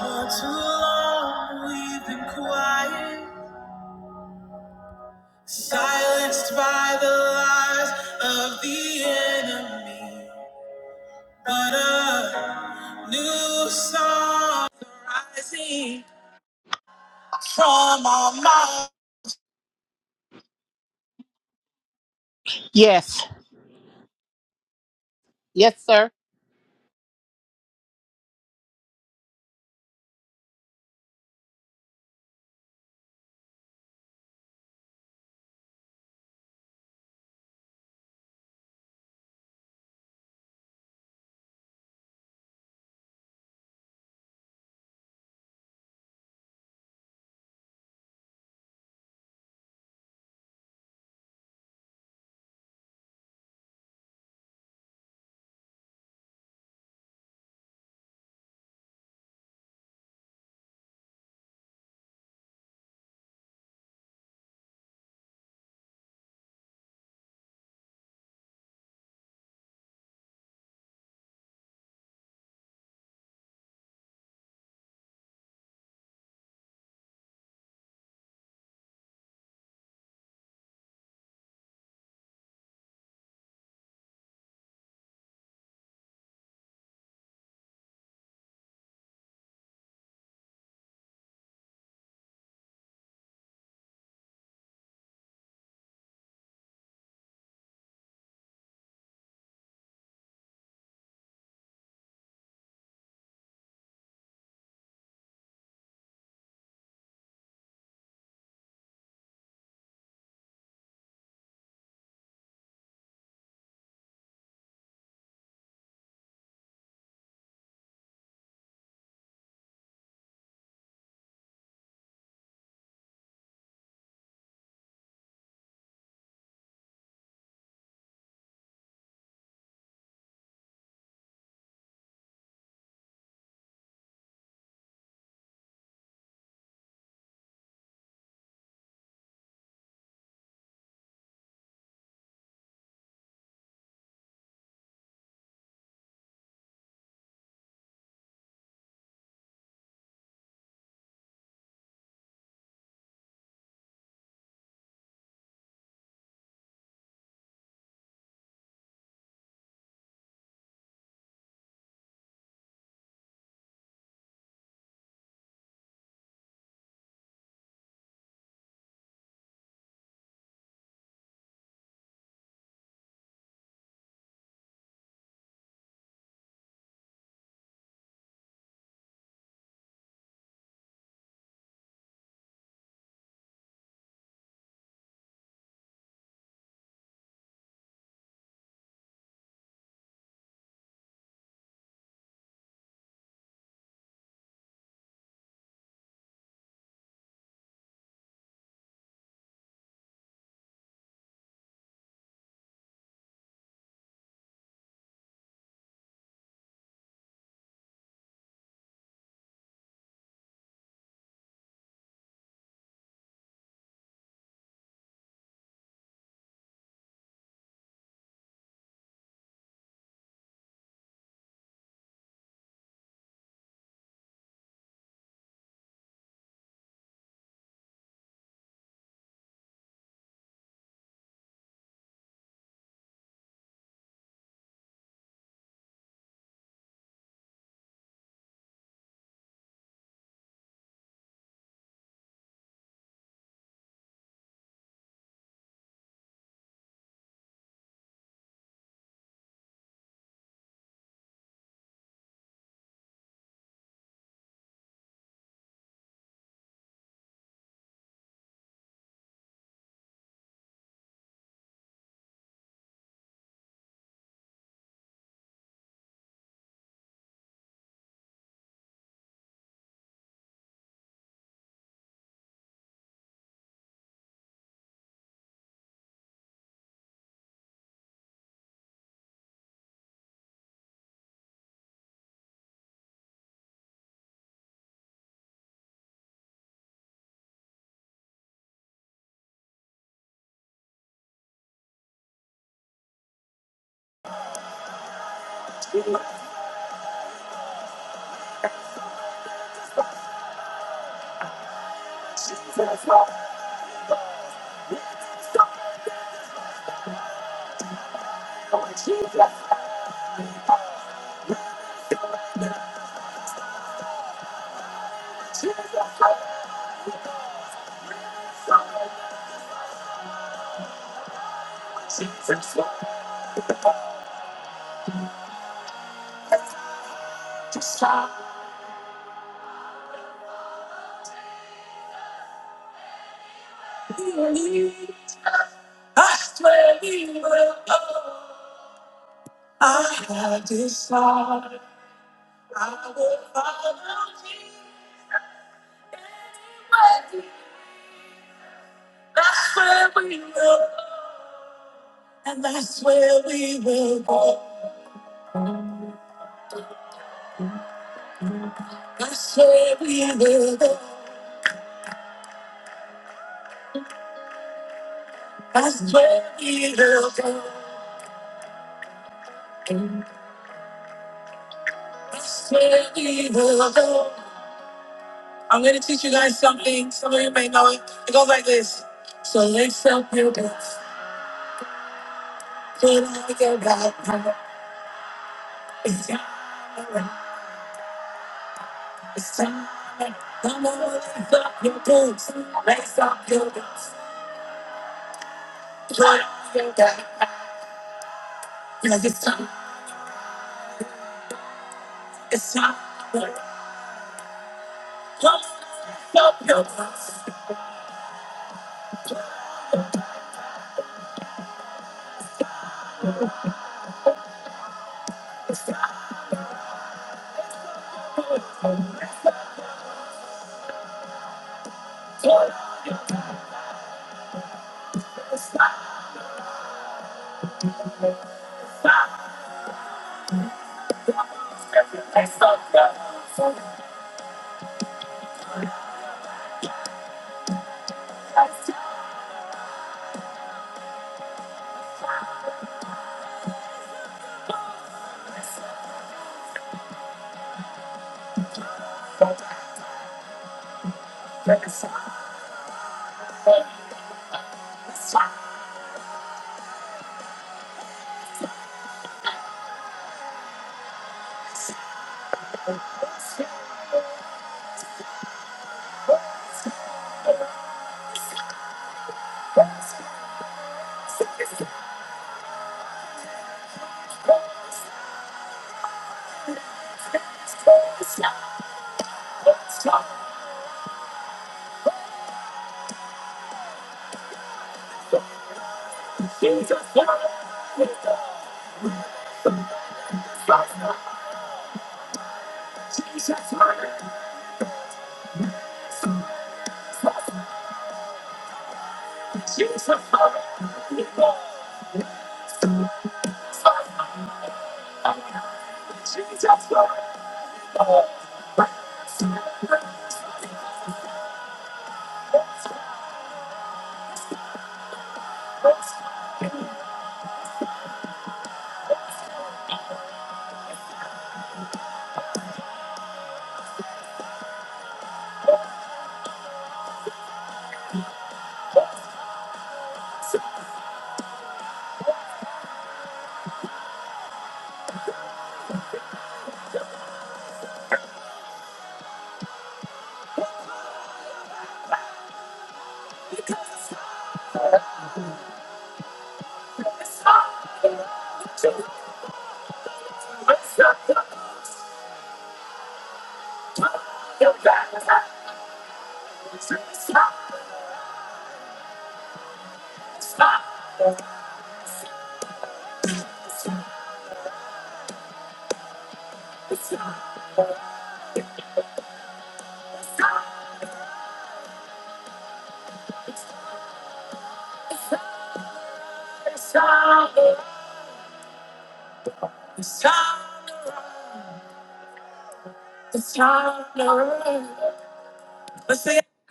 For too long we've been quiet, silenced by the lies of the enemy. But a new song is rising from our mouth. Yes. Yes, sir. Oh, Jesus, Jesus, Jesus, just try to lead. I swear we will. go. I have decided I will follow Jesus. anyway. That's where we will, and that's where we will go. That's where we will go.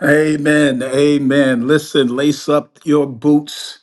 Amen. Amen. Listen, lace up your boots,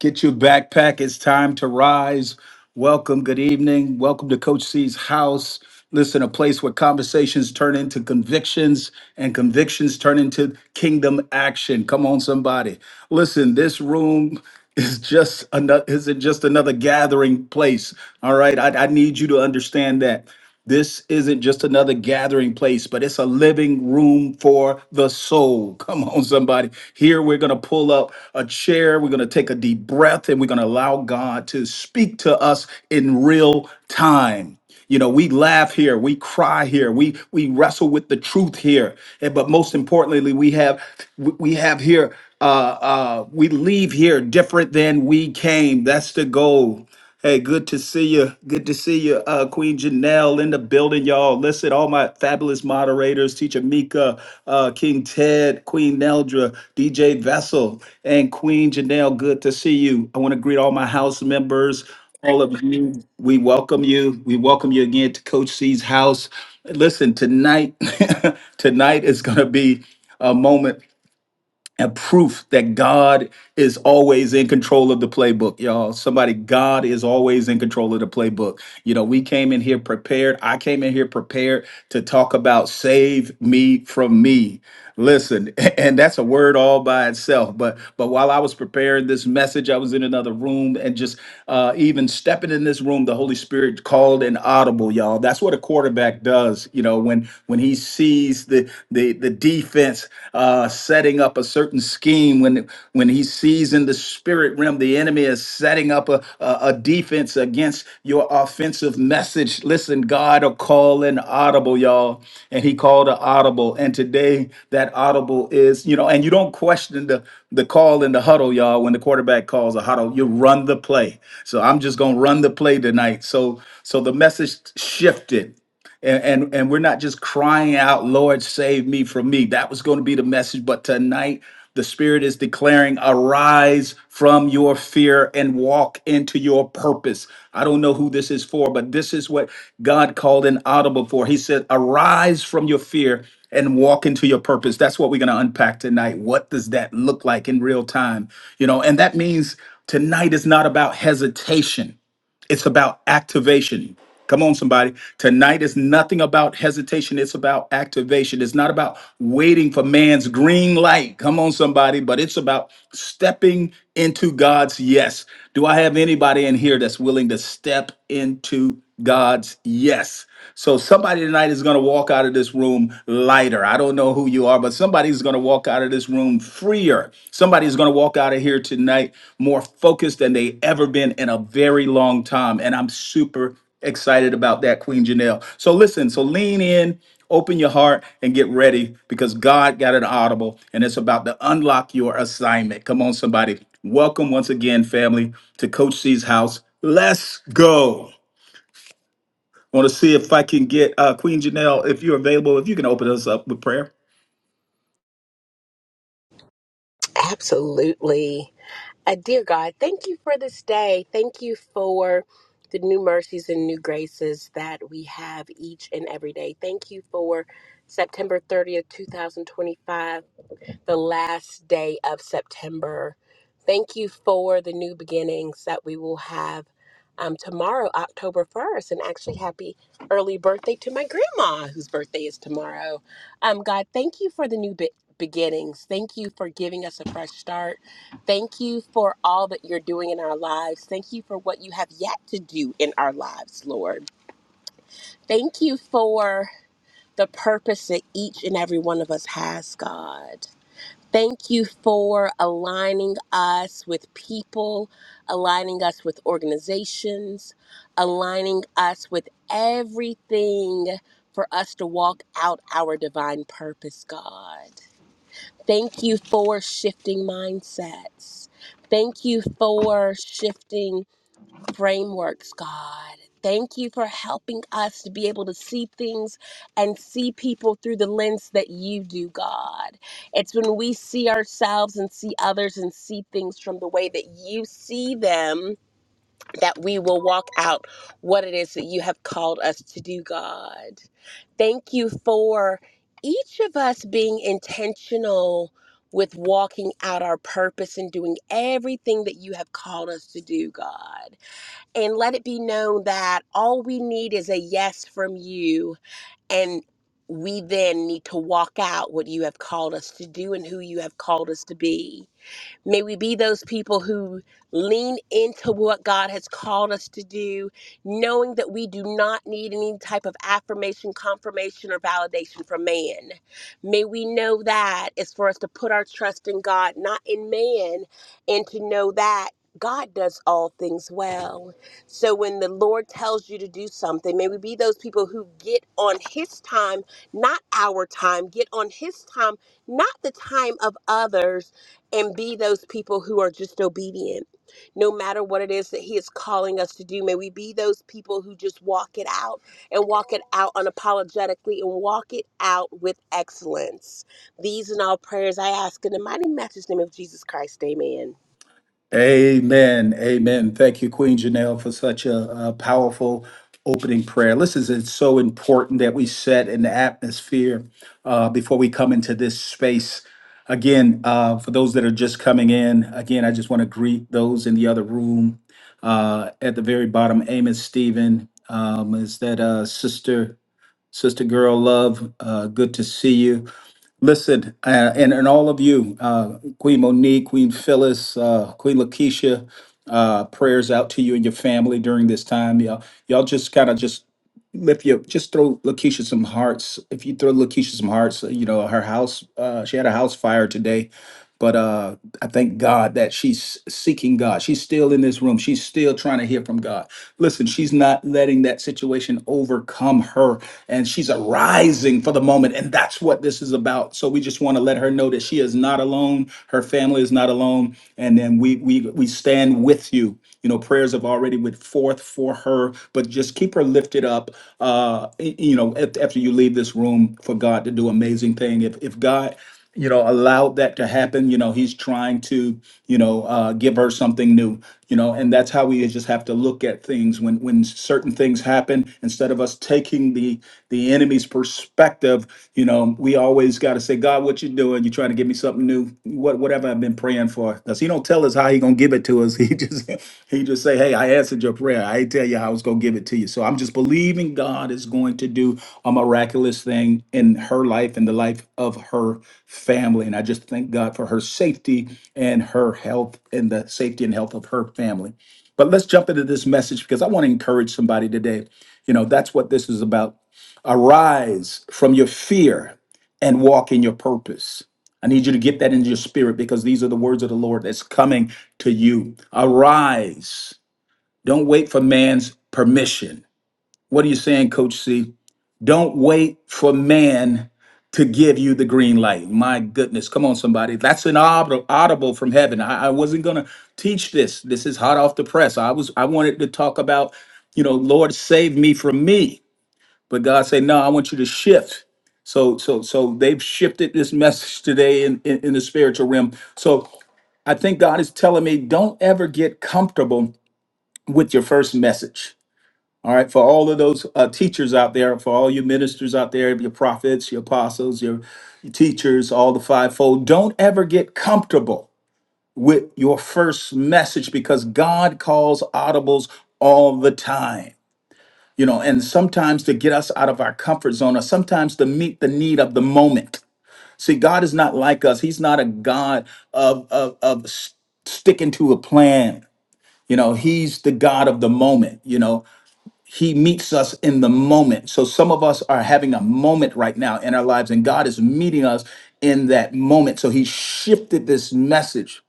get your backpack. It's time to rise. Welcome. Good evening. Welcome to Coach C's house. Listen, a place where conversations turn into convictions and convictions turn into kingdom action. Come on, somebody. Listen, this room is just another isn't just another gathering place. All right. I, I need you to understand that. This isn't just another gathering place, but it's a living room for the soul. Come on, somebody. Here we're going to pull up a chair. We're going to take a deep breath and we're going to allow God to speak to us in real time. You know, we laugh here, we cry here, we we wrestle with the truth here, and but most importantly, we have we we have here uh, uh, we leave here different than we came. That's the goal. Hey, good to see you. Good to see you, uh, Queen Janelle in the building, y'all. Listen, all my fabulous moderators, Teacher Mika, uh, King Ted, Queen Neldra, DJ Vessel, and Queen Janelle. Good to see you. I want to greet all my house members all of you. We welcome you. We welcome you again to Coach C's house. Listen, tonight, tonight is going to be a moment and proof that God is always in control of the playbook, y'all. Somebody, God is always in control of the playbook. You know, we came in here prepared. I came in here prepared to talk about save me from me. Listen, and that's a word all by itself. But but while I was preparing this message, I was in another room and just uh, even stepping in this room, the Holy Spirit called an audible, y'all. That's what a quarterback does, you know, when when he sees the the the defense uh, setting up a certain scheme, when when he sees in the spirit realm the enemy enemy is setting up a, a, a defense against your offensive message. Listen, God will call an audible, y'all. And he called an audible. And today that audible is, you know, and you don't question the, the call in the huddle, y'all. When the quarterback calls a huddle, you run the play. So I'm just gonna run the play tonight. So so the message shifted and, and and we're not just crying out lord save me from me that was going to be the message but tonight the spirit is declaring arise from your fear and walk into your purpose i don't know who this is for but this is what god called an audible for he said arise from your fear and walk into your purpose that's what we're going to unpack tonight what does that look like in real time you know and that means tonight is not about hesitation it's about activation Come on, somebody. Tonight is nothing about hesitation. It's about activation. It's not about waiting for man's green light. Come on, somebody. But it's about stepping into God's yes. Do I have anybody in here that's willing to step into God's yes? So somebody tonight is going to walk out of this room lighter. I don't know who you are, but somebody's going to walk out of this room freer. Somebody's going to walk out of here tonight more focused than they ever been in a very long time. And I'm super excited about that, Queen Janelle. So listen, so lean in, open your heart, and get ready because God got an audible and it's about to unlock your assignment. Come on, somebody. Welcome once again, family, to Coach C's house. Let's go want to see if I can get uh, Queen Janelle, if you're available, if you can open us up with prayer. Absolutely. Uh, dear God, thank you for this day. Thank you for the new mercies and new graces that we have each and every day. Thank you for September 30th, 2025, the last day of September. Thank you for the new beginnings that we will have um, tomorrow, October 1st. And actually, happy early birthday to my grandma, whose birthday is tomorrow. Um, God, thank you for the new be- beginnings. Thank you for giving us a fresh start. Thank you for all that you're doing in our lives. Thank you for what you have yet to do in our lives, Lord. Thank you for the purpose that each and every one of us has, God. Thank you for aligning us with people, aligning us with organizations, aligning us with everything for us to walk out our divine purpose, God. Thank you for shifting mindsets. Thank you for shifting frameworks, God. Thank you for helping us to be able to see things and see people through the lens that you do, God. It's when we see ourselves and see others and see things from the way that you see them that we will walk out what it is that you have called us to do, God. Thank you for each of us being intentional with walking out our purpose and doing everything that you have called us to do, God. And let it be known that all we need is a yes from you and we then need to walk out what you have called us to do and who you have called us to be. May we be those people who lean into what God has called us to do, knowing that we do not need any type of affirmation, confirmation, or validation from man. May we know that it's for us to put our trust in God, not in man, and to know that. God does all things well. So when the Lord tells you to do something, may we be those people who get on His time, not our time, get on His time, not the time of others and be those people who are just obedient no matter what it is that he is calling us to do may we be those people who just walk it out and walk it out unapologetically and walk it out with excellence these and all prayers i ask in the mighty matchless name of jesus christ amen Amen. Amen. Thank you, Queen Janelle, for such a, a powerful opening prayer. Listen, it's so important that we set an atmosphere uh, before we come into this space. Again, uh, for those that are just coming in, again, I just want to greet those in the other room. Uh, at the very bottom, Amos Stephen, um, is that uh, Sister? Sister Girl Love, uh, good to see you. Listen, uh, and, and all of you, uh, Queen Monique, Queen Phyllis, uh, Queen Lakeisha, uh, prayers out to you and your family during this time. Y'all, y'all just kind of just lift your, just throw Lakeisha some hearts. If you throw Lakeisha some hearts, you know, her house, uh, she had a house fire today but uh, I thank God that she's seeking God. She's still in this room. She's still trying to hear from God. Listen, she's not letting that situation overcome her, and she's arising for the moment. And that's what this is about. So we just want to let her know that she is not alone. Her family is not alone. And then we we we stand with you. You know, prayers have already went forth for her, but just keep her lifted up. Uh, y- you know, af- after you leave this room, for God to do amazing thing. If if God you know allowed that to happen you know he's trying to you know uh, give her something new you know and that's how we just have to look at things when when certain things happen instead of us taking the the enemy's perspective you know we always got to say god what you doing you trying to give me something new what whatever i've been praying for because he don't tell us how he gonna give it to us he just he just say hey i answered your prayer i ain't tell you how i was gonna give it to you so i'm just believing god is going to do a miraculous thing in her life and the life of her family. And I just thank God for her safety and her health and the safety and health of her family. But let's jump into this message because I want to encourage somebody today. You know, that's what this is about. Arise from your fear and walk in your purpose. I need you to get that into your spirit because these are the words of the Lord that's coming to you. Arise. Don't wait for man's permission. What are you saying, Coach C? Don't wait for man to give you the green light. My goodness, come on, somebody. That's an aud- audible from heaven. I, I wasn't gonna teach this. This is hot off the press. I was I wanted to talk about, you know, Lord save me from me. But God said, No, I want you to shift. So so so they've shifted this message today in, in, in the spiritual realm. So I think God is telling me, don't ever get comfortable with your first message all right, for all of those uh, teachers out there, for all your ministers out there, your prophets, your apostles, your, your teachers, all the fivefold, don't ever get comfortable with your first message because God calls audibles all the time. You know, and sometimes to get us out of our comfort zone or sometimes to meet the need of the moment. See, God is not like us. He's not a God of, of, of s- sticking to a plan. You know, He's the God of the moment, you know, he meets us in the moment. So some of us are having a moment right now in our lives, and God is meeting us in that moment. So He shifted this message.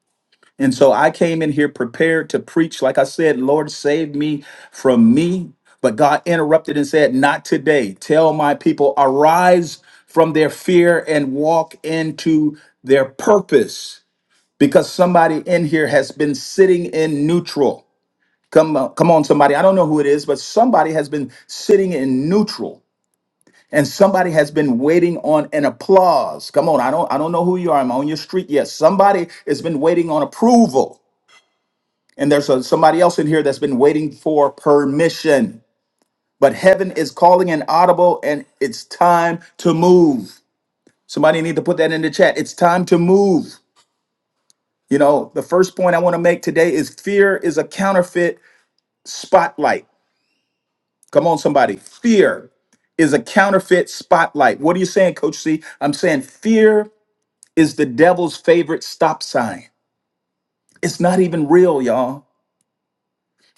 And so I came in here prepared to preach. Like I said, Lord, save me from me. But God interrupted and said, Not today. Tell my people, arise from their fear and walk into their purpose. Because somebody in here has been sitting in neutral. Come on, come on, somebody. I don't know who it is, but somebody has been sitting in neutral and somebody has been waiting on an applause. Come on, I don't I don't know who you are. I'm on your street. Yes, somebody has been waiting on approval. And there's a, somebody else in here that's been waiting for permission. But heaven is calling an audible and it's time to move. Somebody need to put that in the chat. It's time to move. You know, the first point I want to make today is fear is a counterfeit spotlight. Come on, somebody. Fear is a counterfeit spotlight. What are you saying, Coach C? I'm saying fear is the devil's favorite stop sign. It's not even real, y'all.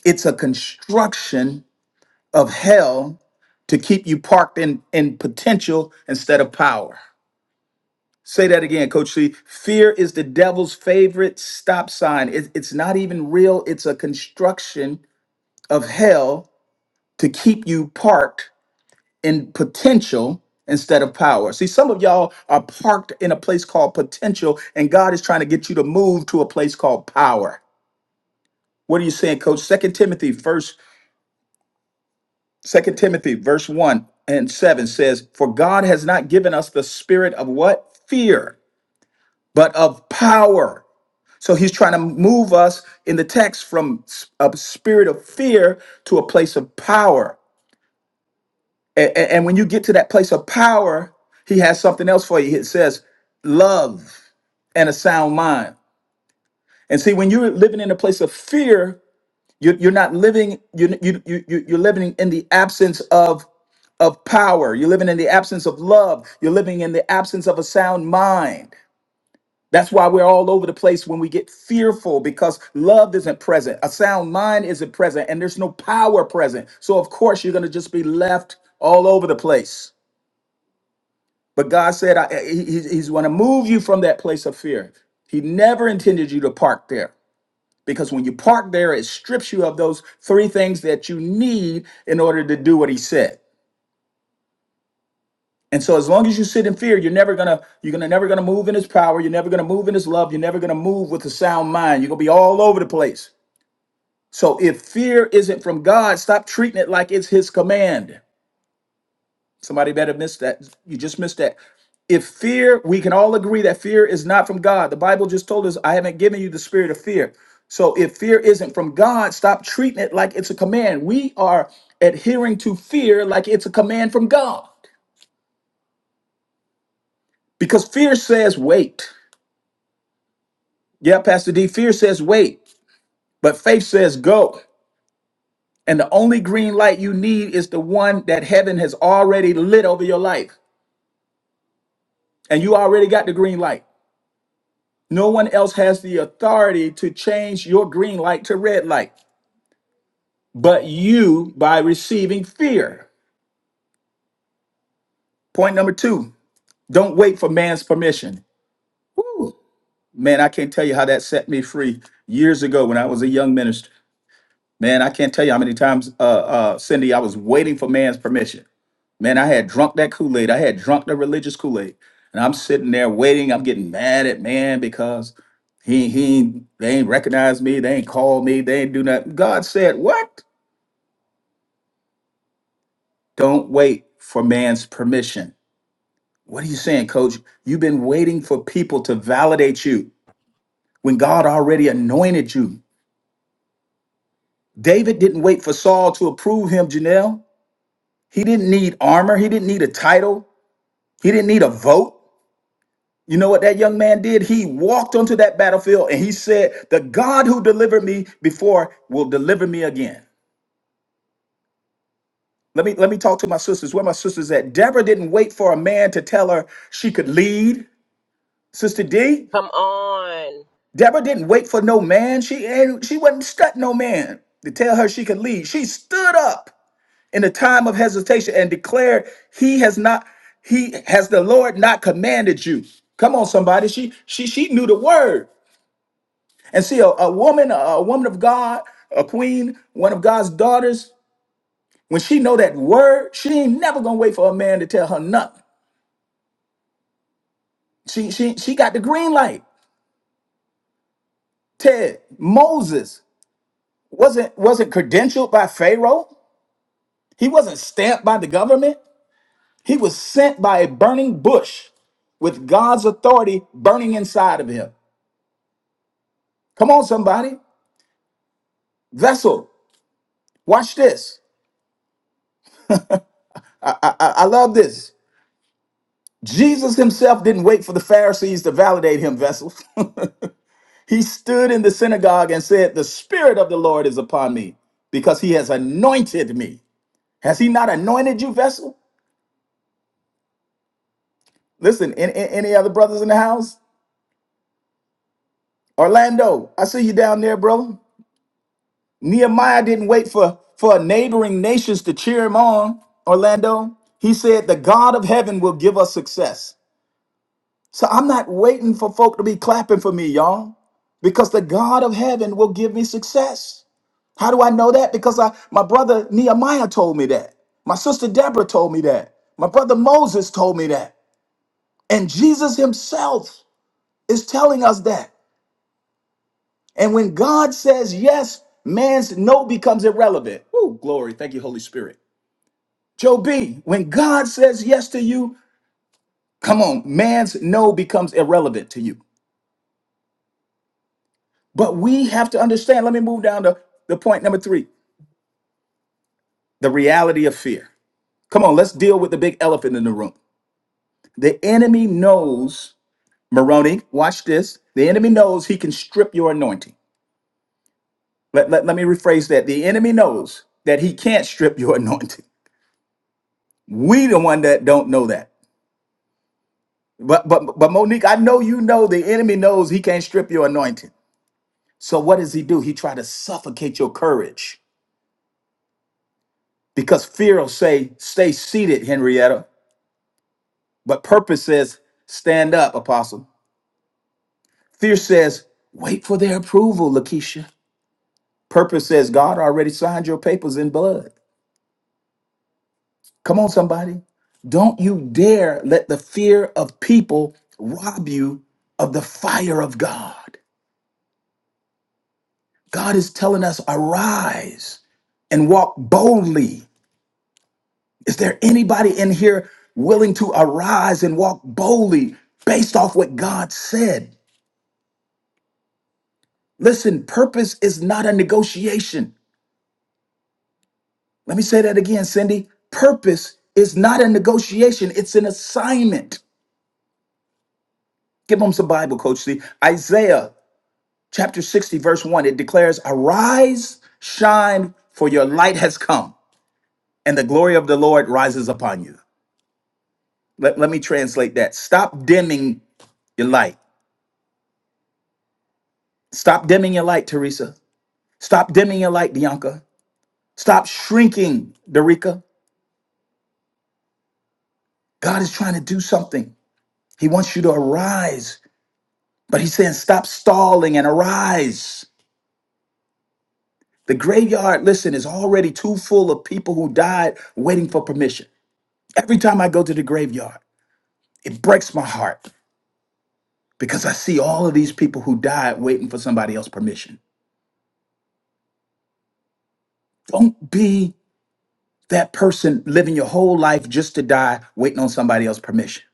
It's a construction of hell to keep you parked in, in potential instead of power. Say that again, Coach C. Fear is the devil's favorite stop sign. It- it's not even real. It's a construction of hell to keep you parked in potential instead of power. See, some of y'all are parked in a place called potential, and God is trying to get you to move to a place called power. What are you saying, Coach? Second Timothy, first, Second Timothy, verse one and seven says, "For God has not given us the spirit of what fear, but of power." So He's trying to move us in the text from s- a spirit of fear to a place of power. And, and, when you get to that place of power, he has something else for you. It says love and a sound mind. And see, when you're living in a place of fear, you're, you're not living, you, you, you, you- you're living in the absence of, of power. You're living in the absence of love. You're living in the absence of a sound mind. That's why we're all over the place when we get fearful because love isn't present, a sound mind isn't present, and there's no power present. So, of course, you're going to just be left all over the place. But God said, I, he- He's, he's going to move you from that place of fear. He never intended you to park there because when you park there, it strips you of those three things that you need in order to do what He said. And so, as long as you sit in fear, you're never gonna you're gonna never gonna move in His power. You're never gonna move in His love. You're never gonna move with a sound mind. You're gonna be all over the place. So, if fear isn't from God, stop treating it like it's His command. Somebody better miss that. You just missed that. If fear, we can all agree that fear is not from God. The Bible just told us, I haven't given you the spirit of fear. So if fear isn't from God, stop treating it like it's a command. We are adhering to fear like it's a command from God because fear says, wait. Yeah, Pastor D, fear says, wait, but faith says, go. And the only green light you need is the one that heaven has already lit over your life. And you already got the green light. No one else has the authority to change your green light to red light but you by receiving fear. Point number two don't wait for man's permission. Woo. Man, I can't tell you how that set me free years ago when I was a young minister. Man, I can't tell you how many times, uh, uh, Cindy, I was waiting for man's permission. Man, I had drunk that Kool Aid. I had drunk the religious Kool Aid, and I'm sitting there waiting. I'm getting mad at man because he he ain't- they ain't recognize me. They ain't call me. They ain't do nothing. God said, "What? Don't wait for man's permission." What are you saying, Coach? You've been waiting for people to validate you when God already anointed you. David didn't wait for Saul to approve him, Janelle. He didn't need armor. He didn't need a title. He didn't need a vote. You know what that young man did? He walked onto that battlefield and he said, "The God who delivered me before will deliver me again." Let me let me talk to my sisters. Where my sisters at? Deborah didn't wait for a man to tell her she could lead. Sister D, Come on. Deborah didn't wait for no man. She ain't she wasn't stuck no man to tell her she could lead. She stood up in the time of hesitation and declared, "He has not. He has the Lord not commanded you." Come on, somebody. She she she knew the word. And see, a, a woman, a, a woman of God, a queen, one of God's daughters, when she know that word, she ain't never gonna wait for a man to tell her nothing. She she she got the green light. Ted Moses wasn't wasn't credentialed by Pharaoh. He wasn't stamped by the government. He was sent by a burning bush with God's authority burning inside of him. Come on, somebody. Vessel, watch this. I, I, I I love this. Jesus himself didn't wait for the Pharisees to validate him, vessels. he stood in the synagogue and said, The Spirit of the Lord is upon me because he has anointed me. Has he not anointed you, vessel? Listen, an- an- any other brothers in the house? Orlando, I see you down there, brother. Nehemiah didn't wait for, for neighboring nations to cheer him on, Orlando. He said, The God of heaven will give us success. So I'm not waiting for folk to be clapping for me, y'all, because the God of heaven will give me success. How do I know that? Because I, my brother Nehemiah told me that. My sister Deborah told me that. My brother Moses told me that. And Jesus himself is telling us that. And when God says yes, man's no becomes irrelevant. Woo, glory. Thank you, Holy Spirit. Joe B, when God says yes to you, come on, man's no becomes irrelevant to you. But we have to understand. Let me move down to the point number three the reality of fear. Come on, let's deal with the big elephant in the room. The enemy knows, Moroni, watch this. The enemy knows he can strip your anointing. Let, let, let me rephrase that. The enemy knows that he can't strip your anointing. We the one that don't know that. But but but Monique, I know you know the enemy knows he can't strip your anointing. So what does he do? He try to suffocate your courage because fear will say, "Stay seated, Henrietta. But purpose says, stand up, apostle. Fear says, wait for their approval, Lakeisha. Purpose says, God already signed your papers in blood. Come on, somebody. Don't you dare let the fear of people rob you of the fire of God. God is telling us, arise and walk boldly. Is there anybody in here willing to arise and walk boldly based off what God said? Listen, purpose is not a negotiation. Let me say that again, Cindy. Purpose is not a negotiation, it's an assignment. Give them some Bible, Coach C. Isaiah chapter 60, verse 1, it declares, Arise, shine, for your light has come, and the glory of the Lord rises upon you. Let, let me translate that. Stop dimming your light. Stop dimming your light, Teresa. Stop dimming your light, Bianca. Stop shrinking, Derica. God is trying to do something. He wants you to arise. But he's saying, stop stalling and arise. The graveyard, listen, is already too full of people who died waiting for permission. Every time I go to the graveyard, it breaks my heart because I see all of these people who died waiting for somebody else's permission. Don't be that person living your whole life just to die waiting on somebody else's permission.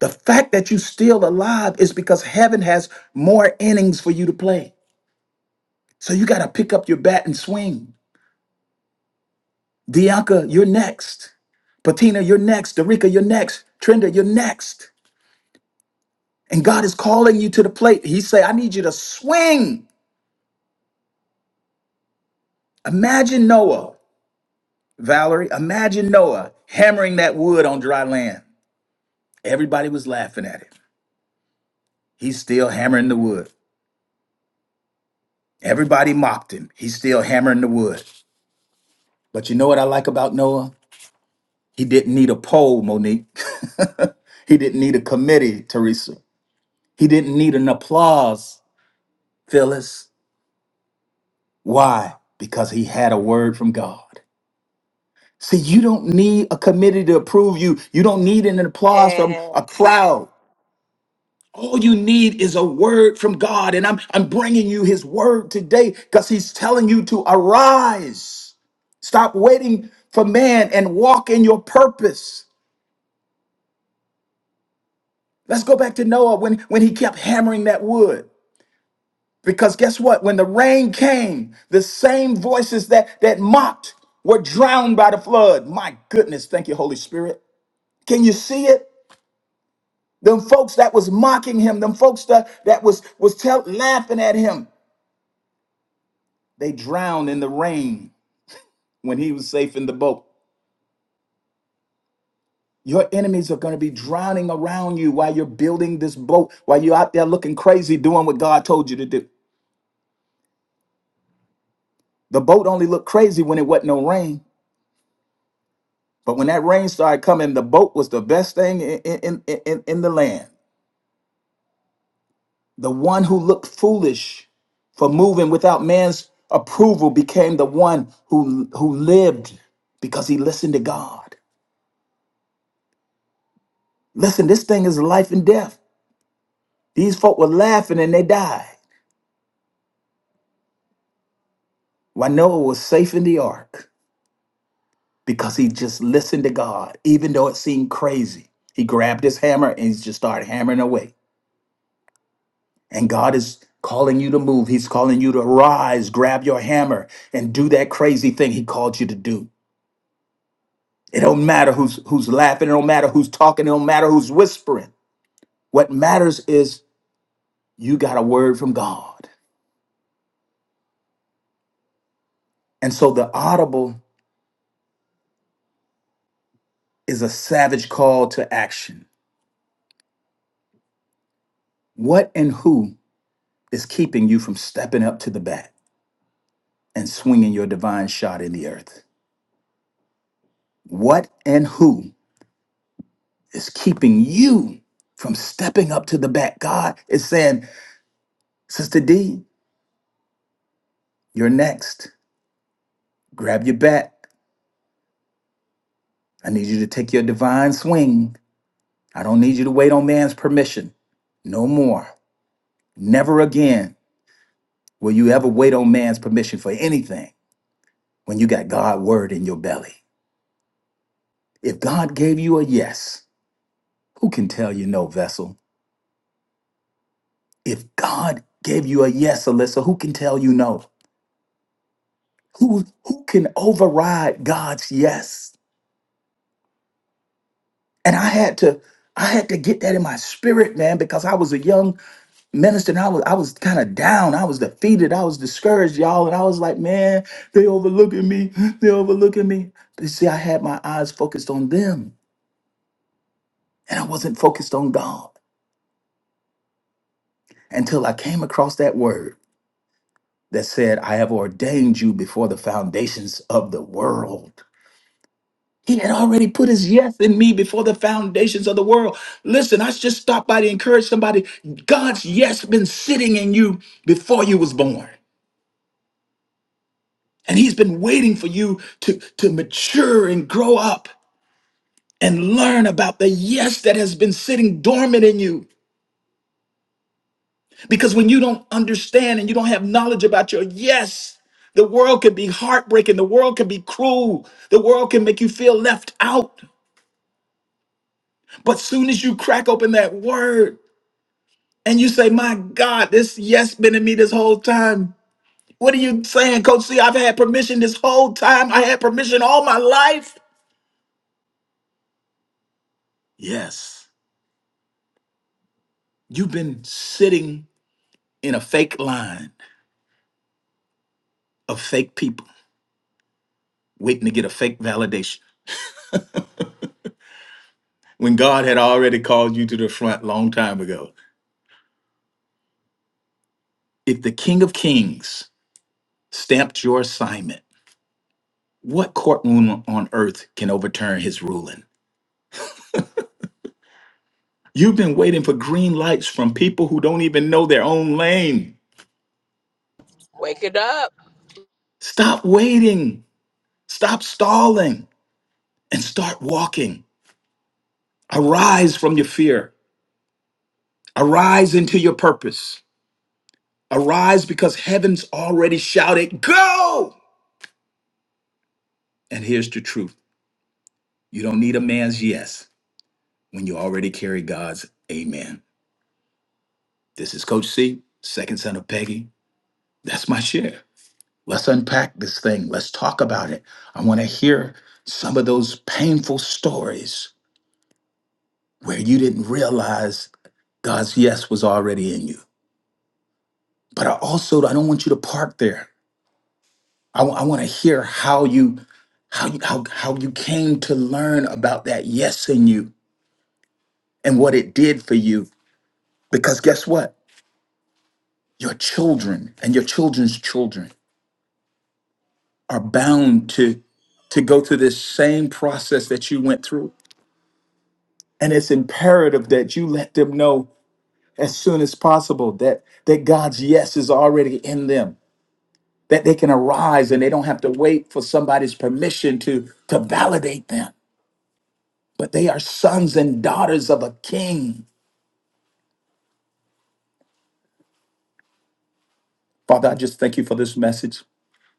The fact that you're still alive is because heaven has more innings for you to play. So you got to pick up your bat and swing. Dianca, you're next. Patina, you're next. Darika, you're next. Trenda, you're next. And God is calling you to the plate. He say, I need you to swing. Imagine Noah, Valerie, imagine Noah hammering that wood on dry land. Everybody was laughing at him. He's still hammering the wood. Everybody mocked him. He's still hammering the wood. But you know what I like about Noah? He didn't need a poll, Monique. he didn't need a committee, Teresa. He didn't need an applause, Phyllis. Why? Because he had a word from God. See, you don't need a committee to approve you. You don't need an applause from a Yes. crowd. All you need is a word from God. And I'm, I'm bringing you his word today because he's telling you to arise. Stop waiting for man and walk in your purpose. Let's go back to Noah when, when he kept hammering that wood. Because guess what? When the rain came, the same voices that, that mocked were drowned by the flood. My goodness, thank you, Holy Spirit. Can you see it? Them folks that was mocking him, them folks that, that was was tell, laughing at him, they drowned in the rain when he was safe in the boat. Your enemies are going to be drowning around you while you're building this boat, while you're out there looking crazy, doing what God told you to do. The boat only looked crazy when it wasn't no rain. But when that rain started coming, the boat was the best thing in, in, in, in in the land. The one who looked foolish for moving without man's approval became the one who, who lived because he listened to God. Listen, this thing is life and death. These folk were laughing and they died. While Noah was safe in the ark because he just listened to God, even though it seemed crazy. He grabbed his hammer and he just started hammering away. And God is calling you to move. He's calling you to rise, grab your hammer, and do that crazy thing He called you to do. It don't matter who's who's laughing, it don't matter who's talking, it don't matter who's whispering. What matters is you got a word from God. And so the audible is a savage call to action. What and who is keeping you from stepping up to the bat and swinging your divine shot in the earth? What and who is keeping you from stepping up to the bat? God is saying, Sister D, you're next. Grab your bat. I need you to take your divine swing. I don't need you to wait on man's permission. No more. Never again will you ever wait on man's permission for anything when you got God word in your belly. If God gave you a yes, who can tell you no, vessel? If God gave you a yes, Alyssa, who can tell you no? Who who can override God's yes? And I had to I had to get that in my spirit, man, because I was a young minister and I was I was kind of down. I was defeated. I was discouraged, y'all. And I was like, man, they overlooking me. They overlooking me. But you see, I had my eyes focused on them and I wasn't focused on God until I came across that word that said, I have ordained you before the foundations of the world. He had already put his yes in me before the foundations of the world. Listen, I just stopped by to encourage somebody. God's yes been sitting in you before you was born. And he's been waiting for you to, to mature and grow up and learn about the yes that has been sitting dormant in you. Because when you don't understand and you don't have knowledge about your yes, the world can be heartbreaking. The world can be cruel. The world can make you feel left out. But soon as you crack open that word and you say, My God, this yes been in me this whole time. What are you saying, Coach C? I've had permission this whole time. I had permission all my life. Yes. You've been sitting in a fake line of fake people waiting to get a fake validation when God had already called you to the front long time ago. If the King of Kings stamped your assignment, what courtroom on earth can overturn his ruling? You've been waiting for green lights from people who don't even know their own lane. Wake it up. Stop waiting. Stop stalling and start walking. Arise from your fear. Arise into your purpose. Arise because heaven's already shouted, Go! And here's the truth you don't need a man's yes when you already carry God's amen. This is Coach C, second son of Peggy. That's my share. Let's unpack this thing. Let's talk about it. I want to hear some of those painful stories where you didn't realize God's yes was already in you. But I also I don't want you to park there. I, want to hear how you how you how, how you came to learn about that yes in you and what it did for you. Because guess what? Your children and your children's children are bound to to go through this same process that you went through. And it's imperative that you let them know as soon as possible that that God's yes is already in them. That they can arise and they don't have to wait for somebody's permission to to validate them but they are sons and daughters of a king. Father, I just thank you for this message.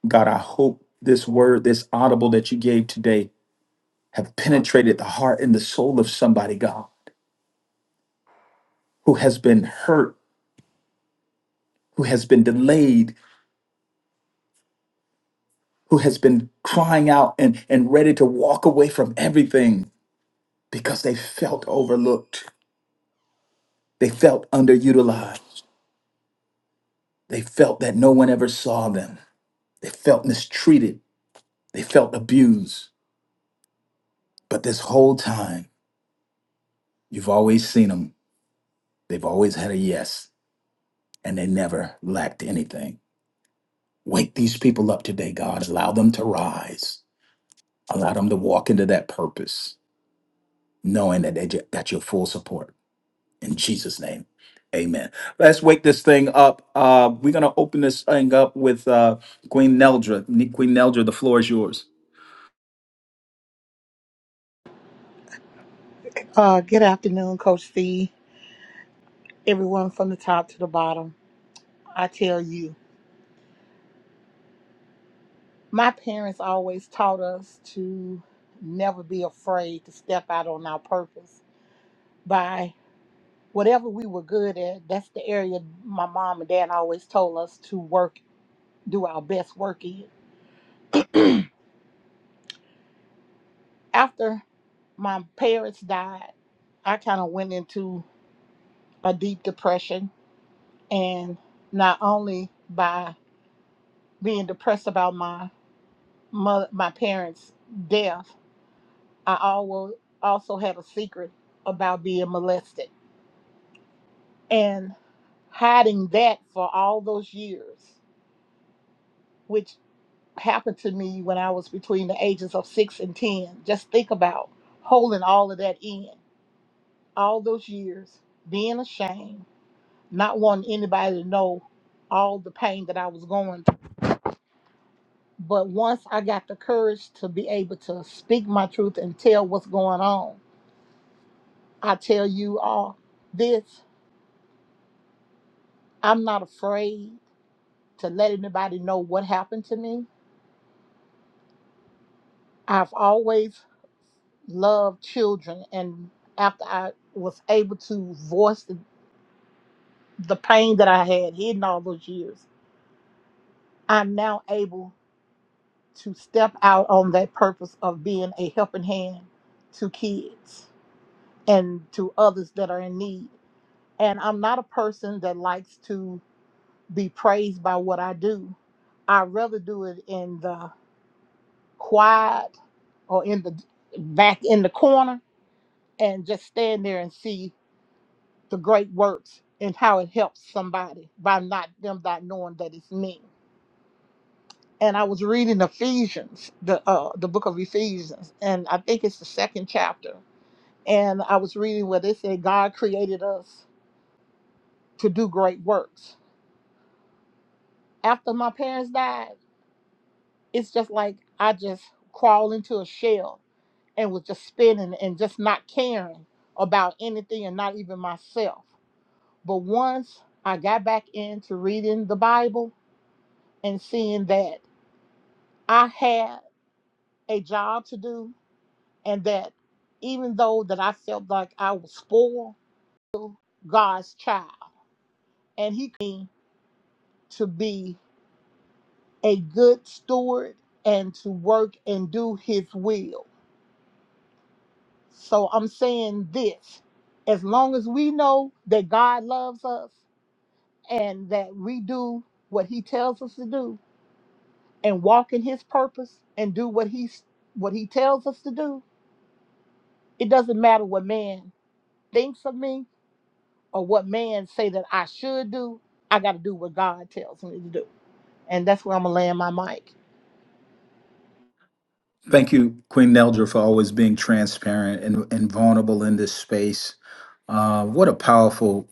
God, I hope this word, this audible that you gave today, have penetrated the heart and the soul of somebody, God, who has been hurt, who has been delayed, who has been crying out and, and ready to walk away from everything because they felt overlooked. They felt underutilized. They felt that no one ever saw them. They felt mistreated. They felt abused. But this whole time, You've always seen them. They've always had a yes, and they never lacked anything. Wake these people up today, God. Allow them to rise. Allow them to walk into that purpose, knowing that they ju- got your full support. In Jesus' name, amen. Let's wake this thing up. Uh, we're going to open this thing up with uh, Queen Neldra. Ne- Queen Neldra, the floor is yours. Uh, good afternoon, Coach C. Everyone from the top to the bottom. I tell you, my parents always taught us to never be afraid to step out on our purpose by whatever we were good at. That's the area my mom and dad always told us to work, do our best work in. After my parents died, I kind of went into a deep depression, and not only by being depressed about my my, my parents' death, I always also had a secret about being molested and hiding that for all those years, which happened to me when I was between the ages of six and 10. Just think about holding all of that in all those years, being ashamed, not wanting anybody to know all the pain that I was going through. But once I got the courage to be able to speak my truth and tell what's going on, I tell you all this, I'm not afraid to let anybody know what happened to me. I've always loved children, and after I was able to voice the, the pain that I had hidden all those years, I'm now able to step out on that purpose of being a helping hand to kids and to others that are in need. And I'm not a person that likes to be praised by what I do. I rather do it in the quiet or in the back in the corner and just stand there and see the great works and how it helps somebody by not them not knowing that it's me. And I was reading Ephesians, the uh, the book of Ephesians, and I think it's the second chapter. And I was reading where they said God created us to do great works. After my parents died, it's just like I just crawl into a shell and was just spinning and just not caring about anything and not even myself. But once I got back into reading the Bible and seeing that I had a job to do and that even though that I felt like I was spoiled, God's child and he called me to be a good steward and to work and do his will. So I'm saying this, as long as we know that God loves us and that we do what he tells us to do and walk in his purpose and do what he's what he tells us to do it doesn't matter what man thinks of me or what man say that i should do i got to do what god tells me to do and that's where i'm gonna land my mic Thank you, Queen Neldra, for always being transparent and, and vulnerable in this space. Uh, what a powerful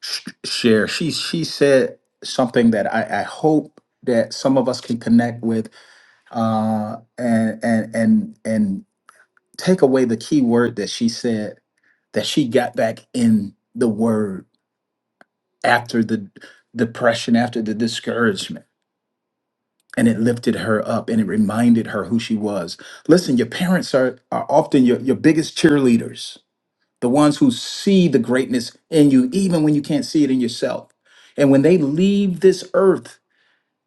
sh- share. She she said something that I, I hope that some of us can connect with, uh, and and and and take away the key word that she said that she got back in the word after the depression, after the discouragement, and it lifted her up and it reminded her who she was. Listen, your parents are are often your your biggest cheerleaders the ones who see the greatness in you, even when you can't see it in yourself. And when they leave this earth,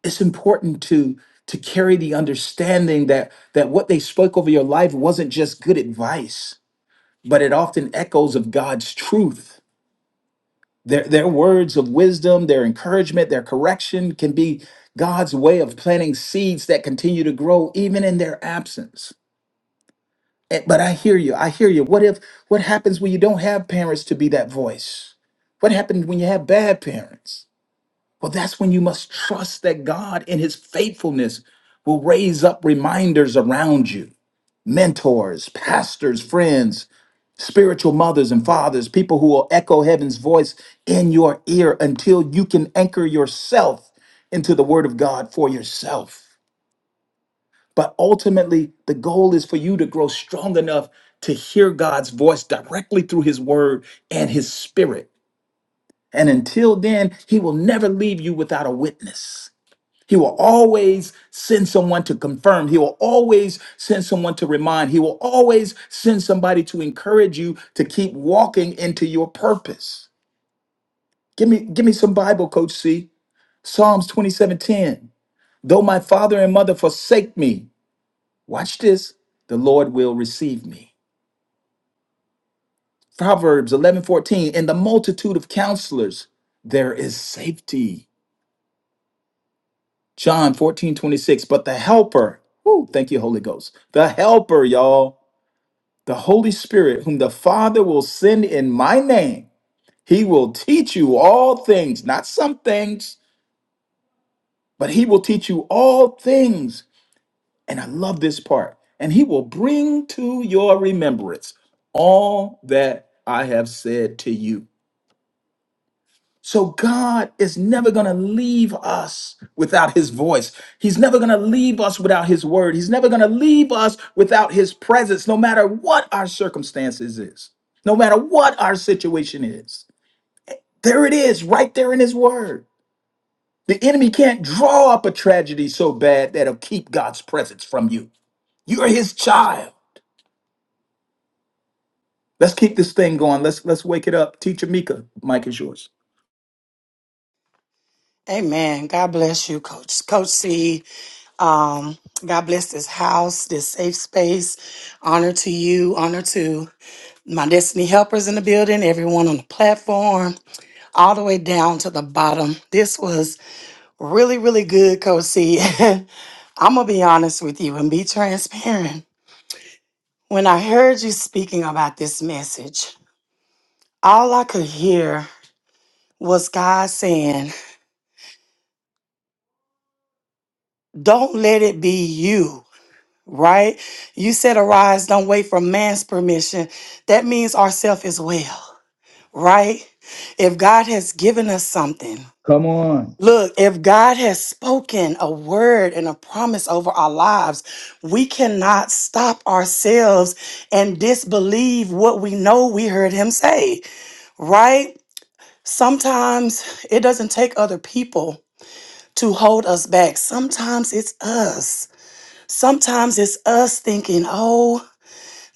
it's important to to carry the understanding that that what they spoke over your life wasn't just good advice, but it often echoes of God's truth. Their their words of wisdom, their encouragement, their correction can be God's way of planting seeds that continue to grow even in their absence. Eh, But I hear you. I hear you. What if what happens when you don't have parents to be that voice? What happens when you have bad parents? Well, that's when you must trust that God in his faithfulness will raise up reminders around you. Mentors, pastors, friends, spiritual mothers and fathers, people who will echo heaven's voice in your ear until you can anchor yourself into the word of God for yourself. But ultimately, the goal is for you to grow strong enough to hear God's voice directly through his word and his spirit. And until then, he will never leave you without a witness. He will always send someone to confirm. He will always send someone to remind. He will always send somebody to encourage you to keep walking into your purpose. Give me, give me some Bible, Coach C. Psalms 27:10. Though my father and mother forsake me, Watch this. The Lord will receive me. Proverbs 11 14. In the multitude of counselors, there is safety. John 14 26. But the helper, whoo, thank you, Holy Ghost. The helper, y'all, the Holy Spirit, whom the Father will send in my name, he will teach you all things, not some things, but he will teach you all things. And I love this part. And he will bring to your remembrance all that I have said to you. So God is never going to leave us without his voice. He's never going to leave us without his word. He's never going to leave us without his presence, no matter what our circumstances is, no matter what our situation is. There it is, right there in his word. The enemy can't draw up a tragedy so bad that'll keep God's presence from you. You're his child. Let's keep this thing going. Let's let's wake it up. Teacher Mika, Mike is yours. Amen. God bless you, Coach. Coach C. Um, God bless this house, this safe space. Honor to you. Honor to my destiny helpers in the building, everyone on the platform, all the way down to the bottom. This was really, really good, Coach C. I'm gonna be honest with you and be transparent. When I heard you speaking about this message, all I could hear was God saying, "Don't let it be you." right? You said arise, don't wait for man's permission. That means ourself as well, right? If God has given us something, Come on. look, if God has spoken a word and a promise over our lives, we cannot stop ourselves and disbelieve what we know we heard him say, right? Sometimes it doesn't take other people to hold us back. Sometimes it's us. Sometimes it's us thinking, oh,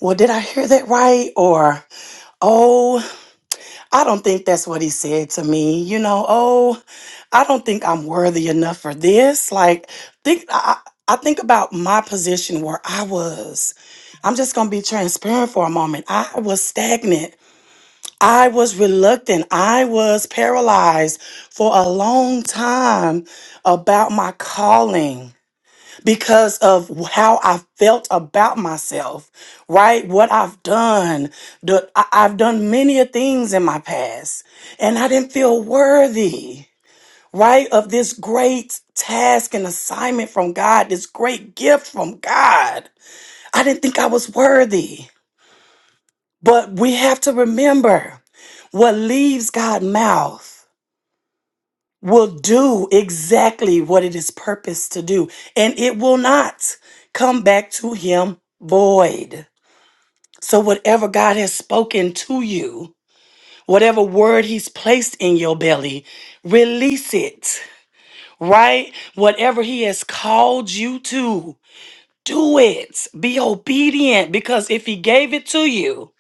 well, did I hear that right? Or, oh, I don't think that's what he said to me. You know, oh, I don't think I'm worthy enough for this. Like, think I, I I think about my position where I was. I'm just gonna be transparent for a moment. I was stagnant. I was reluctant. I was paralyzed for a long time about my calling because of how I felt about myself, right? What I've done. The, I, I've done many a things in my past, and I didn't feel worthy, right? Of this great task and assignment from God, this great gift from God. I didn't think I was worthy. But we have to remember what leaves God's mouth. will do exactly what it is purposed to do, and it will not come back to him void. So, whatever God has spoken to you, whatever word he's placed in your belly, release it, right? Whatever he has called you to, do it. Be obedient because if he gave it to you,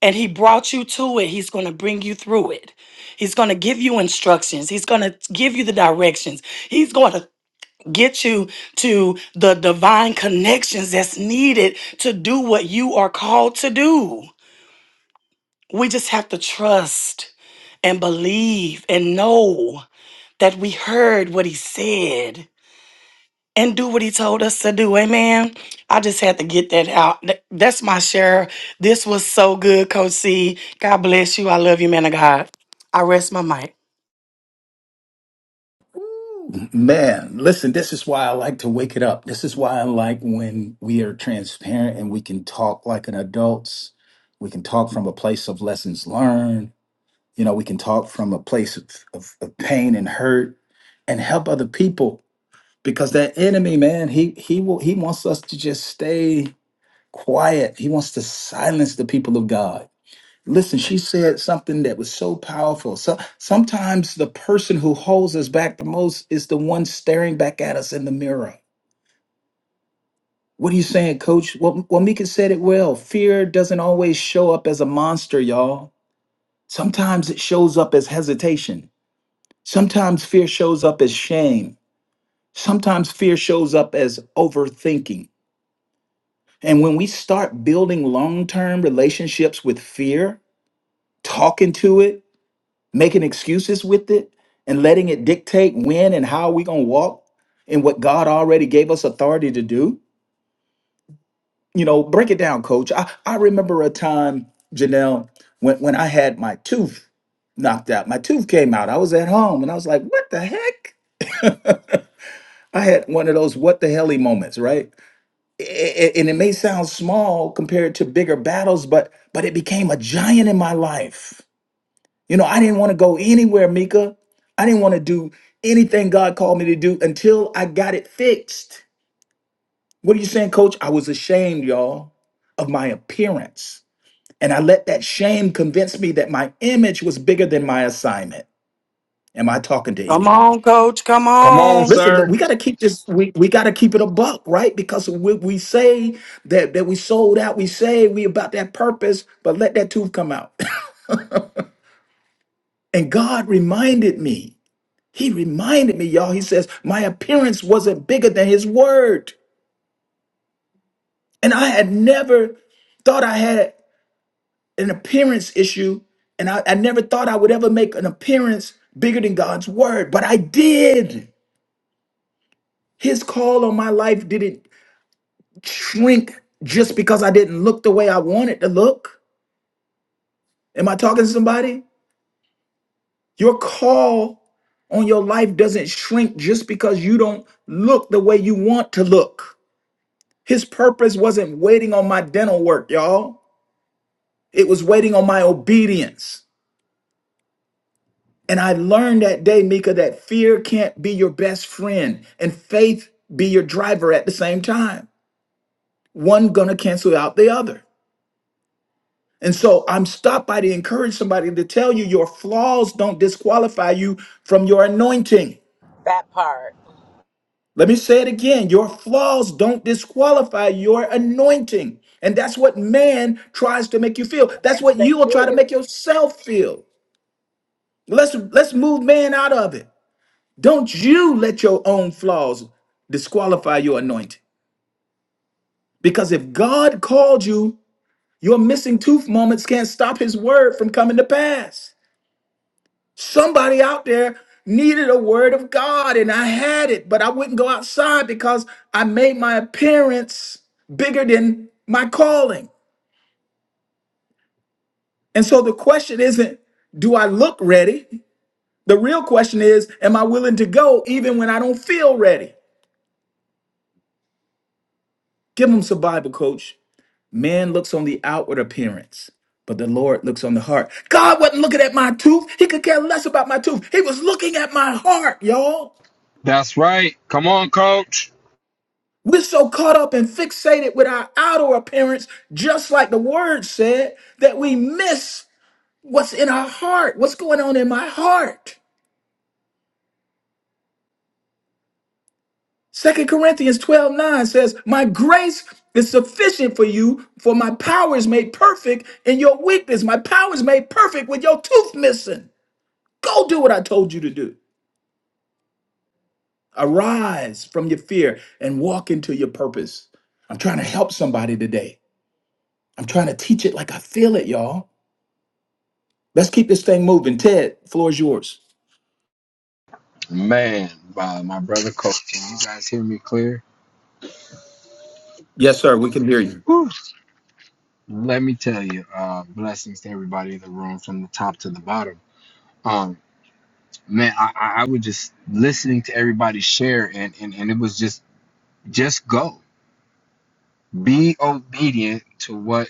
and he brought you to it. He's going to bring you through it. He's going to give you instructions. He's going to give you the directions. He's going to get you to the divine connections that's needed to do what you are called to do. We just have to trust and believe and know that we heard what he said and do what he told us to do. Amen. I just had to get that out. Th- That's my share. This was so good, Coach C. God bless you. I love you, man of God. I rest my mic. Man, listen, this is why I like to wake it up. This is why I like when we are transparent and we can talk like an adults. We can talk from a place of lessons learned. You know, we can talk from a place of, of, of pain and hurt and help other people because that enemy, man, he he will he wants us to just stay quiet. He wants to silence the people of God. Listen, she said something that was so powerful. So sometimes the person who holds us back the most is the one staring back at us in the mirror. What are you saying, coach? Well, well Mika said it well. Fear doesn't always show up as a monster, y'all. Sometimes it shows up as hesitation. Sometimes fear shows up as shame. Sometimes fear shows up as overthinking. And when we start building long term relationships with fear, talking to it, making excuses with it and letting it dictate when and how we gonna walk in what God already gave us authority to do. You know, break it down, coach. I, I remember a time, Janelle, when, when I had my tooth knocked out. My tooth came out. I was at home and I was like, what the heck? I had one of those what the helly moments, right? A- a- And it may sound small compared to bigger battles, but but it became a giant in my life You know, I didn't want to go anywhere, Mika. I didn't want to do anything God called me to do until I got it fixed. What are you saying, coach? I was ashamed, y'all, of my appearance. And I let that shame convince me that my image was bigger than my assignment. Am I talking to Come anybody? on, coach. Come Come on, on. Listen, look, sir. we got to keep this, we, we got to keep it a buck, right? Because we, we say that, that we sold out, we say we about that purpose, but let that tooth come out. and God reminded me He reminded me, y'all, he says, my appearance wasn't bigger than his word. And I had never thought I had an appearance issue. And I, I never thought I would ever make an appearance bigger than God's word, but I did. His call on my life didn't shrink just because I didn't look the way I wanted to look. Am I talking to somebody? Your call on your life doesn't shrink just because you don't look the way you want to look. His purpose wasn't waiting on my dental work, y'all. It was waiting on my obedience. And I learned that day, Mika, that fear can't be your best friend and faith be your driver at the same time. One gonna cancel out the other. And so I'm stopped by to encourage somebody to tell you your flaws don't disqualify you from your anointing. That part. Let me say it again. Your flaws don't disqualify your anointing. And that's what man tries to make you feel. That's Yes, what they you will try to do. make yourself feel. Let's let's move man out of it. Don't you let your own flaws disqualify your anointing. Because if God called you, your missing tooth moments can't stop his word from coming to pass. Somebody out there needed a word of God and I had it, but I wouldn't go outside because I made my appearance bigger than my calling. And so the question isn't, do I look ready? The real question is, am I willing to go even when I don't feel ready? Give them some Bible, coach. Man looks on the outward appearance, but the Lord looks on the heart. God wasn't looking at my tooth. He could care less about my tooth. He was looking at my heart, y'all. That's right. Come on, coach. We're so caught up and fixated with our outer appearance, just like the word said, that we miss what's in our heart, what's going on in my heart. Second Corinthians 12 9 says, My grace is sufficient for you, for my power is made perfect in your weakness. My power is made perfect with your tooth missing. Go do what I told you to do. Arise from your fear and walk into your purpose. I'm trying to help somebody today. I'm trying to teach it like I feel it, y'all. Let's keep this thing moving. Ted, floor is yours. Man, uh, my brother, coach, can you guys hear me clear? Yes, sir. We can hear you. Let me tell you, uh, blessings to everybody in the room from the top to the bottom. Um, man, I, I I was just listening to everybody share, and, and, and it was just, just go. Be obedient to what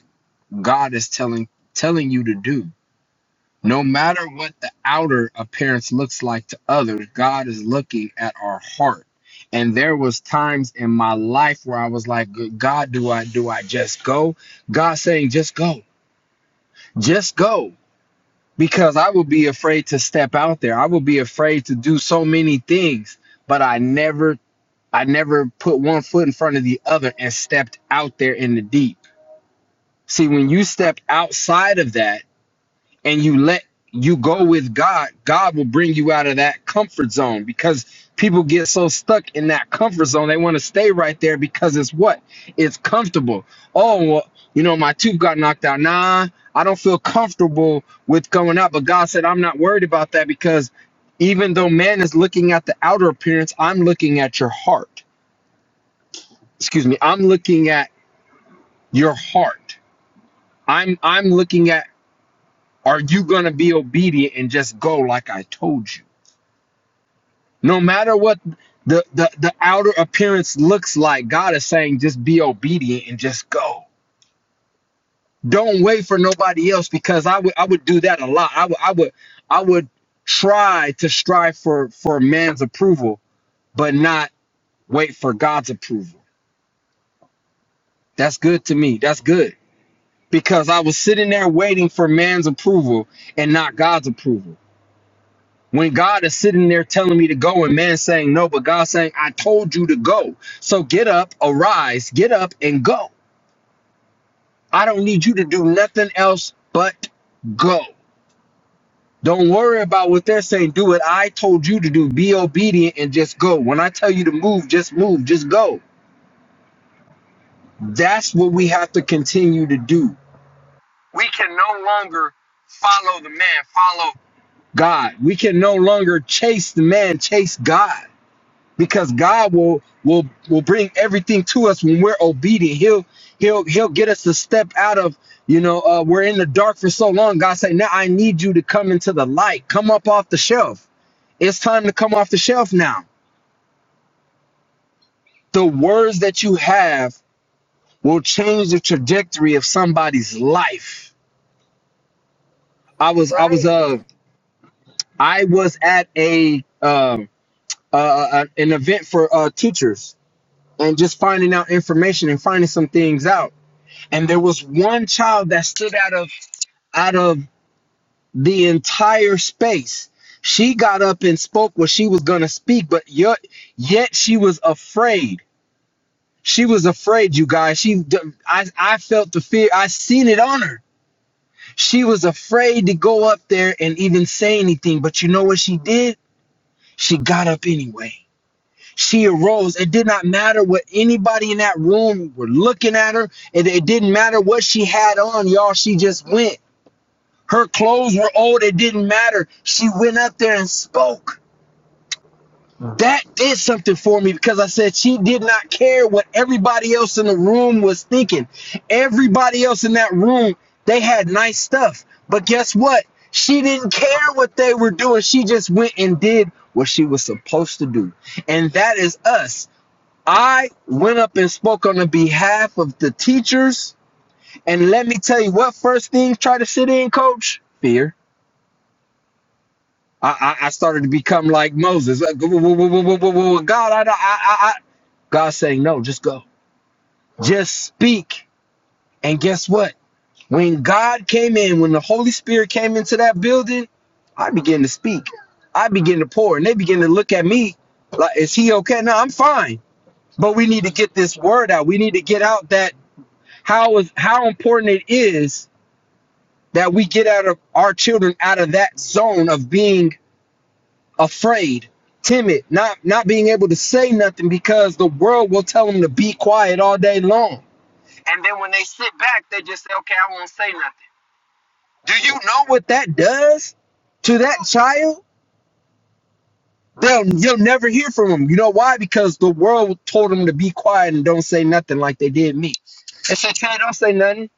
God is telling telling you to do No matter what the outer appearance looks like to others, God is looking at our heart. And there was times in my life where I was like, God, do I do I just go? God saying, just go. Just go. Because I would be afraid to step out there. I would be afraid to do so many things, but I never I never put one foot in front of the other and stepped out there in the deep. See, when you step outside of that, and you let you go with God, God will bring you out of that comfort zone because people get so stuck in that comfort zone. They want to stay right there because it's what? It's comfortable. Oh, well, you know, my tooth got knocked out. Nah, I don't feel comfortable with going out. But God said, I'm not worried about that because even though man is looking at the outer appearance, I'm looking at your heart. Excuse me. I'm looking at your heart. I'm I'm looking at are you going to be obedient and just go like I told you? No matter what the, the, the outer appearance looks like, God is saying just be obedient and just go. Don't wait for nobody else because I would I would do that a lot. I would I would I would try to strive for for man's approval, but not wait for God's approval. That's good to me. That's good. Because I was sitting there waiting for man's approval and not God's approval. When God is sitting there telling me to go and man saying no, but God saying, I told you to go. So get up, arise, get up and go. I don't need you to do nothing else but go. Don't worry about what they're saying. Do what I told you to do. Be obedient and just go. When I tell you to move, just move, just go. That's what we have to continue to do. We can no longer follow the man, follow God. We can no longer chase the man, chase God. because God will will will bring everything to us when we're obedient. He'll he'll he'll get us to step out of you know uh, we're in the dark for so long. God say now I need you to come into the light. Come up off the shelf. It's time to come off the shelf now. The words that you have will change the trajectory of somebody's life. I was I was Right? uh I was at a um uh, uh an event for uh teachers and just finding out information and finding some things out and there was one child that stood out of out of the entire space she got up and spoke what she was going to speak but yet, yet she was afraid she was afraid you guys she I, I felt the fear i seen it on her she was afraid to go up there and even say anything but you know what she did she got up anyway she arose it did not matter what anybody in that room were looking at her it, it didn't matter what she had on y'all she just went Her clothes were old. It didn't matter. She went up there and spoke. That did something for me because I said she did not care what everybody else in the room was thinking. Everybody else in that room, they had nice stuff. But guess what? She didn't care what they were doing. She just went and did what she was supposed to do. And that is us. I went up and spoke on the behalf of the teachers. And let me tell you what first thing try to sit in, coach? Fear I, I, I started to become like Moses. Like, "Whoa, whoa, whoa, whoa, whoa, whoa, God, I, I, I, I. God saying, no, just go. Just speak. And guess what? When God came in, when the Holy Spirit came into that building, I began to speak. I began to pour. And they began to look at me like, is he okay? No, I'm fine. But we need to get this word out. We need to get out that how is how important it is that we get out of our children out of that zone of being afraid, timid, not not being able to say nothing because the world will tell them to be quiet all day long. They sit back, they just say, "Okay, I won't say nothing." Do you know what that does to that child? They'll you'll never hear from them. You know why? Because the world told them to be quiet and don't say nothing like they did me. They said, "Trey, don't say nothing,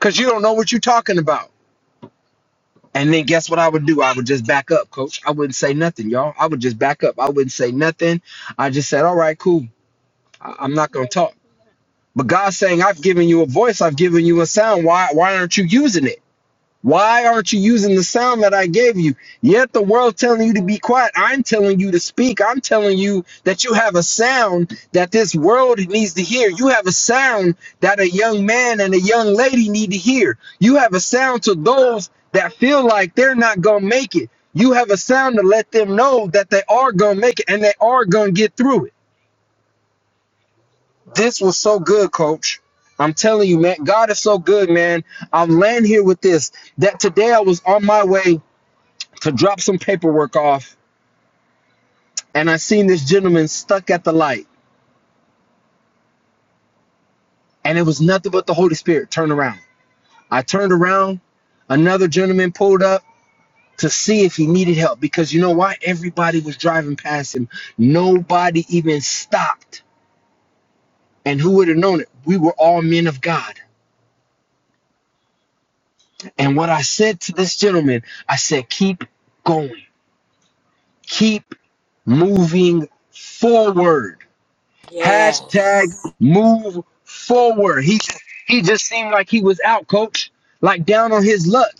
cause you don't know what you're talking about." And then guess what I would do? I would just back up, coach. I wouldn't say nothing, y'all. I would just back up. I wouldn't say nothing. I just said, all right, cool. I- I'm not going to talk. But God's saying, I've given you a voice, I've given you a sound. Why, why aren't you using it? Why aren't you using the sound that I gave you? Yet the world's telling you to be quiet. I'm telling you to speak. I'm telling you that you have a sound that this world needs to hear. You have a sound that a young man and a young lady need to hear. You have a sound to those that feel like they're not going to make it. You have a sound to let them know that they are going to make it and they are going to get through it. This was so good, coach. I'm telling you, man, God is so good, man. I'm laying here with this. That today I was on my way to drop some paperwork off, and I seen this gentleman stuck at the light, and it was nothing but the Holy Spirit. Turn around. I turned around. Another gentleman pulled up to see if he needed help because you know why? Everybody was driving past him. Nobody even stopped. And who would have known it? We were all men of God. And what I said to this gentleman, I said, keep going keep moving forward. Yes. Hashtag move forward. He he just seemed like he was out, coach, like down on his luck.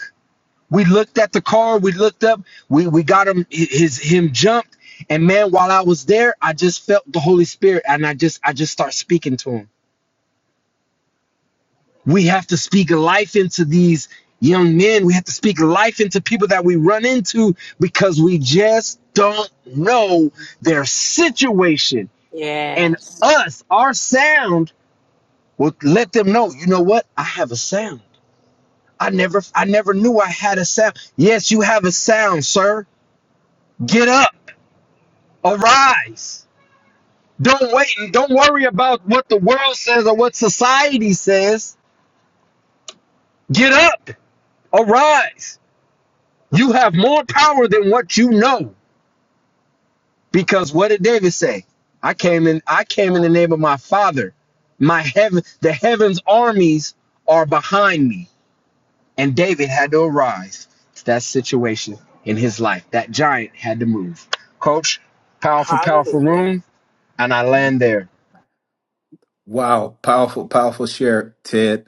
We looked at the car, we looked up, we, we got him his him jumped. And man, while I was there, I just felt the Holy Spirit and I just I just start speaking to him. We have to speak life into these young men. We have to speak life into people that we run into because we just don't know their situation. and Yes. us our sound will let them know you know what i have a sound i never i never knew i had a sound yes you have a sound sir get up arise don't wait and don't worry about what the world says or what society says get up arise you have more power than what you know because what did david say i came in i came in the name of my father my heaven the heavens armies are behind me And David had to arise to that situation in his life. That giant had to move. Coach, powerful, powerful Hallelujah. room. And I land there. Wow. Powerful, powerful share, Ted.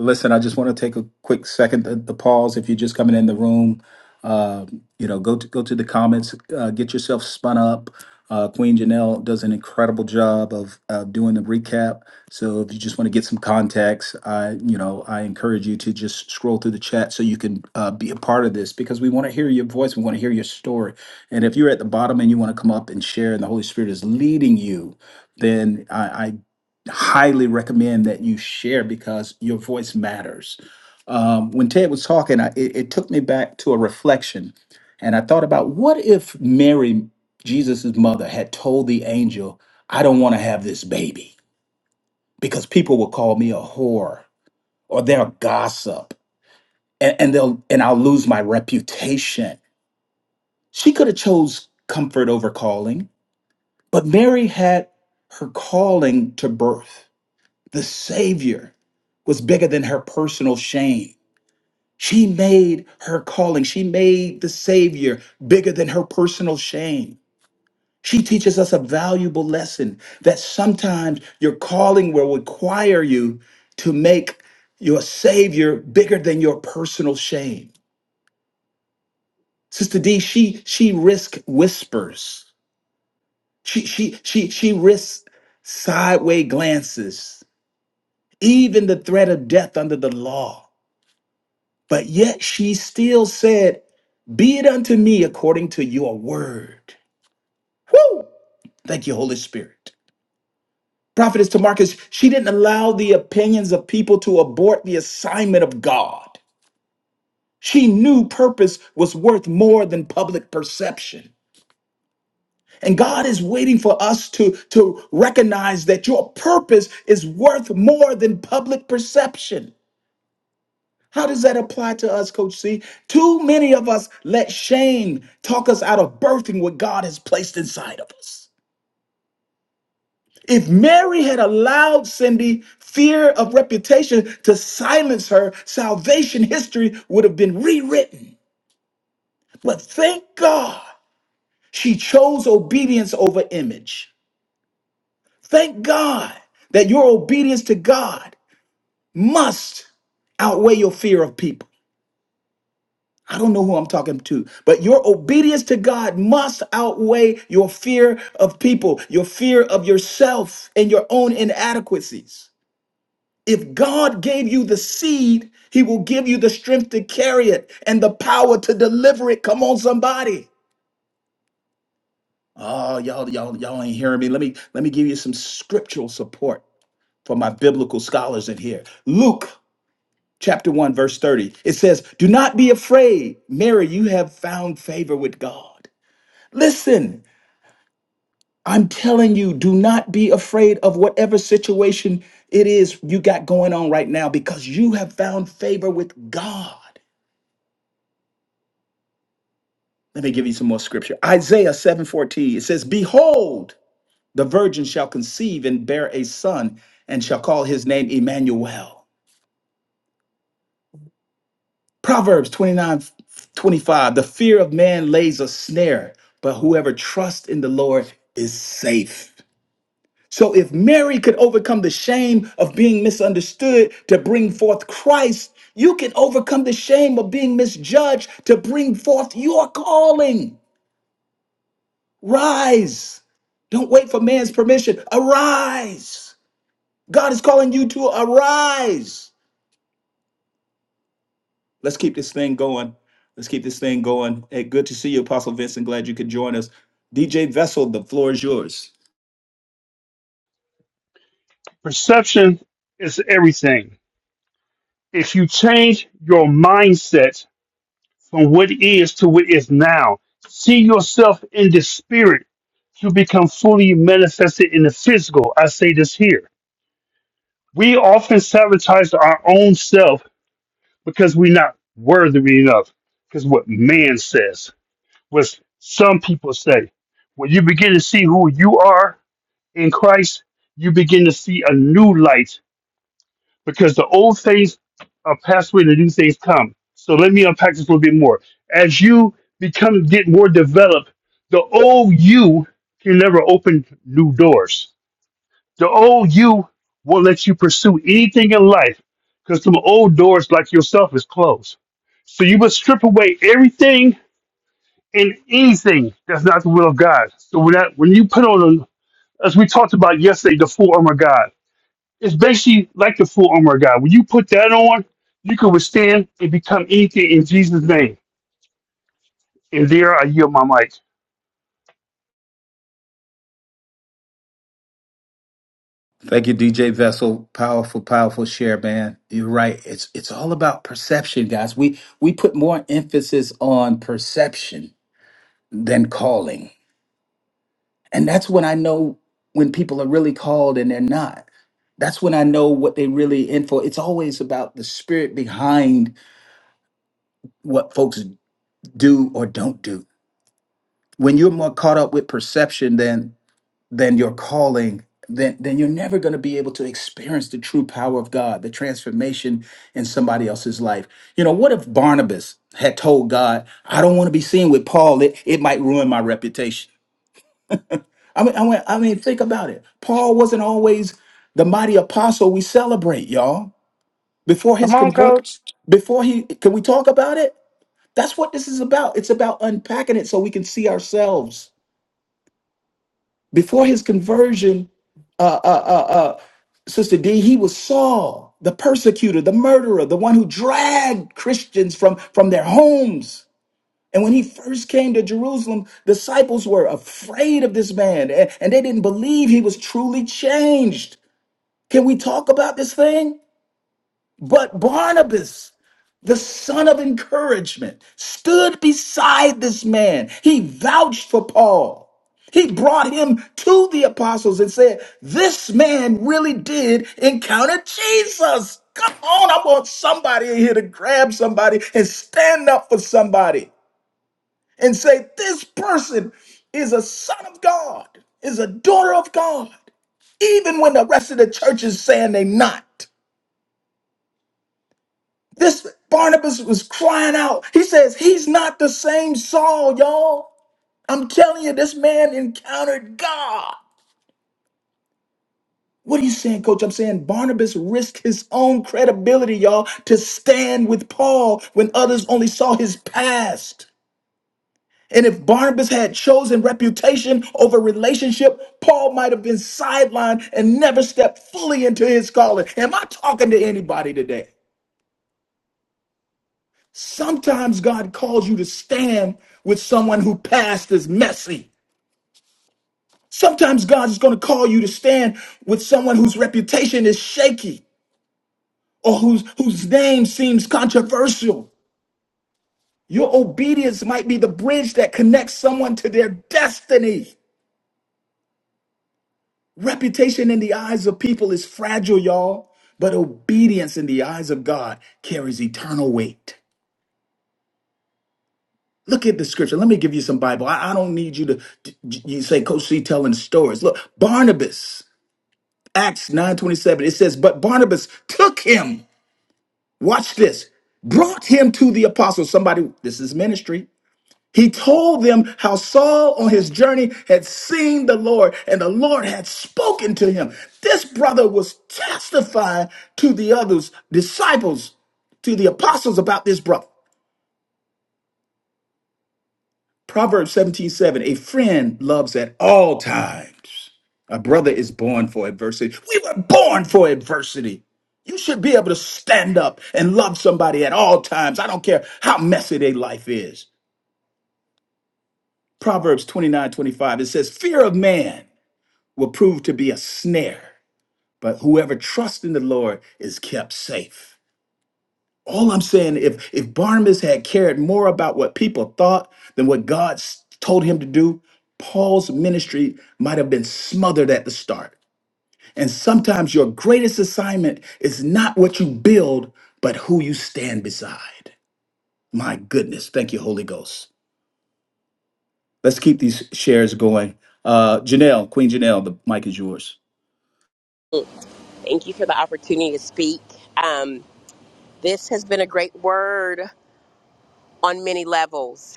Listen, I just want to take a quick second to, to pause. If you're just coming in the room, uh, you know, go to go to the comments, uh, get yourself spun up. Uh, Queen Janelle does an incredible job of uh, doing the recap. So if you just want to get some context, I, you know, I encourage you to just scroll through the chat so you can uh, be a part of this because we want to hear your voice. We want to hear your story. And if you're at the bottom and you want to come up and share, and the Holy Spirit is leading you, then I, highly recommend that you share because your voice matters. Um, when Ted was talking, I, it, it took me back to a reflection, and I thought about what if Mary, Jesus's mother, had told the angel, "I don't want to have this baby because people will call me a whore or they'll gossip, and, and they'll and I'll lose my reputation." She could have chose comfort over calling, but Mary had her calling to birth. The Savior was bigger than her personal shame. She made her calling, she made the Savior bigger than her personal shame. She teaches us a valuable lesson that sometimes your calling will require you to make your Savior bigger than your personal shame. Sister D, she she risked whispers. She she she she risks sideways glances, even the threat of death under the law. But yet she still said, Be it unto me according to your word. Woo! Thank you, Holy Spirit. Prophetess Tamarcus, she didn't allow the opinions of people to abort the assignment of God. She knew purpose was worth more than public perception. And God is waiting for us to, to recognize that your purpose is worth more than public perception. How does that apply to us, Coach C? Too many of us let shame talk us out of birthing what God has placed inside of us. If Mary had allowed Cindy fear of reputation to silence her, salvation history would have been rewritten. But thank God she chose obedience over image. Thank God that your obedience to God must outweigh your fear of people. I don't know who I'm talking to, but your obedience to God must outweigh your fear of people, your fear of yourself, and your own inadequacies. If God gave you the seed, He will give you the strength to carry it and the power to deliver it. Come on, somebody. Oh, y'all, y'all, y'all ain't hearing me. Let me let me give you some scriptural support for my biblical scholars in here. Luke chapter 1, verse 30. It says, Do not be afraid, Mary, you have found favor with God. Listen, I'm telling you, do not be afraid of whatever situation it is you got going on right now because you have found favor with God. Let me give you some more scripture. Isaiah 7:14. It says, "Behold, the virgin shall conceive and bear a son and shall call his name Emmanuel." Proverbs 29:25, The fear of man lays a snare, but whoever trusts in the Lord is safe. So if Mary could overcome the shame of being misunderstood to bring forth Christ, you can overcome the shame of being misjudged to bring forth your calling. Rise. Don't wait for man's permission. Arise. God is calling you to arise. Let's keep this thing going. Let's keep this thing going. Hey, good to see you, Apostle Vincent. Glad you could join us. DJ Vessel, the floor is yours. Perception is everything. If you change your mindset from what is to what is now, see yourself in the spirit to become fully manifested in the physical. I say this here. We often sabotage our own self because we're not worthy enough. Because what man says, what some people say. When you begin to see who you are in Christ, you begin to see a new light because the old things are passed away and the new things come. So let me unpack this a little bit more. As you become get more developed, the old you can never open new doors. The old you won't let you pursue anything in life because some old doors like yourself is closed. So you must strip away everything and anything that's not the will of God. So when that when you put on as we talked about yesterday, the full armor of God. It's basically like the full armor of God. When you put that on, you can withstand and become anything in Jesus' name. And there I yield my mic. Thank you, DJ Vessel. Powerful, powerful share, man. You're right. It's it's all about perception, guys. We we put more emphasis on perception than calling. And that's when I know when people are really called and they're not. That's when I know what they really in for. It's always about the spirit behind what folks do or don't do. When you're more caught up with perception than than your calling, then then you're never going to be able to experience the true power of God, the transformation in somebody else's life. You know, what if Barnabas had told God, "I don't want to be seen with Paul. It it might ruin my reputation." I mean, I mean, I mean, think about it. Paul wasn't always the mighty apostle we celebrate, y'all. Before his Come on, convert, coach. before he, can we talk about it? That's what this is about. It's about unpacking it so we can see ourselves. Before his conversion, uh, uh, uh, uh, Sister D, he was Saul, the persecutor, the murderer, the one who dragged Christians from, from their homes. And when he first came to Jerusalem, disciples were afraid of this man and, and they didn't believe he was truly changed. Can we talk about this thing? But Barnabas, the son of encouragement, stood beside this man. He vouched for Paul. He brought him to the apostles and said, This man really did encounter Jesus. Come on, I want somebody in here to grab somebody and stand up for somebody and say, This person is a son of God, is a daughter of God, even when the rest of the church is saying they're not. This Barnabas was crying out. He says, He's not the same Saul, y'all. I'm telling you, this man encountered God. What are you saying, coach? I'm saying Barnabas risked his own credibility, y'all, to stand with Paul when others only saw his past. And if Barnabas had chosen reputation over relationship, Paul might have been sidelined and never stepped fully into his calling. Am I talking to anybody today? Sometimes God calls you to stand with someone who past is messy. Sometimes God is going to call you to stand with someone whose reputation is shaky or whose, whose name seems controversial. Your obedience might be the bridge that connects someone to their destiny. Reputation in the eyes of people is fragile, y'all, but obedience in the eyes of God carries eternal weight. Look at the scripture. Let me give you some Bible. I, I don't need you to you say Coach C telling stories. Look, Barnabas, Acts 9:27. It says, but Barnabas took him. Watch this. Brought him to the apostles. Somebody, this is ministry. He told them how Saul on his journey had seen the Lord and the Lord had spoken to him. This brother was testifying to the others, disciples, to the apostles about this brother. Proverbs seventeen seven. a friend loves at all times. A brother is born for adversity. We were born for adversity. You should be able to stand up and love somebody at all times. I don't care how messy their life is. Proverbs twenty nine twenty five. it says, Fear of man will prove to be a snare, but whoever trusts in the Lord is kept safe. All I'm saying, if if Barnabas had cared more about what people thought than what God s- told him to do, Paul's ministry might have been smothered at the start. And sometimes your greatest assignment is not what you build, but who you stand beside. My goodness, thank you, Holy Ghost. Let's keep these shares going. Uh, Janelle, Queen Janelle, the mic is yours. thank you for the opportunity to speak Um. This has been a great word on many levels.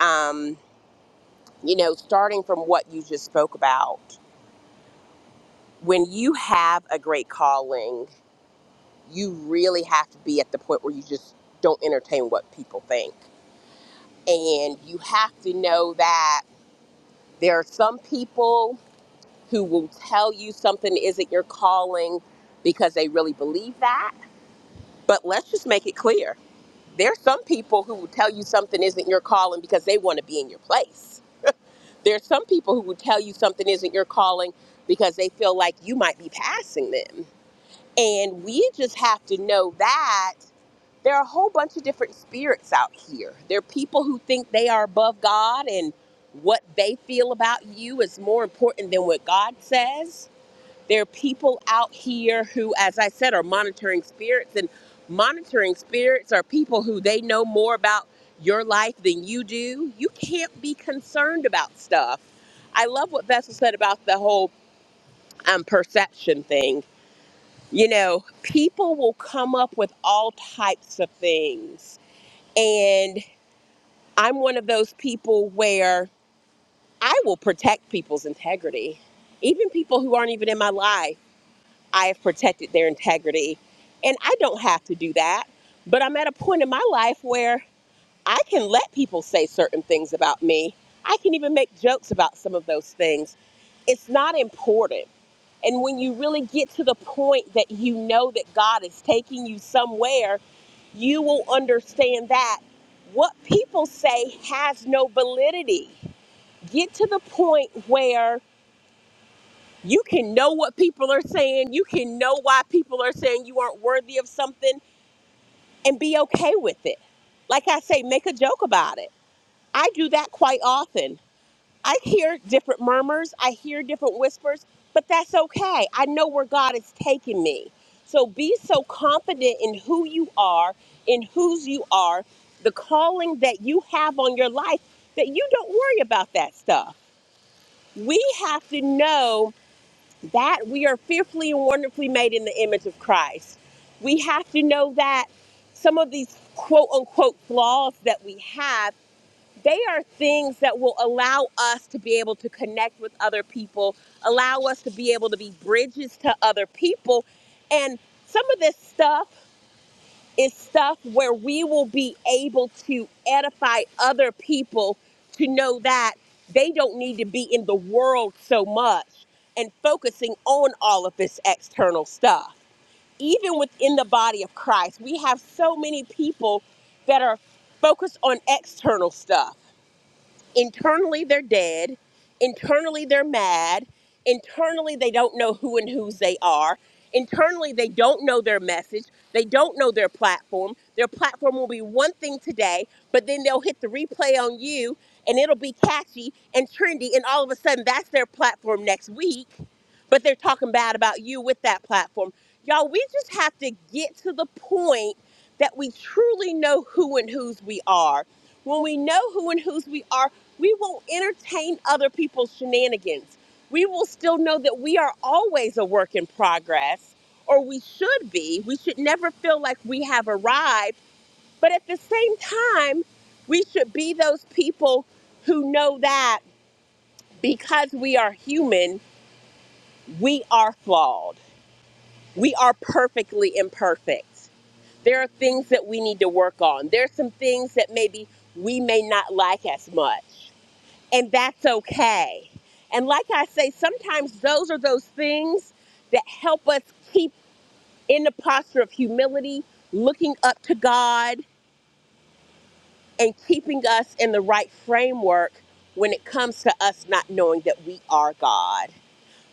Um, you know, starting from what you just spoke about, when you have a great calling, you really have to be at the point where you just don't entertain what people think. And you have to know that there are some people who will tell you something isn't your calling because they really believe that. But let's just make it clear there are some people who will tell you something isn't your calling because they want to be in your place There's some people who would tell you something isn't your calling because they feel like you might be passing them. And we just have to know that there are a whole bunch of different spirits out here. There are people who think they are above God and what they feel about you is more important than what God says there are people out here who, as I said, are monitoring spirits, and monitoring spirits are people who they know more about your life than you do. You can't be concerned about stuff. I love what Vessel said about the whole um, perception thing. You know, people will come up with all types of things. And I'm one of those people where I will protect people's integrity, even people who aren't even in my life. I've protected their integrity. And I don't have to do that. But I'm at a point in my life where I can let people say certain things about me. I can even make jokes about some of those things. It's not important. And when you really get to the point that you know that God is taking you somewhere, you will understand that what people say has no validity. Get to the point where you can know what people are saying. You can know why people are saying you aren't worthy of something and be okay with it. Like I say, make a joke about it. I do that quite often. I hear different murmurs, I hear different whispers, but that's okay. I know where God is taking me. So be so confident in who you are, in whose you are, the calling that you have on your life that you don't worry about that stuff. We have to know that we are fearfully and wonderfully made in the image of Christ. We have to know that some of these quote unquote flaws that we have, they are things that will allow us to be able to connect with other people, allow us to be able to be bridges to other people. And some of this stuff is stuff where we will be able to edify other people to know that they don't need to be in the world so much and focusing on all of this external stuff. Even within the body of Christ, we have so many people that are focused on external stuff. Internally, they're dead. Internally, they're mad. Internally, they don't know who and whose they are. Internally, they don't know their message. They don't know their platform. Their platform will be one thing today, but then they'll hit the replay on you and it'll be catchy and trendy. And all of a sudden, that's their platform next week but they're talking bad about you with that platform. Y'all, we just have to get to the point that we truly know who and whose we are. When we know who and whose we are, we won't entertain other people's shenanigans. We will still know that we are always a work in progress, or we should be. We should never feel like we have arrived. But at the same time, we should be those people who know that because we are human, we are flawed we are perfectly imperfect. There are things that we need to work on. There are some things that maybe we may not like as much, and that's okay. And like I say, sometimes those are those things that help us keep in the posture of humility, looking up to God, and keeping us in the right framework when it comes to us not knowing that we are God.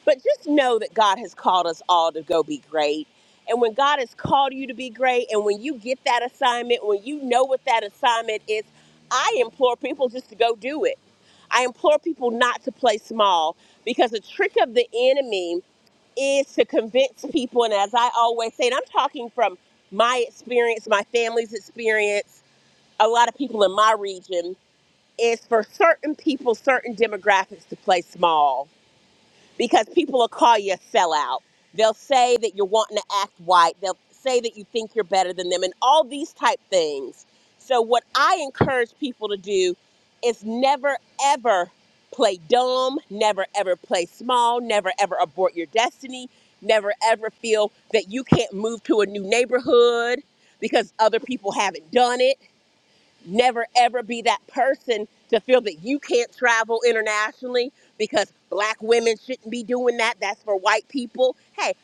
But just know that God has called us all to go be great. And when God has called you to be great, and when you get that assignment, when you know what that assignment is, I implore people just to go do it. I implore people not to play small because the trick of the enemy is to convince people. And as I always say, and I'm talking from my experience, my family's experience, a lot of people in my region, is for certain people, certain demographics to play small because people will call you a sellout. They'll say that you're wanting to act white. They'll say that you think you're better than them and all these type things. So what I encourage people to do is never ever play dumb, never ever play small, never ever abort your destiny, never ever feel that you can't move to a new neighborhood because other people haven't done it never ever be that person to feel that you can't travel internationally because black women shouldn't be doing that. That's for white people. Hey,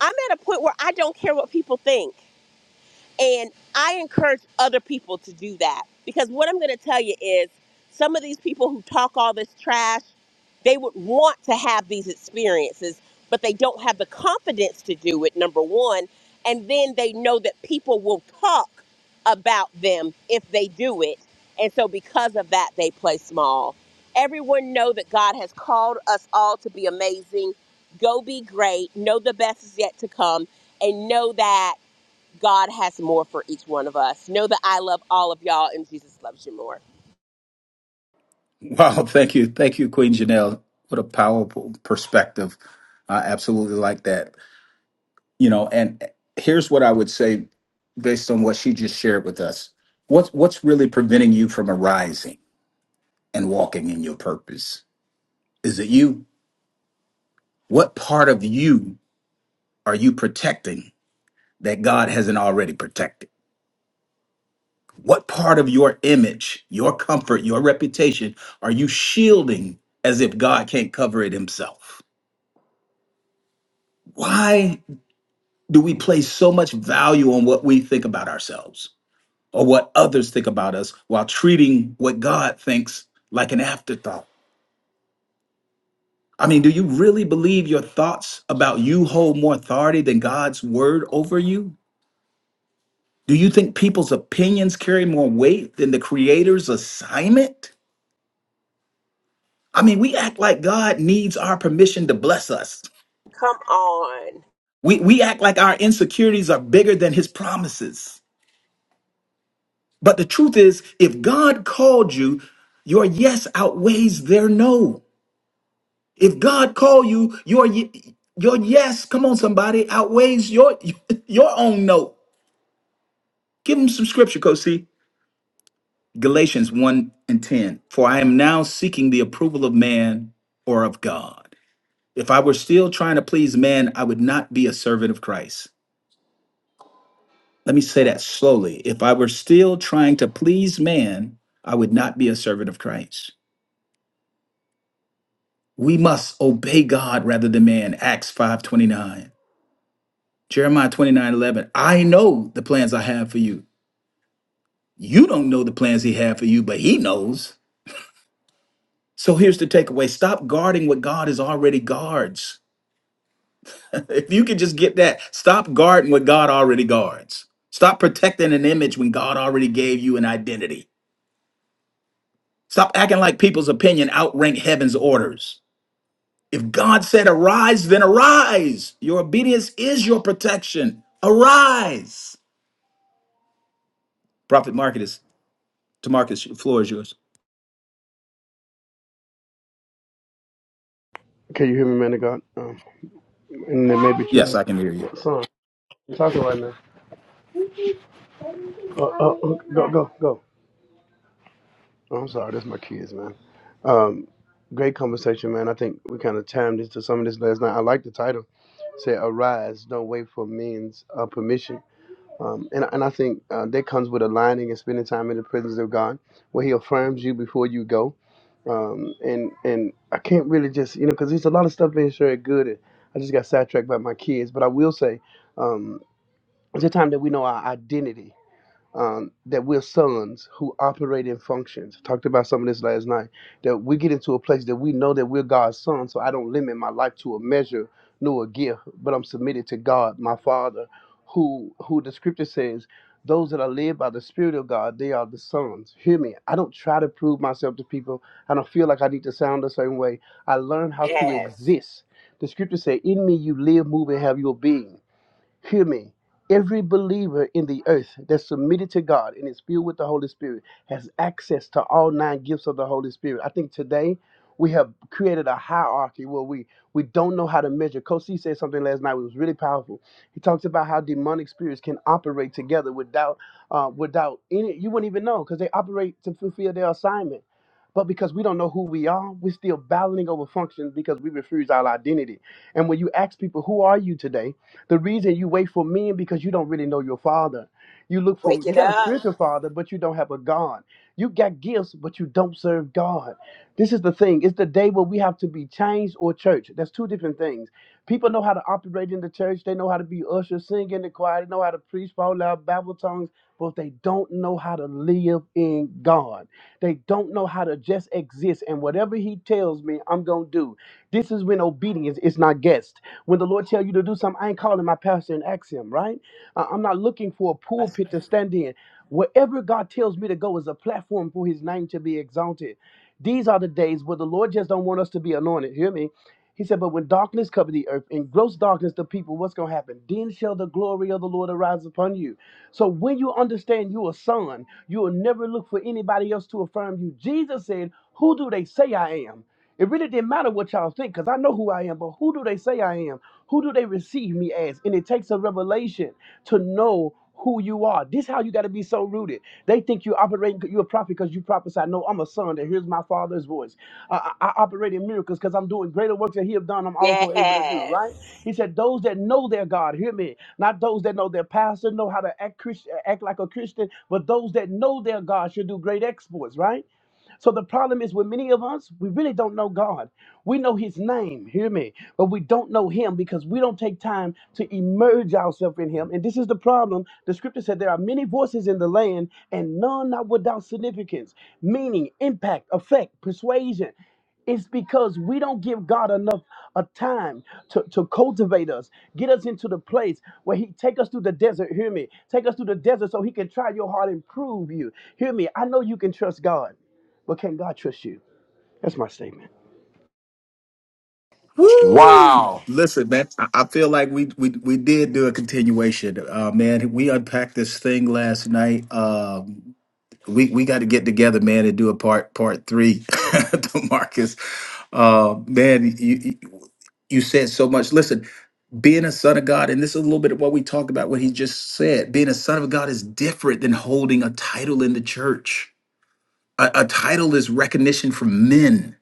I'm at a point where I don't care what people think. And I encourage other people to do that because what I'm going to tell you is some of these people who talk all this trash, they would want to have these experiences, but they don't have the confidence to do it, number one. And then they know that people will talk about them if they do it. And so because of that, they play small. Everyone know that God has called us all to be amazing. Go be great. Know the best is yet to come. And know that God has more for each one of us. Know that I love all of y'all and Jesus loves you more. Wow, thank you, thank you, Queen Janelle. What a powerful perspective. I absolutely like that. you know and here's what i would say based on what she just shared with us what's what's really preventing you from arising and walking in your purpose is it you what part of you are you protecting that god hasn't already protected what part of your image your comfort your reputation are you shielding as if god can't cover it himself why do we place so much value on what we think about ourselves or what others think about us while treating what God thinks like an afterthought. I mean, do you really believe your thoughts about you hold more authority than God's word over you? Do you think people's opinions carry more weight than the Creator's assignment? I mean, we act like God needs our permission to bless us. Come on. We, we act like our insecurities are bigger than His promises. But the truth is, if God called you, your yes outweighs their no. If God call you, your ye- your yes, come on, somebody, outweighs your your own no. Give him some scripture, Coach C. Galatians 1 and 10. For I am now seeking the approval of man or of God. If I were still trying to please man, I would not be a servant of Christ. Let me say that slowly. If I were still trying to please man, I would not be a servant of Christ. We must obey God rather than man. Acts 5:29. Jeremiah 29 11. I know the plans I have for you. You don't know the plans he had for you, but he knows. So here's the takeaway stop guarding what God is already guards. if you could just get that, stop guarding what God already guards. Stop protecting an image when God already gave you an identity. Stop acting like people's opinion outrank heaven's orders. If God said arise, then arise. Your obedience is your protection. Arise. Prophet Marcus, to Marcus, floor is yours. Can you hear me, man of God? Um, and then maybe Yes, children. I can hear you. Son, I'm talking right now. Uh, uh, uh, go, go, go. Oh, I'm sorry, that's my kids, man. Um, great conversation, man. I think we kind of timed this to some of this last night. I like the title. Say, arise, don't wait for men's uh, permission. Um, and, and I think uh, that comes with aligning and spending time in the presence of God, where He affirms you before you go. Um, and and I can't really just, you know, because there's a lot of stuff being shared good. And I just got sidetracked by my kids. But I will say, um, It's a time that we know our identity, um, that we're sons who operate in functions. talked about some of this last night. That we get into a place that we know that we're God's son, so I don't limit my life to a measure nor a gift, but I'm submitted to God, my Father, who who the Scripture says. Those that are led by the Spirit of God, they are the sons. Hear me. I don't try to prove myself to people. I don't feel like I need to sound a certain way. I learn how to Yes. exist. The scripture says, In me you live, move, and have your being. Hear me. Every believer in the earth that's submitted to God and is filled with the Holy Spirit has access to all nine gifts of the Holy Spirit. I think today we have created a hierarchy where we, we don't know how to measure. Coach C said something last night. It was really powerful. He talks about how demonic spirits can operate together without uh, without any. You wouldn't even know because they operate to fulfill their assignment. But because we don't know who we are, we're still battling over functions because we refuse our identity. And when you ask people, who are you today? The reason you wait for men because you don't really know your father. You look for Wake you it got a up. spiritual father, but you don't have a God. You got gifts, but you don't serve God. This is the thing. It's the day where we have to be changed or church. That's two different things. People know how to operate in the church. They know how to be ushers, sing in the choir. They know how to preach, fall out, babble tongues, but they don't know how to live in God. They don't know how to just exist. And whatever He tells me, I'm gonna do. This is when obedience is not guessed. When the Lord tell you to do something something I ain't calling my pastor and ask him, right? I- I'm not looking for a pulpit to stand in. Wherever God tells me to go is a platform for his name to be exalted. These are the days where the Lord just don't want us to be anointed. Hear me? He said, But when darkness covered the earth, in gross darkness the people, what's gonna happen? Then shall the glory of the Lord arise upon you. So when you understand you're a son, you will never look for anybody else to affirm you. Jesus said, Who do they say I am? It really didn't matter what y'all think, because I know who I am, but who do they say I am? Who do they receive me as? And it takes a revelation to know who you are. This how you got to be so rooted. They think you operating, you're a prophet because you prophesy. No, I'm a son that hears my father's voice. I, I, I operate in miracles because I'm doing greater works that he have done, I'm also able to do, Yes. right? He said, those that know their God, hear me, not those that know their pastor, know how to act, Christ, act like a Christian, but those that know their God should do great exploits, right? So the problem is with many of us, we really don't know God. We know His name, hear me, but we don't know Him because we don't take time to immerse ourselves in Him. And this is the problem. The scripture said there are many voices in the land and none not without significance, meaning, impact, effect, persuasion. It's because we don't give God enough a time to, to cultivate us, get us into the place where He take us through the desert. Hear me, take us through the desert so He can try your heart and prove you. Hear me. I know you can trust God. But can God trust you? That's my statement. Woo! Wow. Listen, man, I I feel like we we we did do a continuation. Uh man, we unpacked this thing last night. Um we we got to get together, man, and do a part part 3. Demarcus. Uh man, you you you said so much. Listen, being a son of God, and this is a little bit of what we talked about, what he just said. Being a son of God is different than holding a title in the church. A, a title is recognition from men.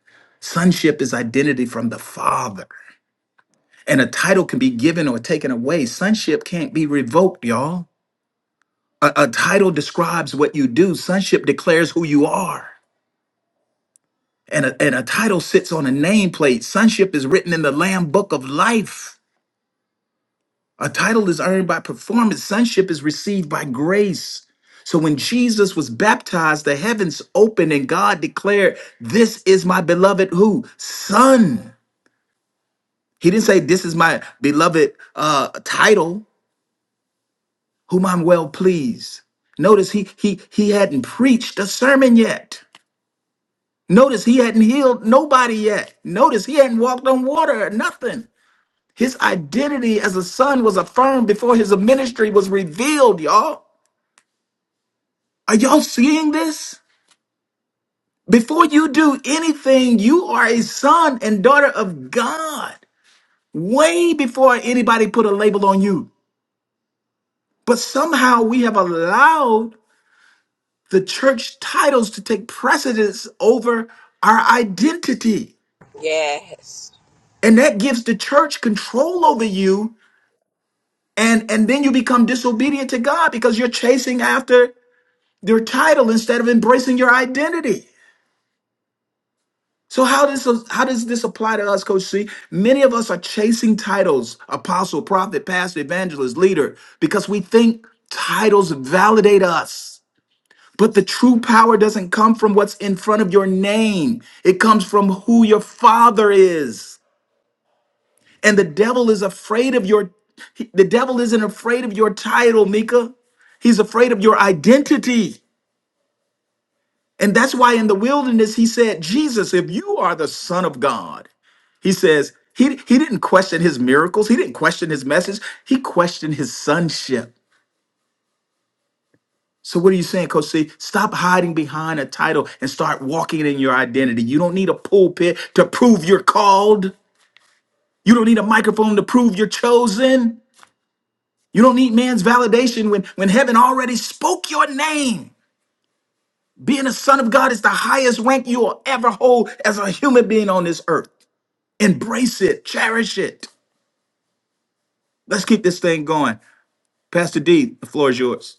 Sonship is identity from the Father. And a title can be given or taken away. Sonship can't be revoked, y'all. A, a title describes what you do, sonship declares who you are. And a, and a title sits on a nameplate. Sonship is written in the Lamb Book of Life. A title is earned by performance, sonship is received by grace. So when Jesus was baptized, the heavens opened and God declared, This is my beloved who? Son. He didn't say, This is my beloved uh, title. whom I'm well pleased. Notice he he he hadn't preached a sermon yet. Notice he hadn't healed nobody yet. Notice he hadn't walked on water or nothing. His identity as a son was affirmed before his ministry was revealed, y'all. Are y'all seeing this? Before you do anything, you are a son and daughter of God. Way before anybody put a label on you. But somehow we have allowed the church titles to take precedence over our identity. Yes. And that gives the church control over you. And, and then you become disobedient to God because you're chasing after your title instead of embracing your identity. So how does how does this apply to us, Coach C? Many of us are chasing titles, apostle, prophet, pastor, evangelist, leader, because we think titles validate us. But the true power doesn't come from what's in front of your name. It comes from who your father is. And the devil is afraid of your the devil isn't afraid of your title, Mika. He's afraid of your identity. And that's why in the wilderness he said, "Jesus, if you are the son of God." He says, he, he didn't question his miracles. He didn't question his message. He questioned his sonship. So what are you saying, Coach C? Stop hiding behind a title and start walking in your identity. You don't need a pulpit to prove you're called. You don't need a microphone to prove you're chosen. You don't need man's validation when, when heaven already spoke your name. Being a son of God is the highest rank you will ever hold as a human being on this earth. Embrace it, cherish it. Let's keep this thing going. Pastor D, the floor is yours.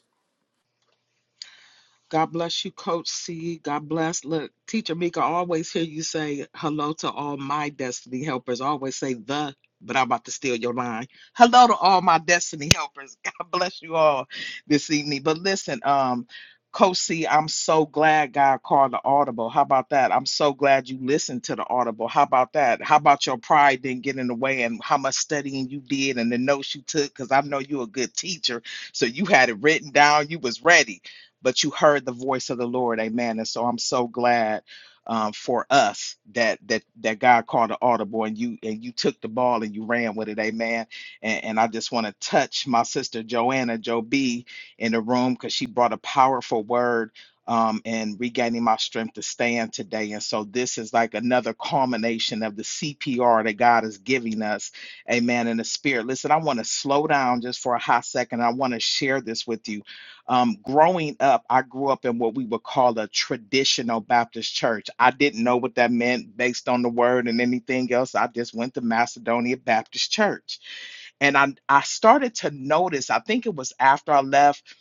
God bless you, Coach C. God bless. Look, Teacher Mika, I always hear you say hello to all my destiny helpers. I always say the, but I'm about to steal your line. Hello to all my destiny helpers. God bless you all this evening. But listen, um, Coach C, I'm so glad God called the audible. How about that? I'm so glad you listened to the audible. How about that? How about your pride didn't get in the way and how much studying you did and the notes you took? Because I know you're a good teacher. So you had it written down. You was ready but you heard the voice of the Lord, Amen. And so I'm so glad um, for us that that that God called an audible, and you and you took the ball and you ran with it, Amen. And, and I just want to touch my sister Joanna Joe B in the room because she brought a powerful word. Um, and regaining my strength to stand today. And so this is like another culmination of the CPR that God is giving us. Amen. In the spirit. Listen, I want to slow down just for a hot second. I want to share this with you um, growing up, I grew up in what we would call a traditional Baptist church. I didn't know what that meant based on the word and anything else. I just went to Macedonia Baptist Church. And I, I started to notice, I think it was after I left,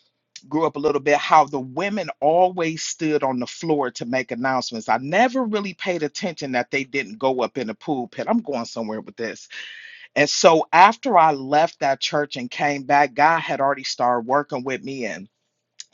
grew up a little bit, how the women always stood on the floor to make announcements. I never really paid attention that they didn't go up in the pulpit. I'm going somewhere with this. And so after I left that church and came back, God had already started working with me. And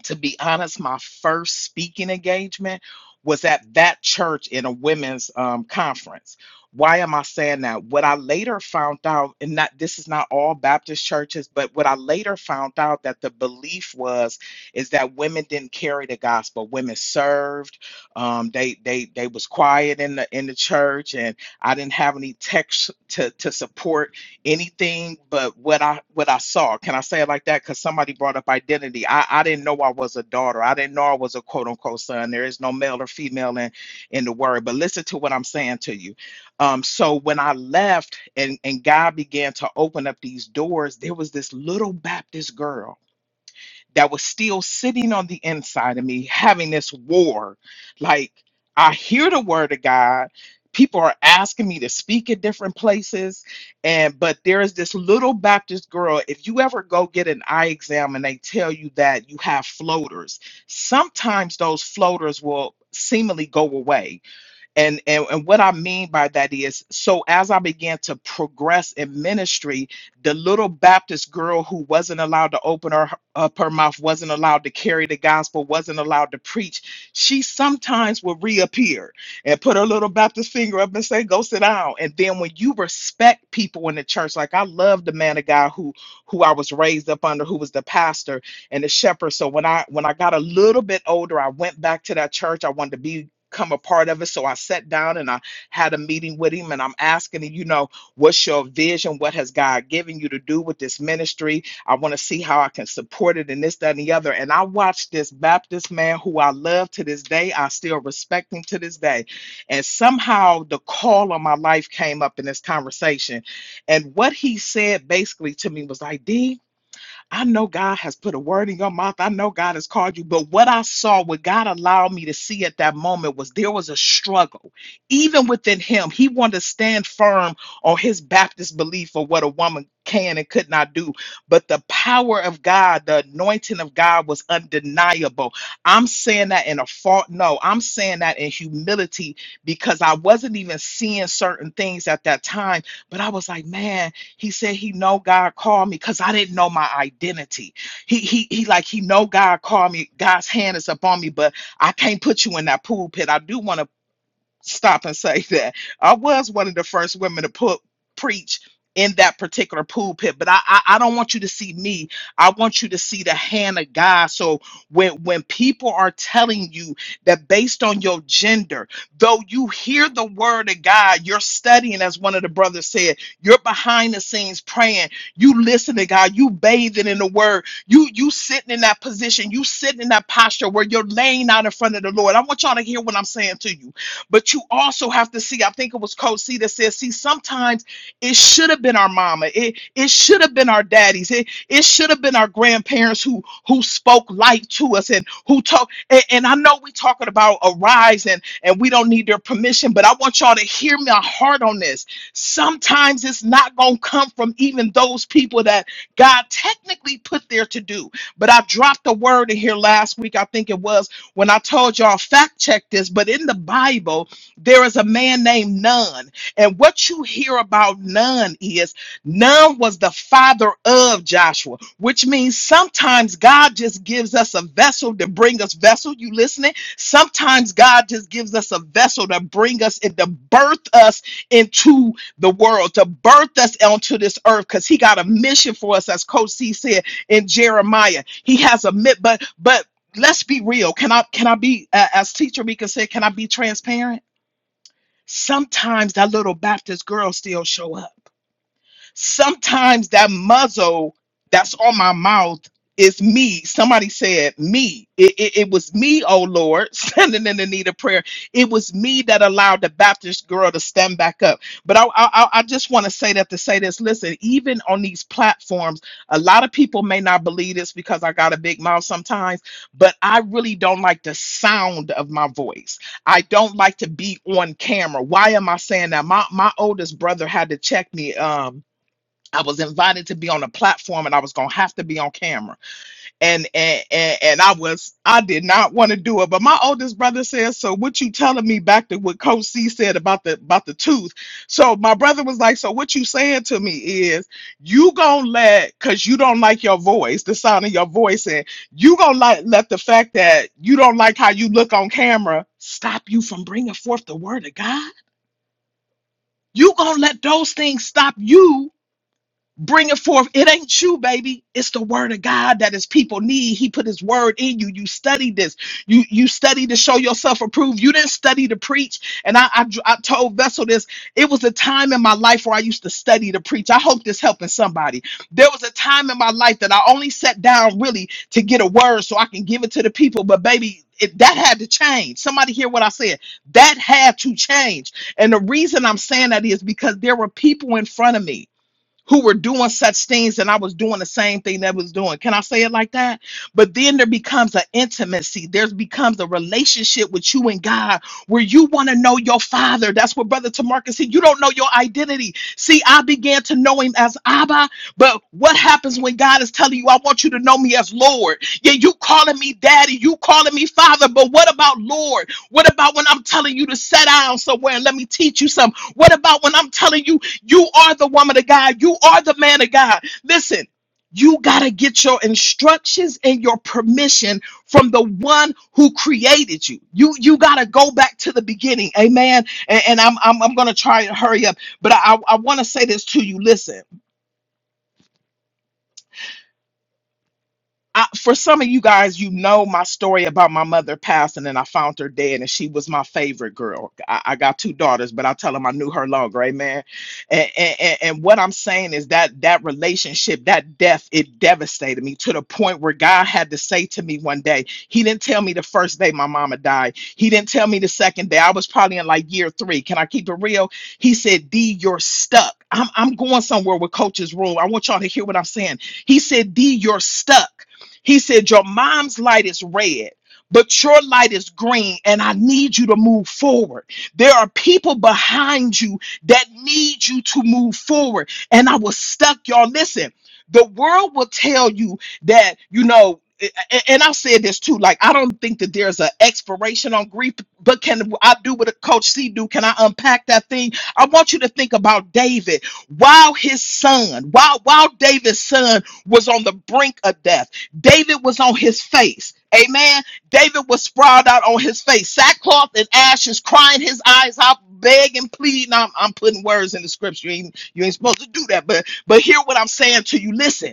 to be honest, my first speaking engagement was at that church in a women's um, conference. Why am I saying that? What I later found out, and not this is not all Baptist churches, but what I later found out that the belief was is that women didn't carry the gospel. Women served. Um, they they they was quiet in the in the church, and I didn't have any text to to support anything but what I what I saw. Can I say it like that? Because somebody brought up identity. I, I didn't know I was a daughter. I didn't know I was a quote unquote son. There is no male or female in in the word. But listen to what I'm saying to you. Um, so when I left and and God began to open up these doors, there was this little Baptist girl that was still sitting on the inside of me, having this war. Like, I hear the word of God. People are asking me to speak at different places. And, but there is this little Baptist girl. If you ever go get an eye exam and they tell you that you have floaters, sometimes those floaters will seemingly go away and, and and what I mean by that is, so as I began to progress in ministry, the little Baptist girl who wasn't allowed to open her up her mouth, wasn't allowed to carry the gospel, wasn't allowed to preach, she sometimes would reappear and put her little Baptist finger up and say, "Go sit down." And then when you respect people in the church, like I love the man of God who who I was raised up under, who was the pastor and the shepherd. So when I when I got a little bit older, I went back to that church. I wanted to be come a part of it. So I sat down and I had a meeting with him and I'm asking him, you know, what's your vision? What has God given you to do with this ministry? I want to see how I can support it and this, that, and the other. And I watched this Baptist man who I love to this day. I still respect him to this day. And somehow the call on my life came up in this conversation. And what he said basically to me was like, D, I know God has put a word in your mouth. I know God has called you. But what I saw, what God allowed me to see at that moment was there was a struggle. Even within him, he wanted to stand firm on his Baptist belief of what a woman can and could not do. But the power of God, the anointing of God was undeniable. I'm saying that in a fault. No, I'm saying that in humility because I wasn't even seeing certain things at that time. But I was like, man, he said he know God called me because I didn't know my identity. He he he like he know God called me. God's hand is upon me, but I can't put you in that pool pit. I do want to stop and say that I was one of the first women to put preach in that particular pulpit, but I, I I don't want you to see me. I want you to see the hand of God. So when when people are telling you that based on your gender, though you hear the word of God, you're studying, as one of the brothers said, you're behind the scenes praying, you listen to God, you bathing in the word, you you sitting in that position, you sitting in that posture where you're laying out in front of the Lord. I want y'all to hear what I'm saying to you but you also have to see, I think it was Coach C that said, see, sometimes it should have been our mama. It it should have been our daddies. It it should have been our grandparents who who spoke life to us and who talk and, and I know we talking about a rise and and we don't need their permission, but I want y'all to hear my heart on this. Sometimes it's not gonna come from even those people that God technically put there to do. But I dropped a word in here last week, I think it was when I told y'all fact check this, but in the Bible, there is a man named Nun. And what you hear about Nun is Nun was the father of Joshua, which means sometimes God just gives us a vessel to bring us vessel. You listening? Sometimes God just gives us a vessel to bring us and to birth us into the world, to birth us onto this earth, because he got a mission for us, as Coach C said in Jeremiah. He has a mit, but but let's be real. Can I can I be a- as Teacher Mika said? Can I be transparent? Sometimes that little Baptist girl still show up. Sometimes that muzzle that's on my mouth is me. Somebody said me. It, it, it was me, oh Lord, standing in the need of prayer. It was me that allowed the Baptist girl to stand back up. But I, I, I just want to say that to say this. Listen, even on these platforms, a lot of people may not believe this because I got a big mouth sometimes, but I really don't like the sound of my voice. I don't like to be on camera. Why am I saying that? My my oldest brother had to check me. Um. I was invited to be on a platform and I was gonna have to be on camera. And and and, and I was I did not want to do it. But my oldest brother says, So what you telling me back to what Coach C said about the about the tooth? So my brother was like, So what you saying to me is you gonna let cause you don't like your voice, the sound of your voice, and you gonna let let the fact that you don't like how you look on camera stop you from bringing forth the word of God? You gonna let those things stop you Bring it forth. It ain't you, baby. It's the word of God that his people need. He put his word in you. You studied this. You you studied to show yourself approved. You didn't study to preach. And I, I I told Vessel this. It was a time in my life where I used to study to preach. I hope this helping somebody. There was a time in my life that I only sat down really to get a word so I can give it to the people. But baby, it, that had to change. Somebody hear what I said. That had to change. And the reason I'm saying that is because there were people in front of me who were doing such things and I was doing the same thing that was doing. Can I say it like that? But then there becomes an intimacy. There's becomes a relationship with you and God where you want to know your father. That's what Brother Tamarcus said. You don't know your identity. See, I began to know him as Abba, but what happens when God is telling you, I want you to know me as Lord? Yeah, you calling me daddy, you calling me father, but what about Lord? What about when I'm telling you to sit down somewhere and let me teach you something? What about when I'm telling you you are the woman of God. You are the man of God. Listen, you got to get your instructions and your permission from the one who created you. You you got to go back to the beginning. Amen. And, and I'm, I'm I'm going to try and hurry up, but I I want to say this to you. Listen. I, for some of you guys, you know my story about my mother passing, and I found her dead, and she was my favorite girl. I, I got two daughters, but I tell them I knew her longer, amen. And, and and and what I'm saying is that that relationship, that death, it devastated me to the point where God had to say to me one day, He didn't tell me the first day my mama died. He didn't tell me the second day. I was probably in like year three. Can I keep it real? He said, D, you're stuck. I'm I'm going somewhere with Coach's Rule. I want y'all to hear what I'm saying. He said, D, you're stuck. He said, Your mom's light is red. But your light is green, and I need you to move forward. There are people behind you that need you to move forward. And I was stuck, y'all. Listen, the world will tell you that, you know, a- a- and I've said this too. Like, I don't think that there's an expiration on grief, but can I do what a coach C do? Can I unpack that thing? I want you to think about David while his son, while while David's son was on the brink of death. David was on his face. Amen. David was sprawled out on his face, sackcloth and ashes, crying his eyes out, begging, pleading. I'm, I'm putting words in the scripture. You ain't, you ain't supposed to do that, but but hear what I'm saying to you. Listen.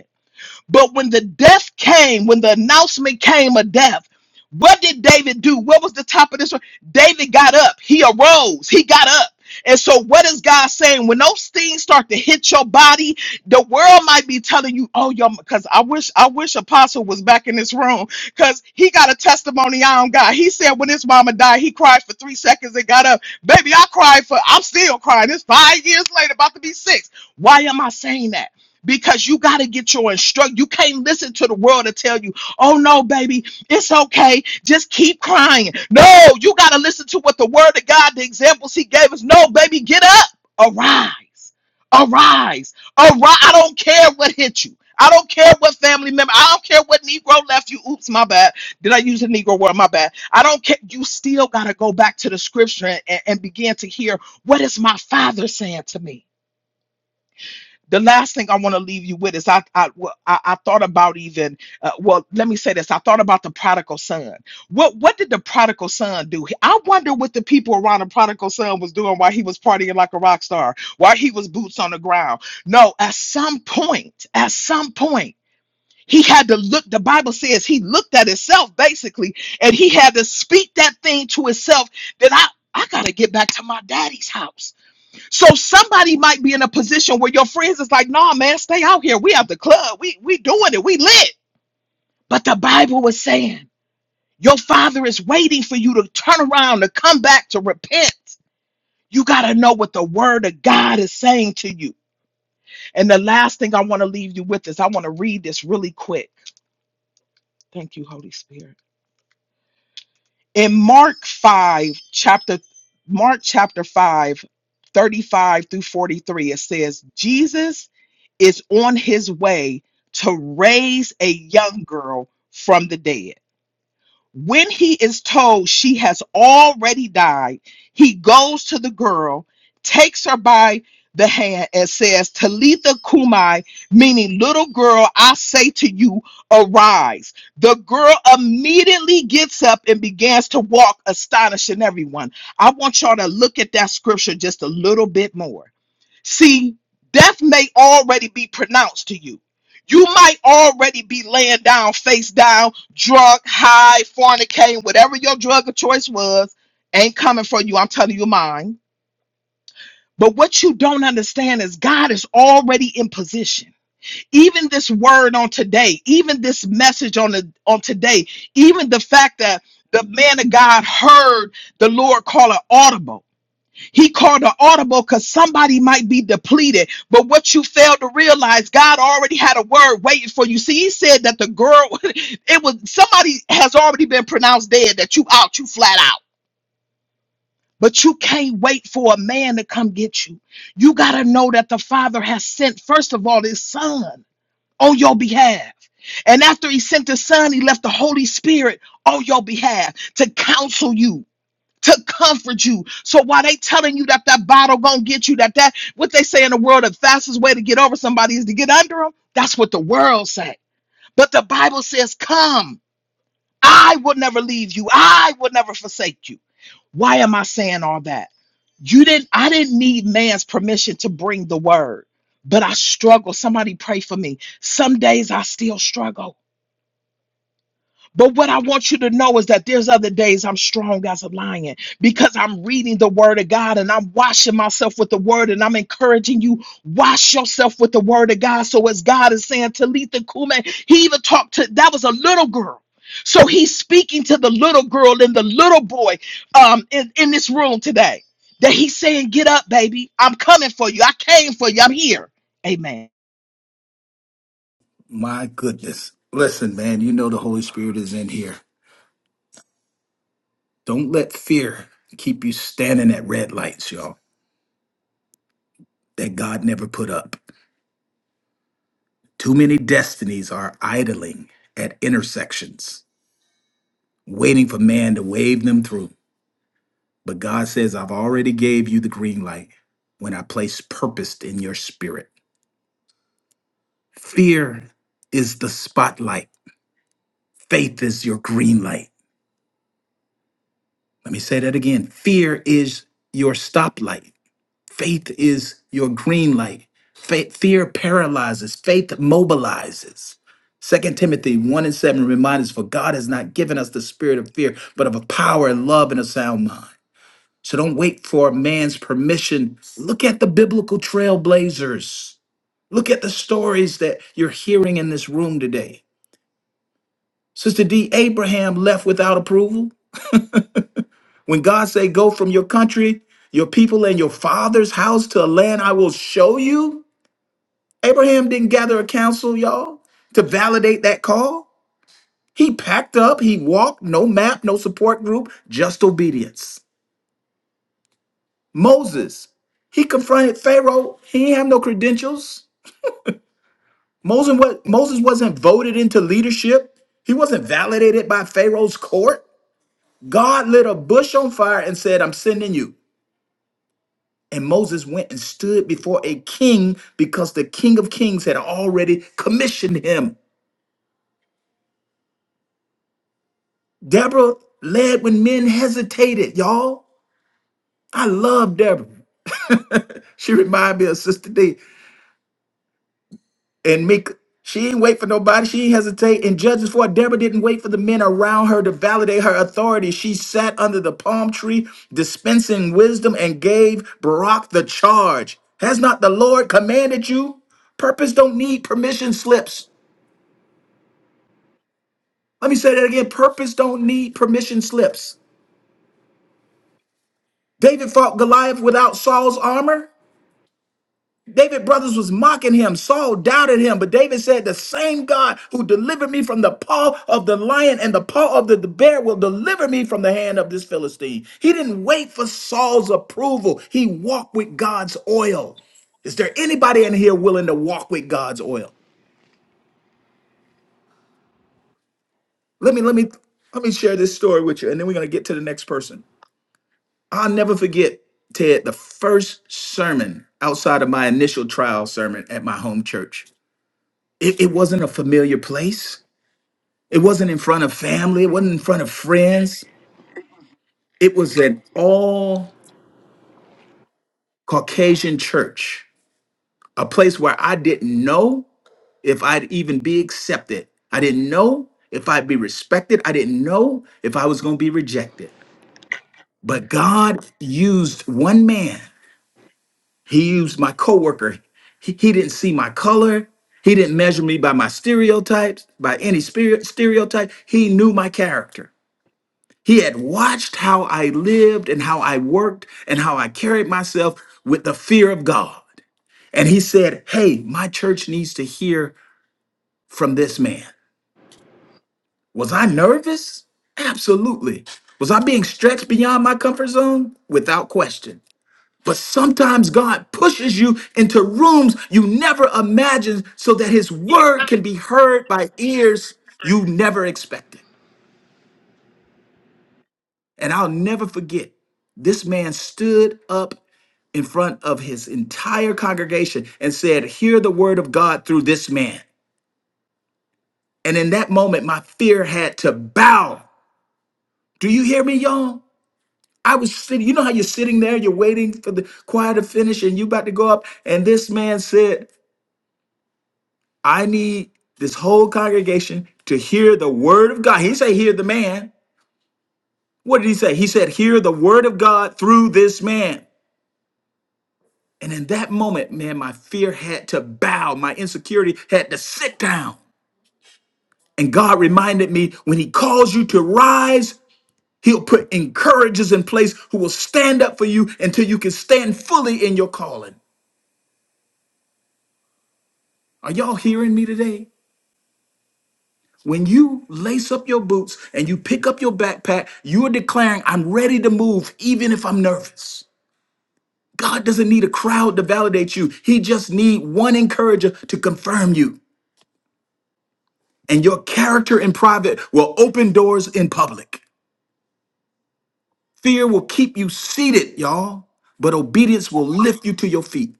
But when the death came, when the announcement came of death, what did David do? What was the top of this? David got up. He arose. He got up. And so, what is God saying? When those things start to hit your body, the world might be telling you, "Oh, y'all." because I wish, I wish Apostle was back in this room because he got a testimony I don't got. He said, "When his mama died, he cried for three seconds and got up." Baby, I cried for. I'm still crying. It's five years later, about to be six. Why am I saying that? because you got to get your instruct. You can't listen to the world to tell you, oh no, baby, it's okay. Just keep crying. No, you got to listen to what the word of God, the examples he gave us. No, baby, get up. Arise. Arise. Arise. I don't care what hit you. I don't care what family member. I don't care what Negro left you. Oops, my bad. Did I use a Negro word? My bad. I don't care. You still got to go back to the scripture and, and begin to hear what is my father saying to me? the last thing I want to leave you with is I I well, I, I thought about even uh, well let me say this I thought about the prodigal son. What what did the prodigal son do? I wonder what the people around the prodigal son was doing while he was partying like a rock star, while he was boots on the ground. No, at some point, at some point. He had to look, the Bible says he looked at himself basically, and he had to speak that thing to himself that I, I got to get back to my daddy's house. So somebody might be in a position where your friends is like, nah, man, stay out here. We at the club. We we doing it. We lit. But the Bible was saying your father is waiting for you to turn around, to come back, to repent. You got to know what the word of God is saying to you. And the last thing I want to leave you with is I want to read this really quick. Thank you, Holy Spirit. in mark 5 chapter mark chapter 5, 35 through 43 it says jesus is on his way to raise a young girl from the dead when he is told she has already died, he goes to the girl, takes her by the hand, and says, Talitha Kumai, meaning little girl, I say to you, arise. The girl immediately gets up and begins to walk, astonishing everyone. I want y'all to look at that scripture just a little bit more. See, death may already be pronounced to you. You might already be laying down, face down, drunk, high, fornicating, whatever your drug of choice was, ain't coming for you. I'm telling you mine. But what you don't understand is God is already in position. Even this word on today, even this message on the on today, even the fact that the man of God heard the Lord call it audible. He called an audible because somebody might be depleted. But what you failed to realize, God already had a word waiting for you. See, he said that the girl, it was somebody has already been pronounced dead, that you out, you flat out. But you can't wait for a man to come get you. You got to know that the Father has sent, first of all, his Son on your behalf. And after he sent the Son, he left the Holy Spirit on your behalf to counsel you to comfort you. So while they telling you that that bottle gonna get you, that that what they say in the world, the fastest way to get over somebody is to get under them. That's what the world say. But the Bible says, "Come, I will never leave you. I will never forsake you." Why am I saying all that? You didn't. I didn't need man's permission to bring the word, but I struggle. Somebody pray for me. Some days I still struggle. But what I want you to know is that there's other days I'm strong as a lion because I'm reading the word of God and I'm washing myself with the word and I'm encouraging you, wash yourself with the word of God. So as God is saying, Talitha Kume, he even talked to that was a little girl. So he's speaking to the little girl and the little boy um in, in this room today. That he's saying, Get up, baby. I'm coming for you. I came for you. I'm here. Amen. My goodness. Listen, man, you know the Holy Spirit is in here. Don't let fear keep you standing at red lights, y'all, that God never put up. Too many destinies are idling at intersections, waiting for man to wave them through. But God says, I've already gave you the green light when I placed purpose in your spirit. Fear is the spotlight. Faith is your green light. Let me say that again. Fear is your stoplight. Faith is your green light. Faith, fear paralyzes, faith mobilizes. Second Timothy 1 and 7 reminds us, for God has not given us the spirit of fear, but of a power and love and a sound mind. So don't wait for a man's permission. Look at the biblical trailblazers. Look at the stories that you're hearing in this room today. Sister D, Abraham left without approval. When God said, Go from your country, your people, and your father's house to a land I will show you, Abraham didn't gather a council, y'all, to validate that call. He packed up, he walked, no map, no support group, just obedience. Moses, he confronted Pharaoh. He didn't have no credentials. Moses, wa- Moses wasn't voted into leadership, he wasn't validated by Pharaoh's court. God lit a bush on fire and said, I'm sending you. And Moses went and stood before a king because the king of kings had already commissioned him. Deborah led when men hesitated, y'all. I love Deborah. she reminded me of Sister D and Mika. She ain't wait for nobody. She ain't hesitate. And Judges 4, Deborah didn't wait for the men around her to validate her authority. She sat under the palm tree, dispensing wisdom, and gave Barak the charge. Has not the Lord commanded you? Purpose don't need permission slips. Let me say that again. Purpose don't need permission slips. David fought Goliath without Saul's armor. David brothers was mocking him. Saul doubted him, but David said, "The same God who delivered me from the paw of the lion and the paw of the the bear will deliver me from the hand of this Philistine." He didn't wait for Saul's approval. He walked with God's oil. Is there anybody in here willing to walk with God's oil? Let me let me let me share this story with you, and then we're gonna get to the next person. I'll never forget Ted the first sermon outside of my initial trial sermon at my home church. It, it wasn't a familiar place. It wasn't in front of family, it wasn't in front of friends. It was an all Caucasian church, a place where I didn't know if I'd even be accepted. I didn't know if I'd be respected. I didn't know if I was going to be rejected. But God used one man. He used my coworker. He, he didn't see my color. He didn't measure me by my stereotypes, by any spirit stereotype. He knew my character. He had watched how I lived and how I worked and how I carried myself with the fear of God. And he said, Hey, my church needs to hear from this man. Was I nervous? Absolutely. Was I being stretched beyond my comfort zone? Without question. But sometimes God pushes you into rooms you never imagined so that his word can be heard by ears you never expected. And I'll never forget, this man stood up in front of his entire congregation and said, Hear the word of God through this man. And in that moment, my fear had to bow. Do you hear me, y'all? I was sitting, you know how you're sitting there, you're waiting for the choir to finish and you about to go up. And this man said, I need this whole congregation to hear the word of God. He didn't say, Hear the man. What did he say? He said, Hear the word of God through this man. And in that moment, man, my fear had to bow, my insecurity had to sit down. And God reminded me when He calls you to rise, He'll put encouragers in place who will stand up for you until you can stand fully in your calling. Are y'all hearing me today? When you lace up your boots and you pick up your backpack, you are declaring, I'm ready to move, even if I'm nervous. God doesn't need a crowd to validate you. He just needs one encourager to confirm you. and your character in private will open doors in public. Fear will keep you seated, y'all, but obedience will lift you to your feet.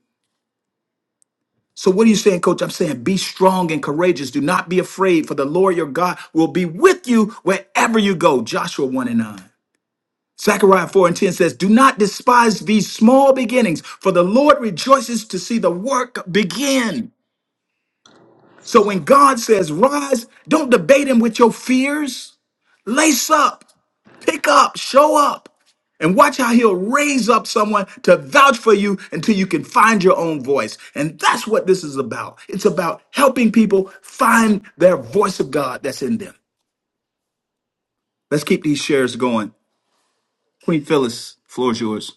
So, what are you saying, coach? I'm saying be strong and courageous. Do not be afraid, for the Lord your God will be with you wherever you go. Joshua 1 and 9. Zechariah 4 and 10 says, Do not despise these small beginnings, for the Lord rejoices to see the work begin. So, when God says rise, don't debate him with your fears. Lace up. Pick up, show up, and watch how he'll raise up someone to vouch for you until you can find your own voice. And that's what this is about. It's about helping people find their voice of God that's in them. Let's keep these shares going. Queen Phyllis, floor is yours.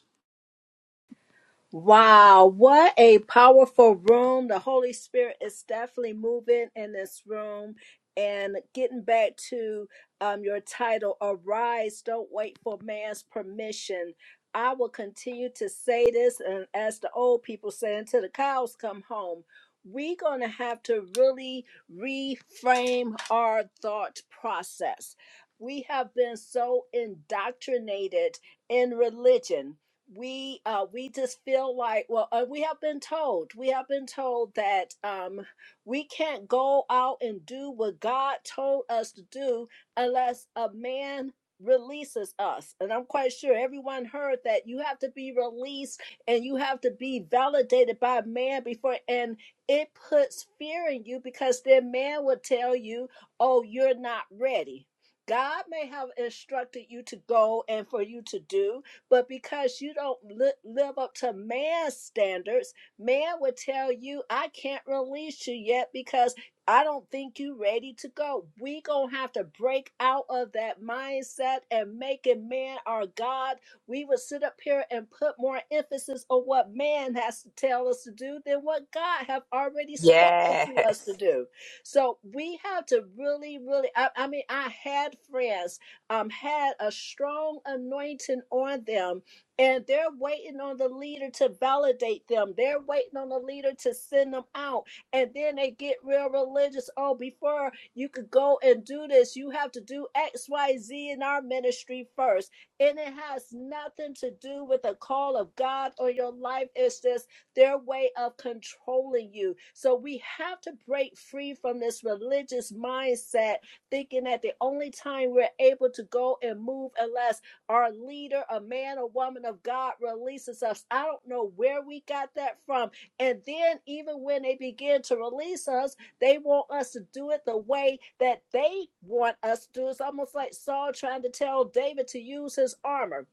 Wow, what a powerful room. The Holy Spirit is definitely moving in this room. And getting back to um, your title, Arise, Don't Wait for Man's Permission. I will continue to say this, and as the old people say, until the cows come home, we're going to have to really reframe our thought process. We have been so indoctrinated in religion we uh we just feel like well uh, we have been told we have been told that um we can't go out and do what god told us to do unless a man releases us and i'm quite sure everyone heard that you have to be released and you have to be validated by man before and it puts fear in you because then man will tell you oh you're not ready god may have instructed you to go and for you to do but because you don't li- live up to man's standards, man would tell you, I can't release you yet because I don't think you are ready to go. We gonna have to break out of that mindset and making man our God. We would sit up here and put more emphasis on what man has to tell us to do than what God have already spoken to us to Yes. do. So we have to really, really. I, I mean, I had friends um, had a strong anointing on them, and they're waiting on the leader to validate them. They're waiting on the leader to send them out, and then they get real religious. Oh, before you could go and do this, you have to do X, Y, Z in our ministry first, and it has nothing to do with the call of God on your life. It's just their way of controlling you. So we have to break free from this religious mindset thinking that the only time we're able to go and move unless our leader, a man or woman of God, releases us. I don't know where we got that from. And then, even when they begin to release us, they want us to do it the way that they want us to do. It's almost like Saul trying to tell David to use his armor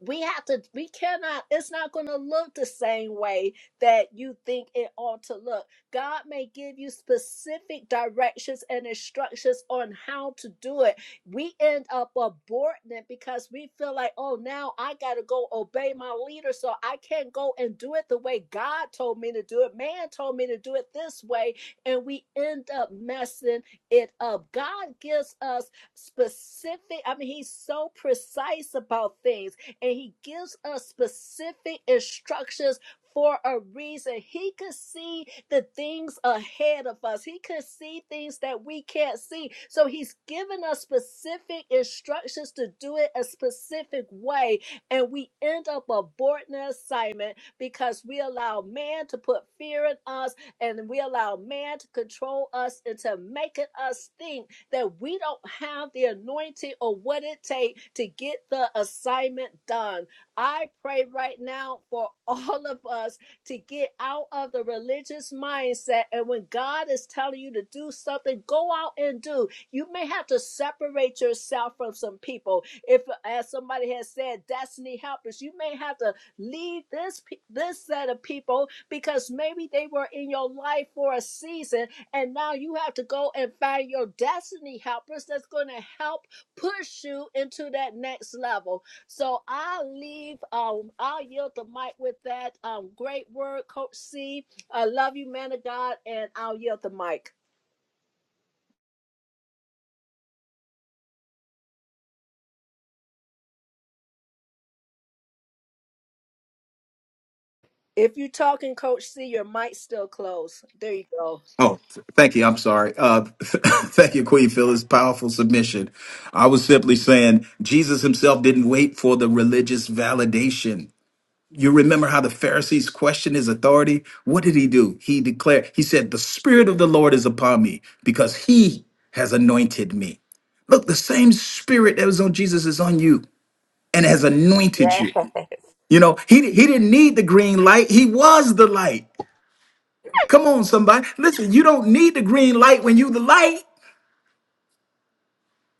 we have to we cannot it's not going to look the same way that you think it ought to look god may give you specific directions and instructions on how to do it we end up aborting it because we feel like oh now i gotta go obey my leader so i can't go and do it the way god told me to do it man told me to do it this way and we end up messing it up god gives us specific i mean he's so precise about things and he gives us specific instructions for a reason. He could see the things ahead of us. He could see things that we can't see. So he's given us specific instructions to do it a specific way. And we end up aborting the assignment because we allow man to put fear in us and we allow man to control us into making us think that we don't have the anointing or what it takes to get the assignment done. I pray right now for all of us to get out of the religious mindset. And when God is telling you to do something, go out and do. You may have to separate yourself from some people. If, as somebody has said, destiny helpers, you may have to leave this pe- this set of people because maybe they were in your life for a season and now you have to go and find your destiny helpers that's going to help push you into that next level. So I'll leave, um, I'll yield the mic with that. Um, great word, Coach C. I love you, man of God, and I'll yield the mic. If you're talking, Coach C, your mic's still closed. There you go. Oh, th- thank you. I'm sorry. Uh, thank you, Queen Phyllis. Powerful submission. I was simply saying Jesus himself didn't wait for the religious validation. You remember how the Pharisees questioned his authority? What did he do? He declared, he said, The Spirit of the Lord is upon me because he has anointed me. Look, the same Spirit that was on Jesus is on you and has anointed Yes. you. You know, he, he didn't need the green light, he was the light. Come on, somebody. Listen, you don't need the green light when you the light.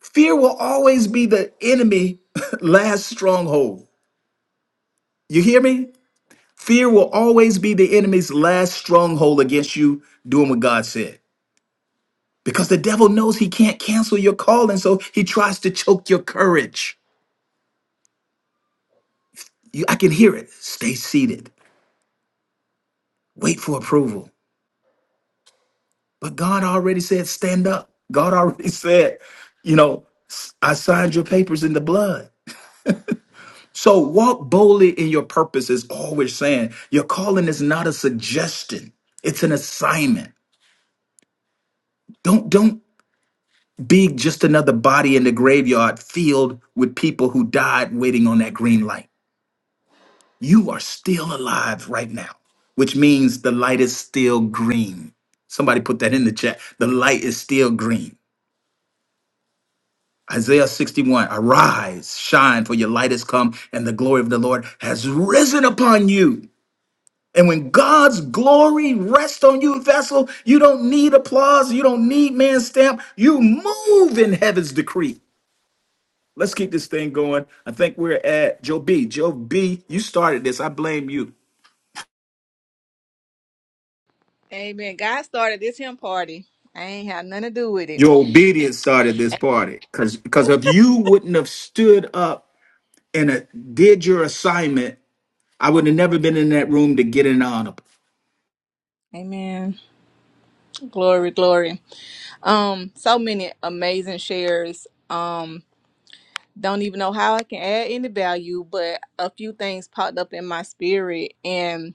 Fear will always be the enemy last stronghold. You hear me? Fear will always be the enemy's last stronghold against you doing what God said because the devil knows he can't cancel your calling, so he tries to choke your courage. You, I can hear it. Stay seated, wait for approval. But God already said, stand up. God already said, you know, "S- I signed your papers in the blood. So walk boldly in your purpose, is all we're saying. Your calling is not a suggestion, it's an assignment. Don't don't be just another body in the graveyard filled with people who died waiting on that green light. You are still alive right now, which means the light is still green. Somebody put that in the chat. The light is still green. Isaiah 61 Arise, shine, for your light has come, and the glory of the Lord has risen upon you. And when God's glory rests on you, vessel, you don't need applause. You don't need man's stamp. You move in heaven's decree. Let's keep this thing going. I think we're at Joe B. Joe B, you started this. I blame you. Amen. God started this hymn party. I ain't had nothing to do with it. Your obedience started this party. Cause because if you wouldn't have stood up and uh, did your assignment, I would have never been in that room to get an honor. Amen. Glory, glory. Um, so many amazing shares. Um, don't even know how I can add any value, but a few things popped up in my spirit and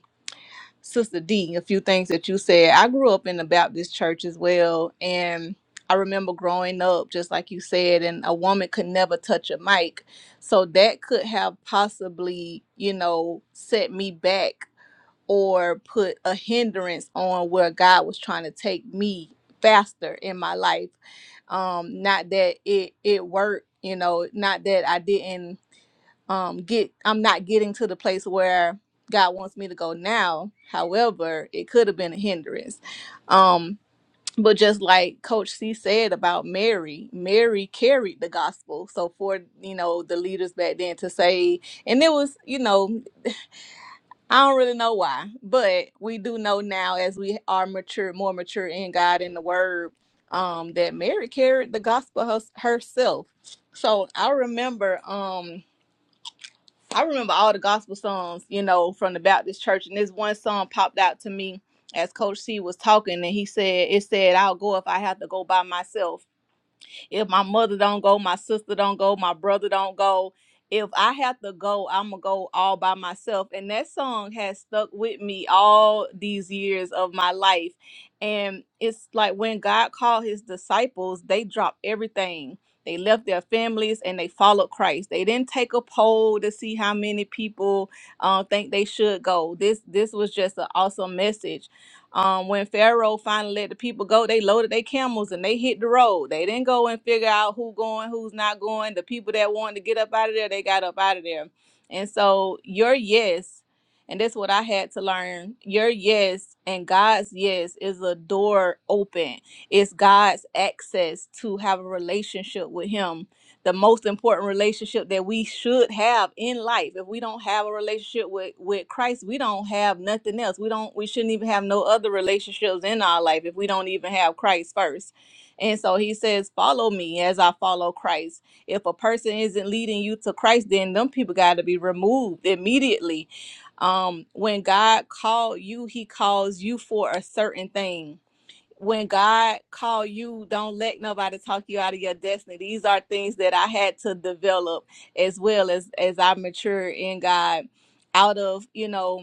Sister D, a few things that you said. I grew up in the Baptist church as well, and I remember growing up, just like you said, and a woman could never touch a mic. So that could have possibly, you know, set me back or put a hindrance on where God was trying to take me faster in my life. Um, not that it it worked, you know, not that I didn't um get I'm not getting to the place where God wants me to go now. However, it could have been a hindrance. Um but just like coach c said about mary mary carried the gospel so for you know the leaders back then to say and it was you know I don't really know why, but we do know now as we are mature, more mature in God and the Word, um, that Mary carried the gospel hers herself. So I remember, um, I remember all the gospel songs, you know, from the Baptist church, and this one song popped out to me as Coach C was talking, and he said, "It said I'll go if I have to go by myself." If my mother don't go, my sister don't go, my brother don't go. If I have to go, I'm gonna go all by myself. And that song has stuck with me all these years of my life. And it's like when God called his disciples, they dropped everything. They left their families and they followed Christ. They didn't take a poll to see how many people uh, think they should go. This this was just an awesome message um, when Pharaoh finally let the people go, they loaded their camels and they hit the road. They didn't go and figure out who going, who's not going. The people that wanted to get up out of there, they got up out of there. And so your yes, and that's what I had to learn. Your yes and God's yes is a door open. It's God's access to have a relationship with Him the most important relationship that we should have in life. If we don't have a relationship with with Christ, we don't have nothing else. We don't we shouldn't even have no other relationships in our life if we don't even have Christ first. And so he says, "Follow me as I follow Christ." If a person isn't leading you to Christ, then them people got to be removed immediately. Um, when God called you, He calls you for a certain thing when God called you, don't let nobody talk you out of your destiny. These are things that I had to develop as well as as I mature in God out of, you know,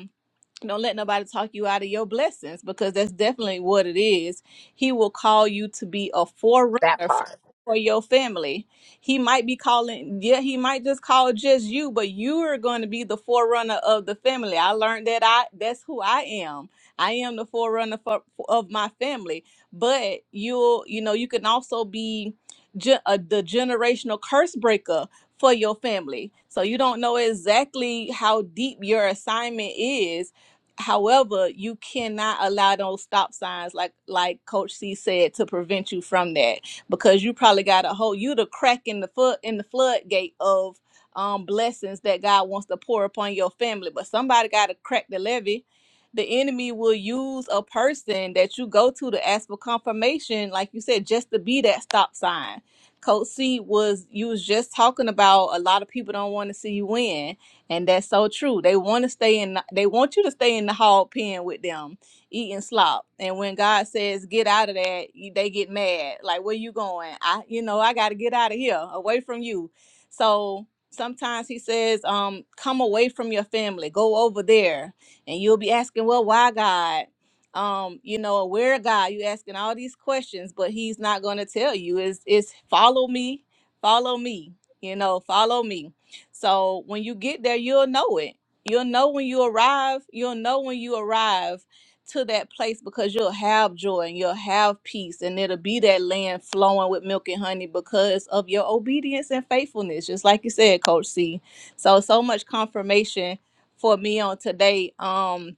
don't let nobody talk you out of your blessings because that's definitely what it is. He will call you to be a forerunner That for, part. for your family. He might be calling, yeah, he might just call just you, but you are going to be the forerunner of the family. I learned that I that's who I am. I am the forerunner for, of my family. But you'll, you know, you can also be ge- uh, the generational curse breaker for your family. So you don't know exactly how deep your assignment is However, you cannot allow those stop signs, like like Coach C said, to prevent you from that because you probably got a whole you the crack in the foot in the floodgate of um blessings that God wants to pour upon your family. But somebody got to crack the levee. The enemy will use a person that you go to to ask for confirmation, like you said, just to be that stop sign. Coach C was you was just talking about a lot of people don't want to see you win and that's so true. They want to stay in they want you to stay in the hog pen with them eating slop. And when God says get out of that, you- they get mad. Like where you going? I you know, I got to get out of here, away from you. So sometimes he says um come away from your family, go over there. And you'll be asking, "Well, why God?" um you know where god you asking all these questions but he's not going to tell you is is follow me follow me you know follow me so when you get there, you'll know it. You'll know when you arrive. You'll know when you arrive to that place because you'll have joy and you'll have peace and it'll be that land flowing with milk and honey because of your obedience and faithfulness just like you said coach c so so much confirmation for me on today um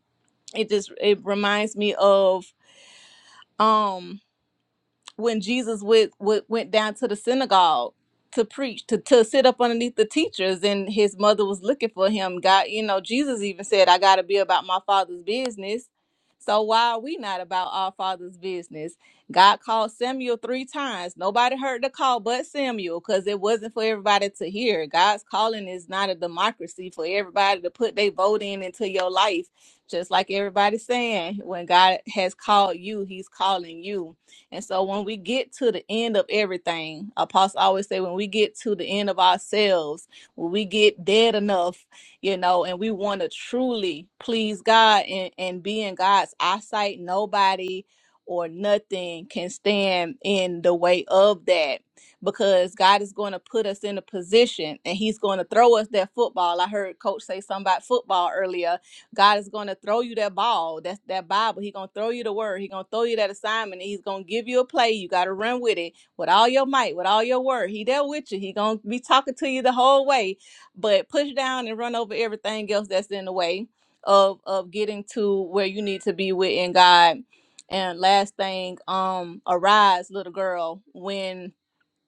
it just it reminds me of um when Jesus went, went went down to the synagogue to preach to to sit up underneath the teachers and his mother was looking for him. God, you know, Jesus even said, "I got to be about my father's business." So why are we not about our father's business? God called Samuel three times. Nobody heard the call but Samuel because it wasn't for everybody to hear. God's calling is not a democracy for everybody to put their vote in into your life. Just like everybody's saying, when God has called you, He's calling you and so when we get to the end of everything, apostle always say when we get to the end of ourselves, when we get dead enough, you know, and we want to truly please God and, and be in God's eyesight, nobody or nothing can stand in the way of that because God is going to put us in a position and He's going to throw us that football. I heard Coach say something about football earlier God is going to throw you that ball, that's that Bible. He's going to throw you the word. He's going to throw you that assignment. and He's going to give you a play. You got to run with it with all your might, with all your word. He there with you. He's going to be talking to you the whole way, but push down and run over everything else that's in the way of of getting to where you need to be within God. And last thing, um, arise, little girl, when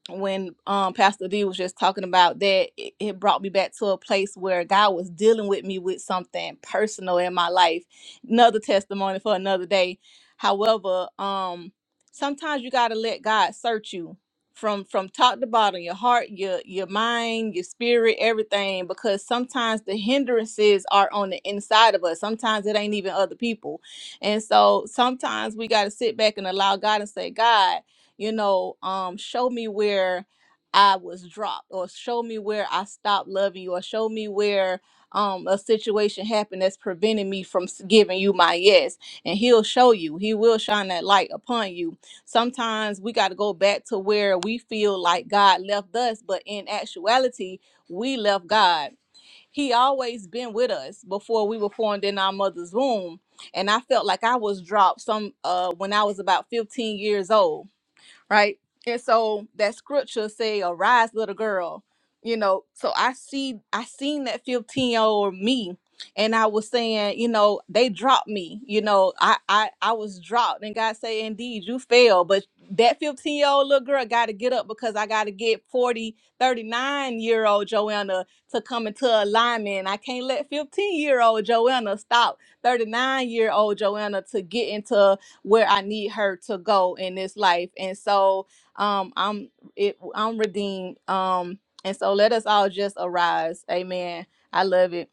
when um Pastor D was just talking about that, it, it brought me back to a place where God was dealing with me with something personal in my life. Another testimony for another day. However, um sometimes you gotta let God search you from from top to bottom, your heart, your your mind, your spirit, everything, because sometimes the hindrances are on the inside of us. Sometimes it ain't even other people. And so sometimes we gotta sit back and allow God and say, God you know, um, show me where I was dropped, or show me where I stopped loving you, or show me where um, a situation happened that's preventing me from s- giving you my yes. And He'll show you, He will shine that light upon you. Sometimes we got to go back to where we feel like God left us, but in actuality, we left God. He always been with us before we were formed in our mother's womb. And I felt like I was dropped some uh when I was about 15 years old right? And so that scripture say, "Arise, little girl." You know, so I see, I seen that fifteen year old me, and I was saying, you know, they dropped me. You know, I I I was dropped, and God say, "Indeed, you fell." But that fifteen year old little girl got to get up because I got to get 4039 year old Joanna to come into alignment. I can't let fifteen year old Joanna stop thirty nine year old Joanna to get into where I need her to go in this life. And so um I'm it I'm redeemed. Um and so let us all just arise. Amen. I love it.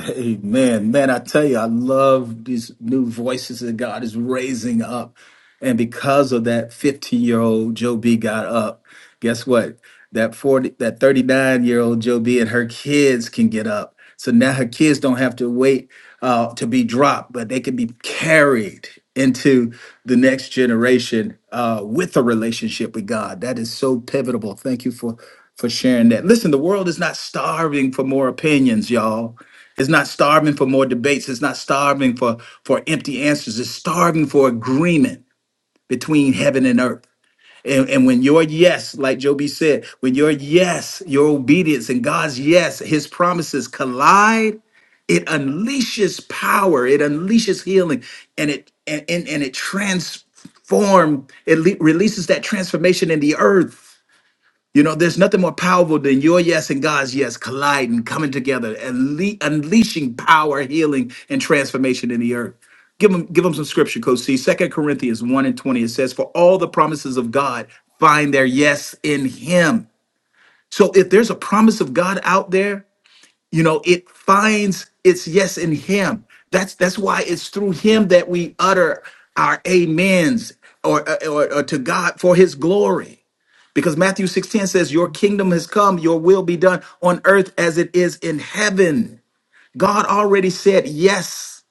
Hey man, man, I tell you, I love these new voices that God is raising up. And because of that 15-year-old Joe B got up, guess what? That 40, that 39-year-old Joe B and her kids can get up. So now her kids don't have to wait uh, to be dropped, but they can be carried into the next generation uh, with a relationship with God. That is so pivotal. Thank you for for sharing that. Listen, the world is not starving for more opinions, y'all. It's not starving for more debates. It's not starving for, for empty answers. It's starving for agreement between heaven and earth. And, and when your yes, like Joby said, when your yes, your obedience and God's yes, his promises collide, it unleashes power, it unleashes healing, and it and, and, and it transform, it le- releases that transformation in the earth you know, there's nothing more powerful than your yes and God's yes colliding, coming together, and unleashing power, healing, and transformation in the earth. Give them, give them some scripture, Coach C. Second Corinthians 1 and 20. It says, For all the promises of God find their yes in Him. So if there's a promise of God out there, you know, it finds its yes in Him. That's that's why it's through Him that we utter our amens or, or, or to God for His glory. Because Matthew 6:10 says, Your kingdom has come, your will be done on earth as it is in heaven. God already said yes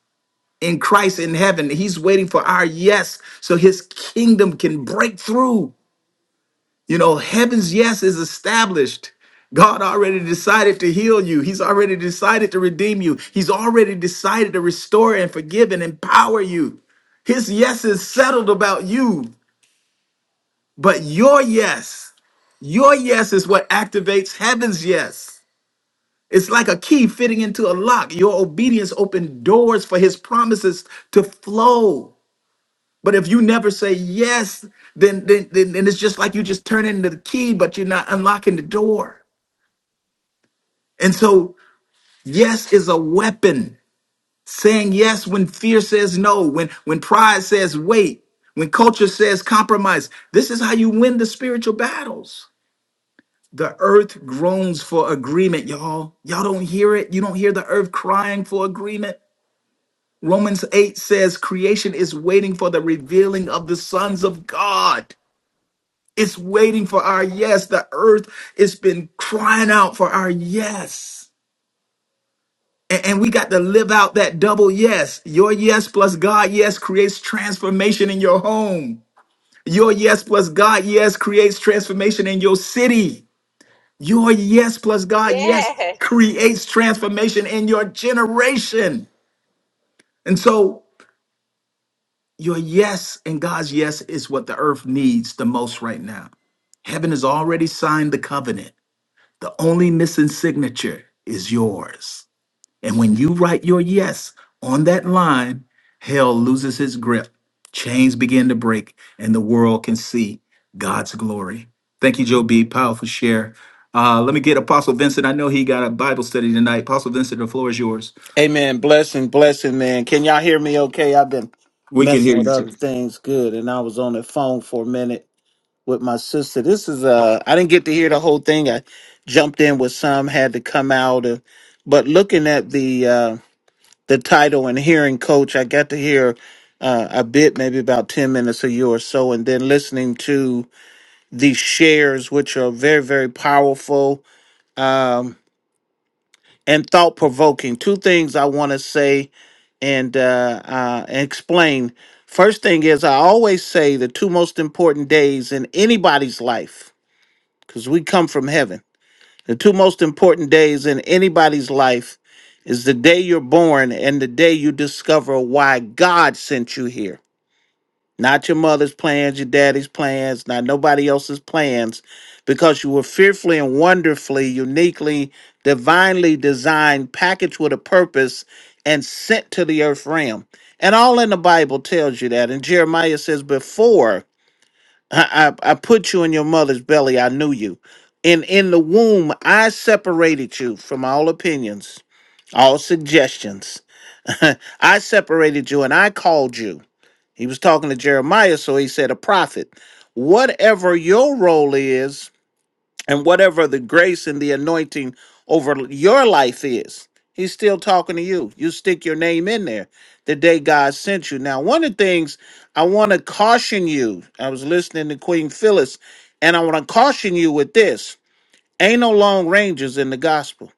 in Christ in heaven. He's waiting for our yes so his kingdom can break through. You know, heaven's yes is established. God already decided to heal you. He's already decided to redeem you. He's already decided to restore and forgive and empower you. His yes is settled about you, but your yes Your yes is what activates heaven's yes. It's like a key fitting into a lock. Your obedience opened doors for his promises to flow. But if you never say yes, then then, then, then it's just like you just turn into the key, but you're not unlocking the door. And so yes is a weapon. Saying yes when fear says no, when when pride says wait, when culture says compromise. This is how you win the spiritual battles. The earth groans for agreement, y'all. Y'all don't hear it. You don't hear the earth crying for agreement. Romans 8 says creation is waiting for the revealing of the sons of God. It's waiting for our yes. The earth has been crying out for our yes. And, and we got to live out that double yes. Your yes plus God yes creates transformation in your home. Your yes plus God yes creates transformation in your city. Your yes plus God, yes, Yes. creates transformation in your generation. And so your yes and God's yes is what the earth needs the most right now. Heaven has already signed the covenant. The only missing signature is yours. And when you write your yes on that line, hell loses his grip, chains begin to break, and the world can see God's glory. Thank you, Joe B. Powerful share. Uh, let me get Apostle Vincent. I know he got a Bible study tonight. Apostle Vincent, the floor is yours. Amen. Blessing, blessing, man. Can y'all hear me okay? I've been We can messing hear you, with sir. other things good, and I was on the phone for a minute with my sister. This is uh I didn't get to hear the whole thing. I jumped in with some, had to come out and but looking at the uh the title and hearing coach, I got to hear uh, a bit, maybe about 10 minutes a year or so, and then listening to these shares, which are very, very powerful um, and thought provoking. Two things I want to say and uh, uh, and explain. First thing is, I always say the two most important days in anybody's life, because we come from heaven. The two most important days in anybody's life is the day you're born and the day you discover why God sent you here not your mother's plans, your daddy's plans, not nobody else's plans, because you were fearfully and wonderfully, uniquely, divinely designed, packaged with a purpose, and sent to the earth realm. And all in the Bible tells you that. And Jeremiah says, Before I, I, I put you in your mother's belly, I knew you. And in the womb, I separated you from all opinions, all suggestions. I separated you and I called you. He was talking to Jeremiah, so he said, A prophet, whatever your role is, and whatever the grace and the anointing over your life is, he's still talking to you. You stick your name in there the day God sent you. Now, one of the things I want to caution you, I was listening to Queen Phyllis, and I want to caution you with this ain't no long ranges in the gospel.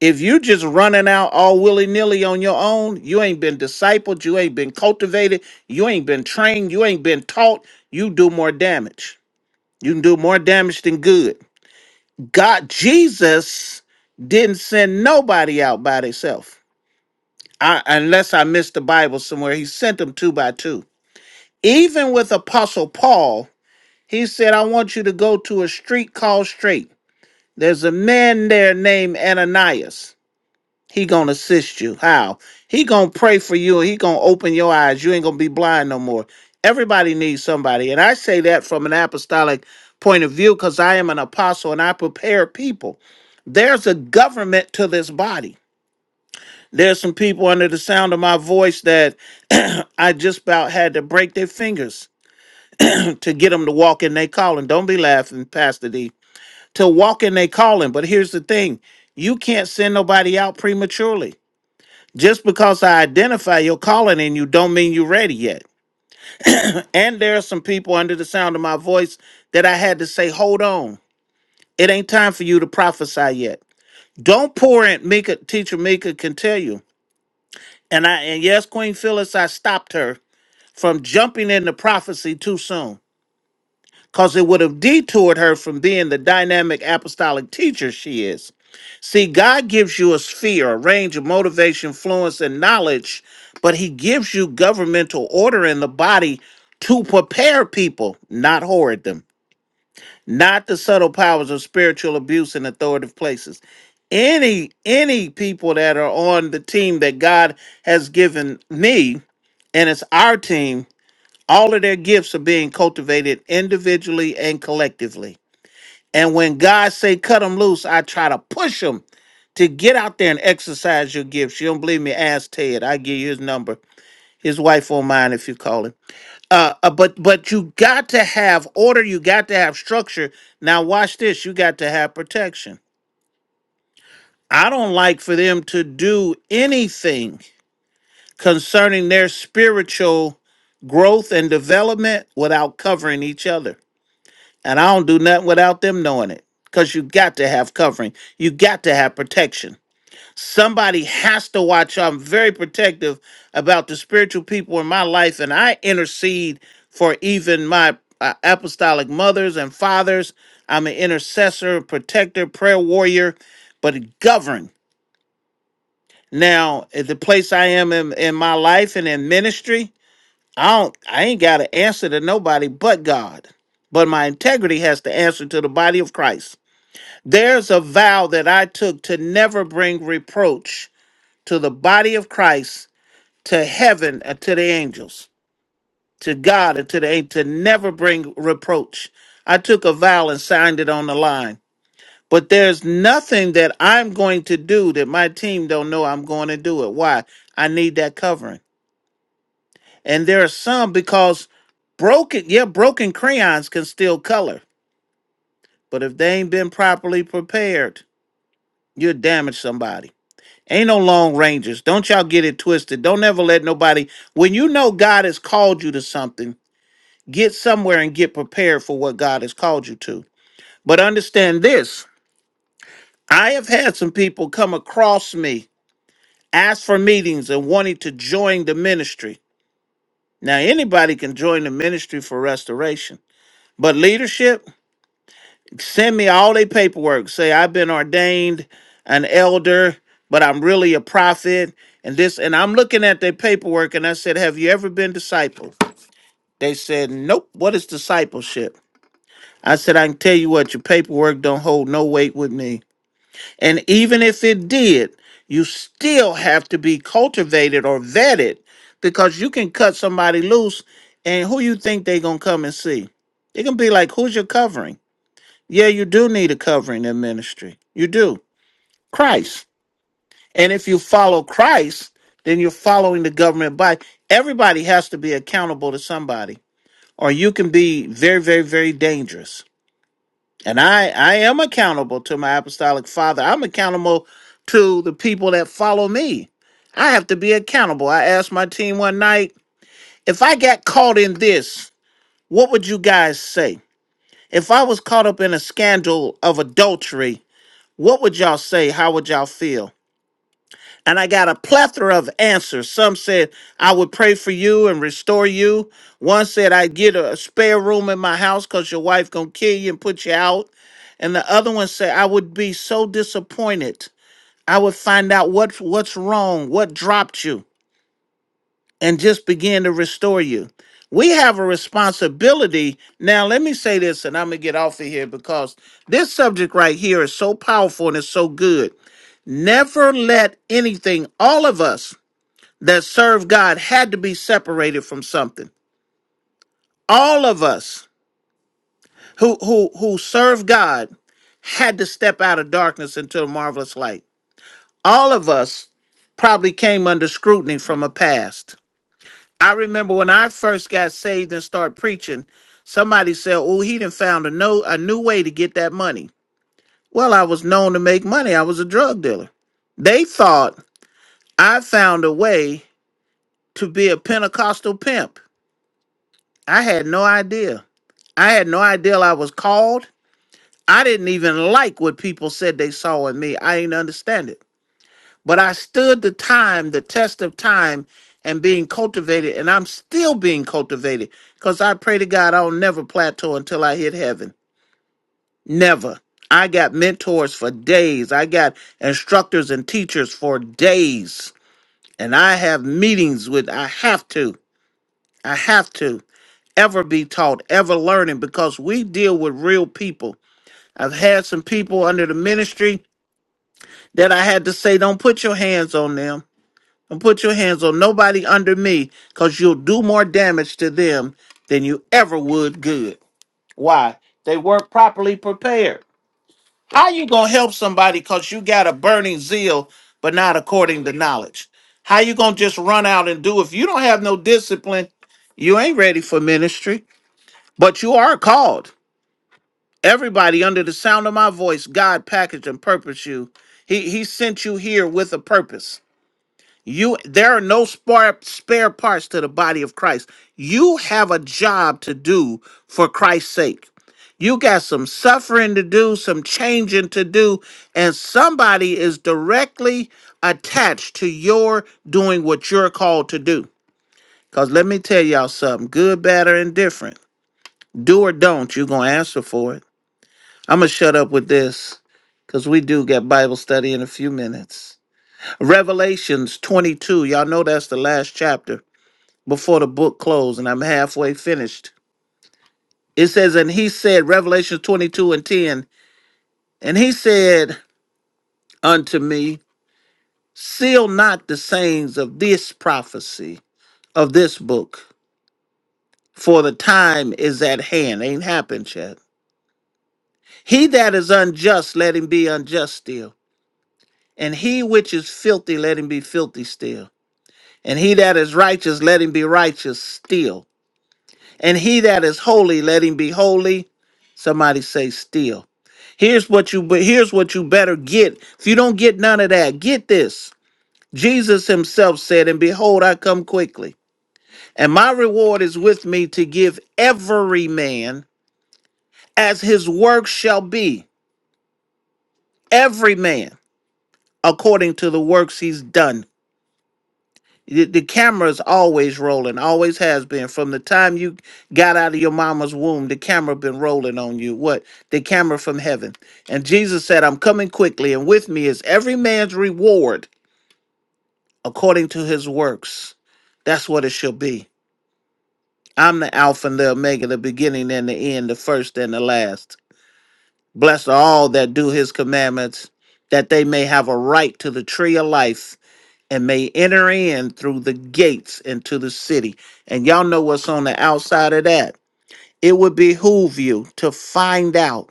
If you just running out all willy nilly on your own, you ain't been discipled, you ain't been cultivated, you ain't been trained, you ain't been taught, you do more damage. You can do more damage than good. God, Jesus didn't send nobody out by themselves. I, Unless I missed the Bible somewhere, he sent them two by two. Even with Apostle Paul, he said, I want you to go to a street called Straight. There's a man there named Ananias. He gonna assist you. How? He gonna pray for you and he gonna open your eyes. You ain't gonna be blind no more. Everybody needs somebody. And I say that from an apostolic point of view because I am an apostle and I prepare people. There's a government to this body. There's some people under the sound of my voice that I just about had to break their fingers to get them to walk in their calling. Don't be laughing, Pastor D. To walk in their calling. But here's the thing you can't send nobody out prematurely just because I identify your calling in you don't mean you're ready yet. And there are some people under the sound of my voice that I had to say, hold on. It ain't time for you to prophesy yet. Don't pour in Mika, teacher Mika can tell you. And I and yes, Queen Phyllis, I stopped her from jumping into prophecy too soon. Because it would have detoured her from being the dynamic apostolic teacher she is. See, God gives you a sphere, a range of motivation, influence, and knowledge, but He gives you governmental order in the body to prepare people, not hoard them. Not the subtle powers of spiritual abuse in authoritative places. Any any people that are on the team that God has given me, and it's our team, all of their gifts are being cultivated individually and collectively. And when God say cut them loose, I try to push them to get out there and exercise your gifts. You don't believe me? Ask Ted. I give you his number. His wife won't mind if you call him. Uh, uh, but but you got to have order. You got to have structure. Now watch this. You got to have protection. I don't like for them to do anything concerning their spiritual growth and development without covering each other. And I don't do nothing without them knowing it. Because you got to have covering. You got to have protection. Somebody has to watch. I'm very protective about the spiritual people in my life, and I intercede for even my uh, apostolic mothers and fathers. I'm an intercessor, protector, prayer warrior, but govern. Now, at the place I am in, in my life and in ministry, I don't I ain't got an answer to nobody but God. But my integrity has to answer to the body of Christ. There's a vow that I took to never bring reproach to the body of Christ, to heaven, and to the angels, to God, and to the angels, to never bring reproach. I took a vow and signed it on the line. But there's nothing that I'm going to do that my team don't know I'm going to do it. Why? I need that covering. And there are some because broken, yeah, broken crayons can still color. But if they ain't been properly prepared, you damage somebody Ain't no long rangers. Don't y'all get it twisted. Don't ever let nobody, when you know God has called you to something, get somewhere and get prepared for what God has called you to. But understand this I have had some people come across me, ask for meetings, and wanting to join the ministry. Now, anybody can join the ministry for restoration, but leadership, Send me all their paperwork. Say I've been ordained an elder, but I'm really a prophet. And this, and I'm looking at their paperwork, and I said, "Have you ever been discipled?" They said, "Nope." What is discipleship? I said, "I can tell you what. Your paperwork don't hold no weight with me. And even if it did, you still have to be cultivated or vetted, because you can cut somebody loose, and who you think they gonna come and see? They gonna be like, "Who's your covering?" Yeah, you do need a covering in ministry. You do. Christ. And if you follow Christ, then you're following the government body. Everybody has to be accountable to somebody, or you can be very, very, very dangerous. And I, I am accountable to my apostolic father. I'm accountable to the people that follow me. I have to be accountable. I asked my team one night if I got caught in this, what would you guys say? If I was caught up in a scandal of adultery, What would y'all say? How would y'all feel? And I got a plethora of answers. Some said, I would pray for you and restore you. One said, I'd get a spare room in my house because your wife going to kill you and put you out. And the other one said, I would be so disappointed. I would find out what what's wrong, what dropped you, and just begin to restore you. We have a responsibility. Now, let me say this, and I'm going to get off of here because this subject right here is so powerful and it's so good Never let anything, all of us that serve God had to be separated from something. All of us who who who serve God had to step out of darkness into a marvelous light. All of us probably came under scrutiny from a past. I remember when I first got saved and started preaching, somebody said, "Oh, he done found a no a new way to get that money." Well, I was known to make money. I was a drug dealer. They thought I found a way to be a Pentecostal pimp. I had no idea. I had no idea I was called. I didn't even like what people said they saw in me. I didn't understand it. But I stood the time, the test of time, and being cultivated, and I'm still being cultivated because I pray to God I'll never plateau until I hit heaven. Never. I got mentors for days. I got instructors and teachers for days. And I have meetings with, I have to. I have to. ever be taught, ever learning, because we deal with real people. I've had some people under the ministry that I had to say, don't put your hands on them. Don't put your hands on nobody under me, because you'll do more damage to them than you ever would good. Why? They weren't properly prepared. How you gonna help somebody because you got a burning zeal, but not according to knowledge? How you gonna just run out and do if you don't have no discipline? You ain't ready for ministry, but you are called. Everybody under the sound of my voice, God packaged and purposed you. He he sent you here with a purpose. You there are no spare spare parts to the body of Christ. You have a job to do for Christ's sake. You got some suffering to do, some changing to do, and somebody is directly attached to your doing what you're called to do. Cause let me tell y'all something, good, bad, or indifferent, do or don't, you're gonna answer for it. I'm going to shut up with this because we do get Bible study in a few minutes. Revelations 22. Y'all know that's the last chapter before the book closed, and I'm halfway finished. It says, And he said, Revelations 22 and 10, and he said unto me, Seal not the sayings of this prophecy, of this book, for the time is at hand. Ain't happened yet. He that is unjust, let him be unjust still. And he which is filthy, let him be filthy still. And he that is righteous, let him be righteous still. And he that is holy, let him be holy. Somebody say still. Here's what you but here's what you better get. If you don't get none of that, get this. Jesus himself said, And behold, I come quickly. And my reward is with me to give every man as his work shall be. Every man according to the works he's done. The, the camera's always rolling, always has been. From the time you got out of your mama's womb, the camera been rolling on you. What? The camera from heaven. And Jesus said, I'm coming quickly, and with me is every man's reward according to his works. That's what it shall be. I'm the Alpha and the Omega, the beginning and the end, the first and the last. Blessed are all that do his commandments, that they may have a right to the tree of life and may enter in through the gates into the city. And y'all know what's on the outside of that. It would behoove you to find out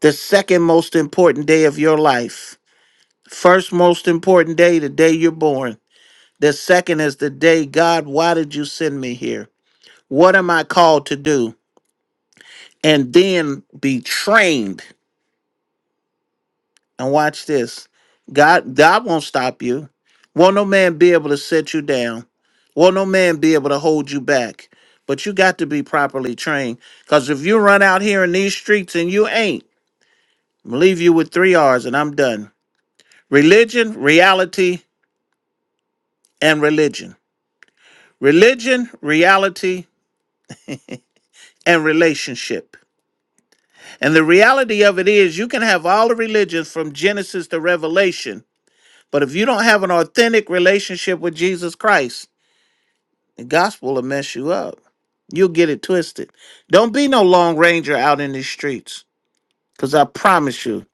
the second most important day of your life. First most important day, the day you're born. The second is the day, God, why did you send me here? What am I called to do? And then be trained And watch this. God, God won't stop you. Won't no man be able to set you down. Won't no man be able to hold you back. But you got to be properly trained. Because if you run out here in these streets and you ain't, I'm gonna leave you with three R's and I'm done. Religion, reality, and religion. Religion, reality, and relationship. And the reality of it is you can have all the religions from Genesis to Revelation, but if you don't have an authentic relationship with Jesus Christ, The gospel will mess you up. You'll get it twisted. Don't be no long ranger out in the streets, because I promise you,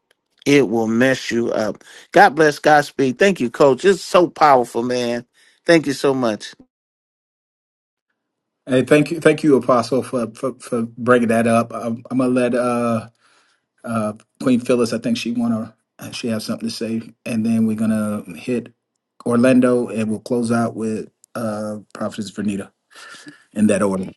it will mess you up. God bless Godspeed. Thank you, Coach. It's so powerful, man. Thank you so much. Hey, thank you, thank you, Apostle, for for, for bringing that up. I'm, I'm gonna let uh uh, Queen Phyllis, I think she wanna she has something to say, and then we're gonna hit Orlando, and we'll close out with uh, Prophetess Vernita in that order.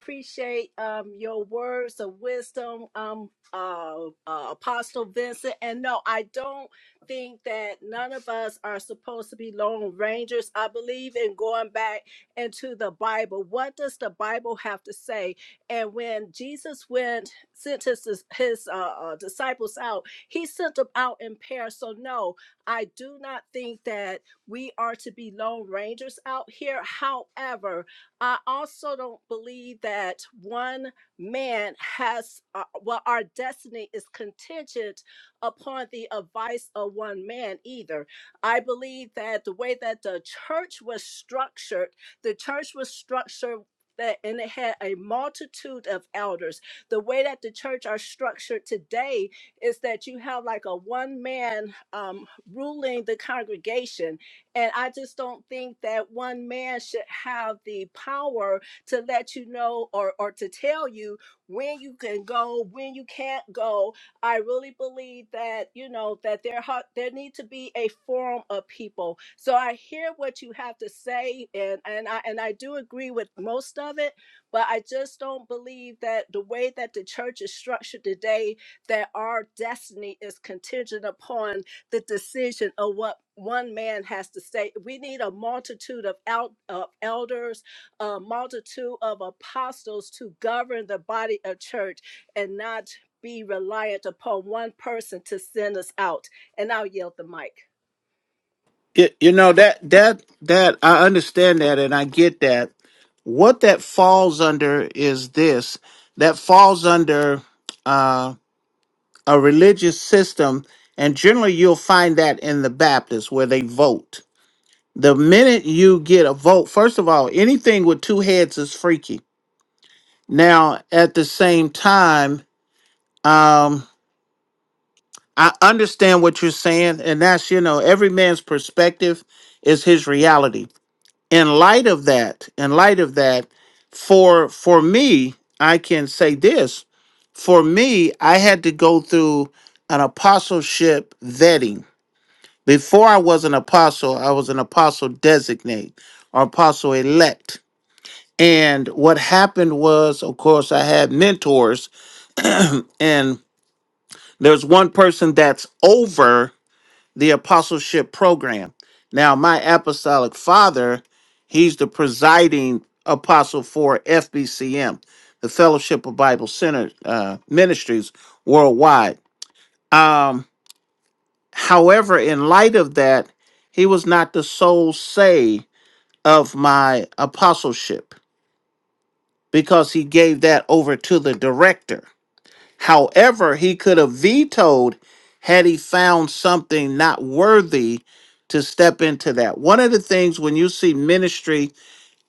appreciate um your words of wisdom um uh, uh apostle vincent and no i don't think that none of us are supposed to be lone rangers i believe in going back into the bible what does the bible have to say and when jesus went sent his his uh, uh, disciples out he sent them out in pairs so no i do not think that we are to be lone rangers out here however I also don't believe that one man has, uh, well, our destiny is contingent upon the advice of one man either. I believe that the way that the church was structured, the church was structured. That, and it had a multitude of elders. The way that the church are structured today is that you have like a one man um, ruling the congregation and I just don't think that one man should have the power to let you know or, or to tell you when you can go, when you can't go. I really believe that, you know, that there, ha- there need to be a forum of people. So I hear what you have to say and, and I and I do agree with most of it, but I just don't believe that the way that the church is structured today, that our destiny is contingent upon the decision of what one man has to say. We need a multitude of, el- of elders, a multitude of apostles to govern the body of church and not be reliant upon one person to send us out. And I'll yield the mic. You, you know that that that I understand that and I get that. What that falls under is this. That falls under uh, a religious system, and generally you'll find that in the Baptists where they vote The minute you get a vote, first of all, anything with two heads is freaky. Now, at the same time, um, I understand what you're saying, and that's, you know, every man's perspective is his reality. In light of that, in light of that, for for me, I can say this. For me, I had to go through an apostleship vetting. Before I was an apostle, I was an apostle designate or apostle elect And what happened was, of course, I had mentors, and there's one person that's over the apostleship program. Now, my apostolic father, he's the presiding apostle for FBCM, the Fellowship of Bible Center uh, Ministries worldwide. Um, however, in light of that, he was not the sole say of my apostleship because he gave that over to the director. However, he could have vetoed had he found something not worthy to step into that. One of the things when you see ministry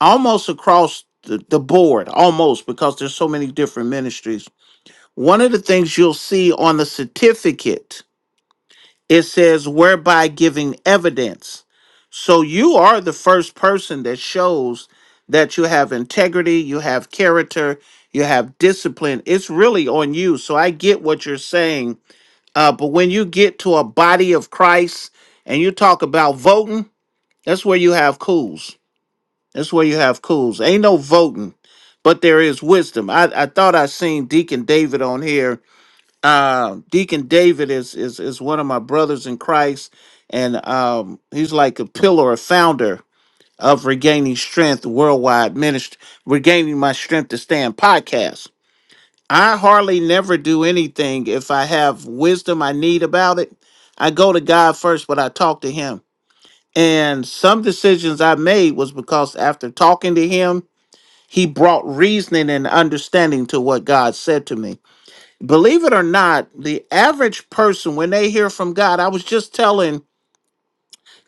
almost across the, the board, almost because there's so many different ministries, one of the things you'll see on the certificate it says, whereby giving evidence. So you are the first person that shows that you have integrity, you have character, you have discipline. It's really on you. So I get what you're saying. Uh, but when you get to a body of Christ and you talk about voting, that's where you have cools. That's where you have cools. Ain't no voting, but there is wisdom. I, I thought I seen Deacon David on here um deacon david is is is one of my brothers in christ and um he's like a pillar a founder of regaining strength worldwide ministry regaining my strength to stand podcast i hardly never do anything if i have wisdom i need about it i go to god first but i talk to him and some decisions i made was because after talking to him he brought reasoning and understanding to what god said to me believe it or not, the average person, when they hear from God, I was just telling,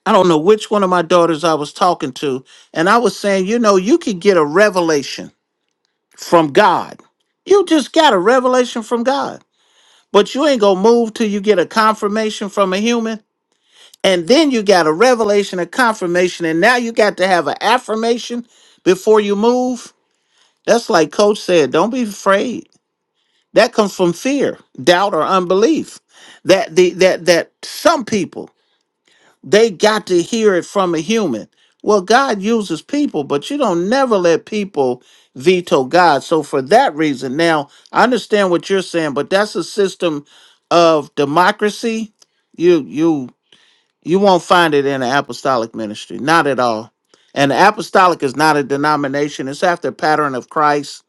I don't know which one of my daughters I was talking to, and I was saying, you know, you could get a revelation from God. You just got a revelation from God, but you ain't gonna move till you get a confirmation from a human. And then you got a revelation, a confirmation, and now you got to have an affirmation before you move. That's like Coach said, don't be afraid That comes from fear, doubt, or unbelief. That the that that some people they got to hear it from a human. Well, God uses people, but you don't never let people veto God. So for that reason, now I understand what you're saying, but that's a system of democracy. You you you won't find it in an apostolic ministry, not at all. And the apostolic is not a denomination; it's after pattern of Christ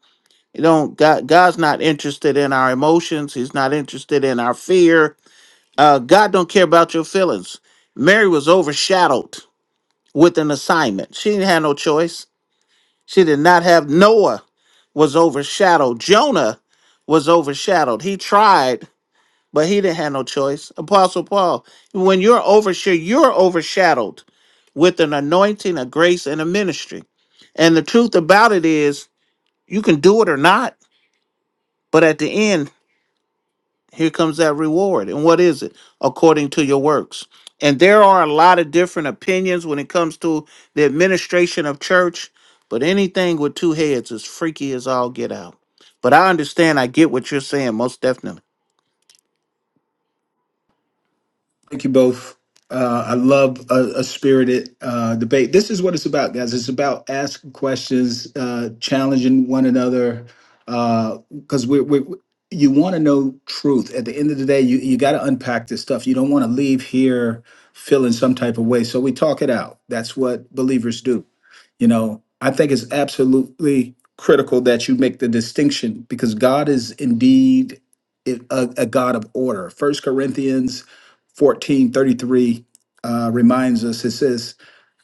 you don't God God's not interested in our emotions. He's not interested in our fear. Uh, God don't care about your feelings. Mary was overshadowed with an assignment. She didn't have no choice. She did not have Noah was overshadowed. Jonah was overshadowed. He tried, but he didn't have no choice. Apostle Paul, when you're overshadowed, you're overshadowed with an anointing, a grace, and a ministry. And the truth about it is you can do it or not, but at the end Here comes that reward. And what is it? According to your works. And there are a lot of different opinions when it comes to the administration of church, but anything with two heads is freaky as all get out. But I understand, I get what you're saying, most definitely. Thank you both. Uh, I love a, a spirited uh, debate. This is what it's about, guys. It's about asking questions, uh, challenging one another, because we're, we're you want to know truth. At the end of the day, you you got to unpack this stuff. You don't want to leave here feeling some type of way. So we talk it out. That's what believers do. You know, I think it's absolutely critical that you make the distinction because God is indeed a, a God of order. First Corinthians fourteen thirty three uh, reminds us. It says,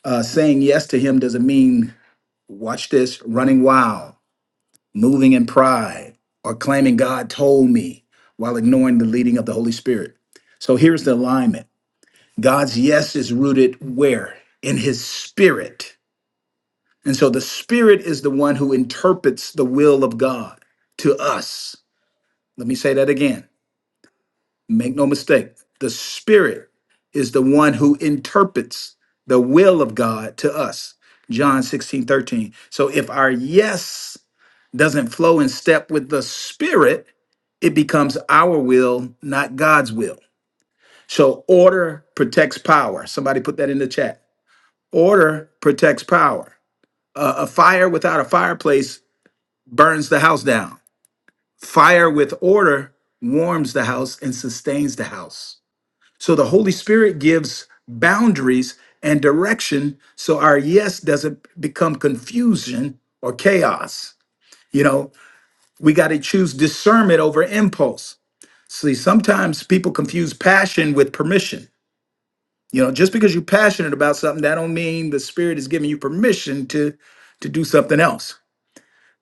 uh, "Saying yes to him doesn't mean watch this running wild, moving in pride, or claiming God told me while ignoring the leading of the Holy Spirit." So here's the alignment: God's yes is rooted where in His Spirit, and so the Spirit is the one who interprets the will of God to us. Let me say that again. Make no mistake, the Spirit is the one who interprets the will of God to us. John 16 13. So if our yes doesn't flow in step with the Spirit, it becomes our will, not God's will. So order protects power. Somebody put that in the chat. Order protects power. A, a fire without a fireplace burns the house down. Fire with order warms the house and sustains the house. So the Holy Spirit gives boundaries and direction so our yes doesn't become confusion or chaos. You know, we got to choose discernment over impulse. See, sometimes people confuse passion with permission. You know, just because you're passionate about something, that don't mean the spirit is giving you permission to to do something else.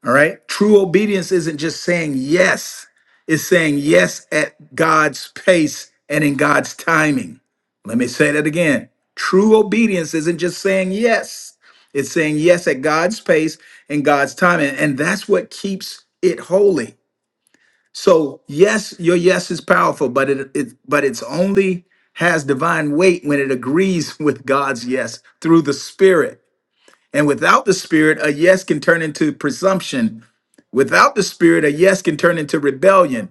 All right. True obedience isn't just saying yes, it's saying yes at God's pace and in God's timing. Let me say that again. True obedience isn't just saying yes, it's saying yes at God's pace and God's timing. And that's what keeps it holy. So, yes, your yes is powerful, but it, it but it's only has divine weight when it agrees with God's yes through the Spirit. And without the Spirit, a yes can turn into presumption Without the spirit, a yes can turn into rebellion.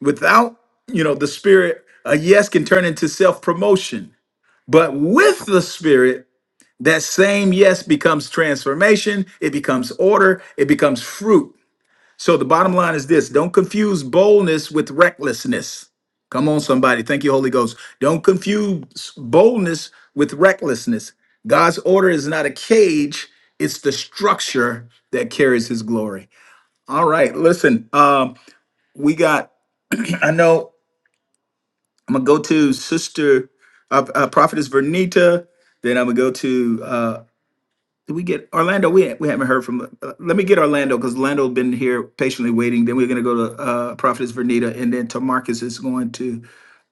Without, you know, the spirit, a yes can turn into self-promotion. But with the spirit, that same yes becomes transformation, it becomes order, it becomes fruit. So the bottom line is this, don't confuse boldness with recklessness. Come on, somebody. Thank you, Holy Ghost. Don't confuse boldness with recklessness. God's order is not a cage, it's the structure that carries his glory. All right, listen. Um, we got i know i'm gonna go to sister uh, uh prophetess vernita then i'm gonna go to uh did we get orlando we, we haven't heard from uh, let me get orlando because orlando been here patiently waiting then we're gonna go to uh prophetess vernita and then Tamarcus is going to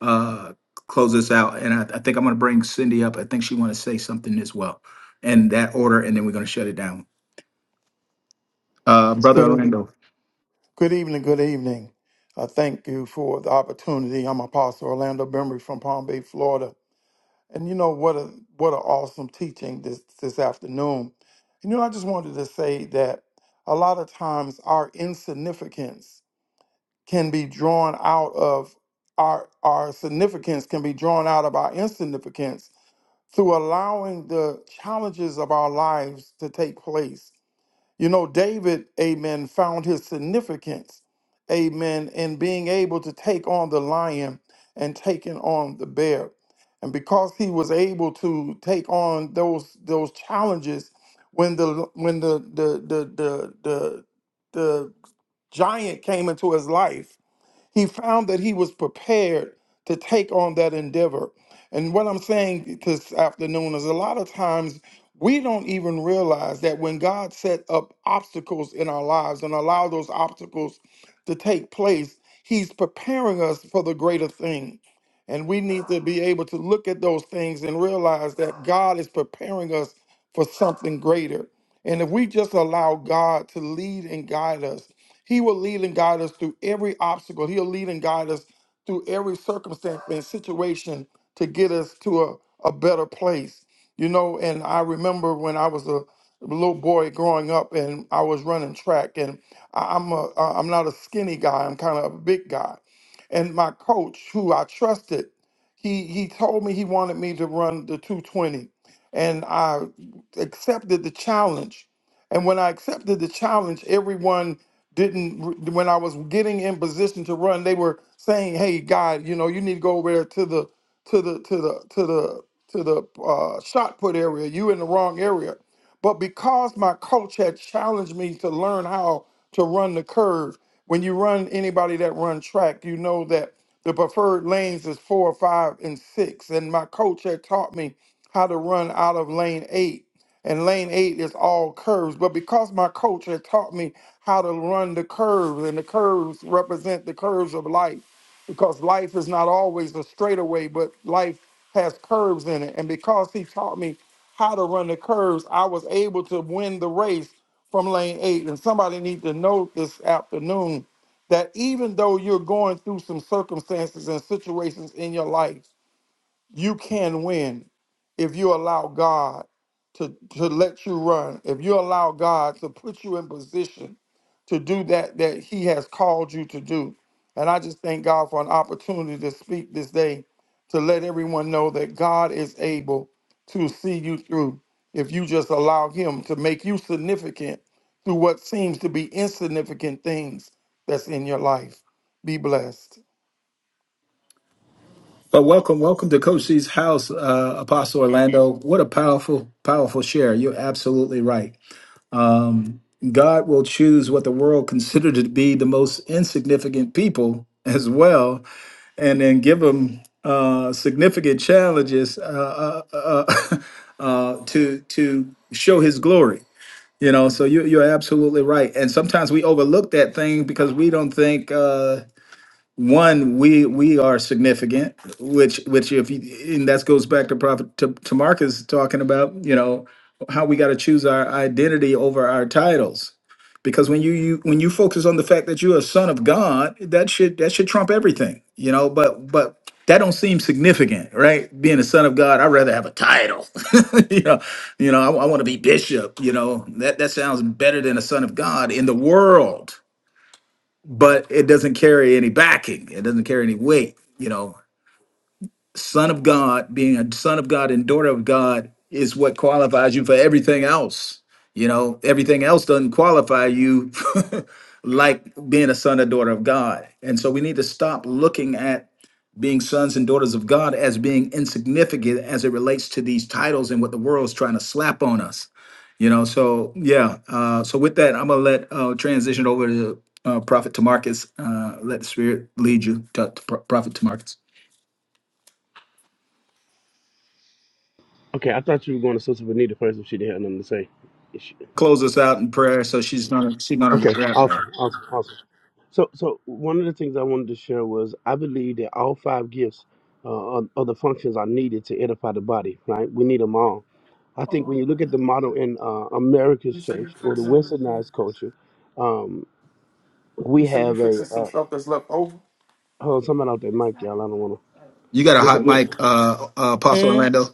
uh close us out and i, I think i'm gonna bring cindy up i think she want to say something as well and that order and then we're gonna shut it down uh brother Good, e, orlando good evening, good evening. Uh, thank you for the opportunity. I'm Apostle Orlando Bembry from Palm Bay, Florida. And you know what a what an awesome teaching this this afternoon. And you know, I just wanted to say that a lot of times our insignificance can be drawn out of our our significance can be drawn out of our insignificance through allowing the challenges of our lives to take place you know, David, amen, found his significance, amen, in being able to take on the lion and taking on the bear. And because he was able to take on those those challenges, when the when the the the the the, the giant came into his life, he found that he was prepared to take on that endeavor. And what I'm saying this afternoon is a lot of times we don't even realize that when God set up obstacles in our lives and allow those obstacles to take place, he's preparing us for the greater thing. And we need to be able to look at those things and realize that God is preparing us for something greater. And if we just allow God to lead and guide us, he will lead and guide us through every obstacle. He'll lead and guide us through every circumstance and situation to get us to a, a better place. You know, and I remember when I was a little boy growing up and I was running track and I- I'm a I- I'm not a skinny guy, I'm kind of a big guy. And my coach, who I trusted, he he told me he wanted me to run the 220 and I accepted the challenge. And when I accepted the challenge, everyone didn't when I was getting in position to run, they were saying, "Hey, God, you know, you need to go over there to the to the to the to the to the uh, shot put area. You in the wrong area." But because my coach had challenged me to learn how to run the curve, when you run anybody that run track, you know that the preferred lanes is four, five, and six. And my coach had taught me how to run out of lane eight and lane eight is all curves. But because my coach had taught me how to run the curves, and the curves represent the curves of life because life is not always a straightaway, but life has curves in it. And because he taught me how to run the curves, I was able to win the race from lane eight. And somebody need to know this afternoon that even though you're going through some circumstances and situations in your life, you can win if you allow God to, to let you run, if you allow God to put you in position to do that that He has called you to do. And I just thank God for an opportunity to speak this day to let everyone know that God is able to see you through if you just allow Him to make you significant through what seems to be insignificant things that's in your life. Be blessed. But welcome, welcome to Coach C's house, uh, Apostle Orlando. What a powerful, powerful share. You're absolutely right. Um, God will choose what the world considered to be the most insignificant people as well, and then give them uh, significant challenges uh, uh, uh, uh, to to show His glory. You know, so you, you're absolutely right. And sometimes we overlook that thing because we don't think. Uh, one we we are significant which which if you and that goes back to prophet to, to marcus talking about you know how we got to choose our identity over our titles because when you, you when you focus on the fact that you're a son of god that should that should trump everything you know but but that don't seem significant right being a son of god i'd rather have a title you know you know i, I want to be bishop you know that that sounds better than a son of god in the world but it doesn't carry any backing. It doesn't carry any weight. You know, son of God, being a son of God and daughter of God is what qualifies you for everything else. You know, everything else doesn't qualify you like being a son or daughter of God. And so we need to stop looking at being sons and daughters of God as being insignificant as it relates to these titles and what the world's trying to slap on us. You know, so yeah. Uh, so with that, I'm gonna let uh, transition over to uh, Prophet Tamarcus. Uh, let the Spirit lead you, to, to Pro- Prophet Tamarcus. Okay, I thought you were going to Sister Benita first if she didn't have nothing to say. If she- close us out in prayer. So she's gonna she's gonna Okay, wrap now. awesome, awesome, awesome. So, so one of the things I wanted to share was I believe that all five gifts uh, are, are the functions are needed to edify the body. Right? We need them all. I think when you look at the model in uh, America's church or the Westernized culture, um, You we say you have a. fixing some Uh, stuff that's left over? hold on, somebody out there, Mike, y'all. I don't want You got a hot to. mic, uh, uh Apostle Orlando.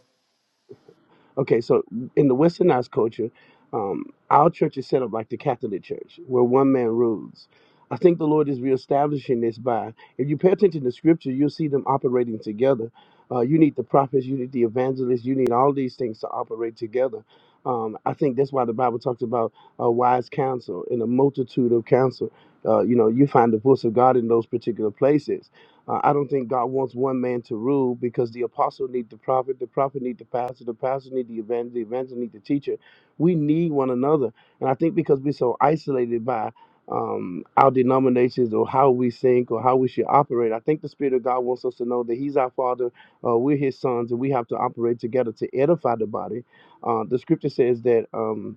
Okay, so in the westernized culture, um, our church is set up like the Catholic Church, where one man rules. I think the Lord is reestablishing this by, if you pay attention to scripture, you'll see them operating together. Uh, you need the prophets, you need the evangelists, you need all these things to operate together. Um, I think that's why the Bible talks about uh, wise counsel and a multitude of counsel. Uh, you know, you find the voice of God in those particular places. Uh, I don't think God wants one man to rule because the apostle need the prophet, the prophet need the pastor, the pastor need the evangelist, the evangelist need the teacher. We need one another, and I think because we're so isolated by um, our denominations or how we think or how we should operate. I think the Spirit of God wants us to know that He's our Father, uh, we're His sons, and we have to operate together to edify the body. Uh, the scripture says that. Um,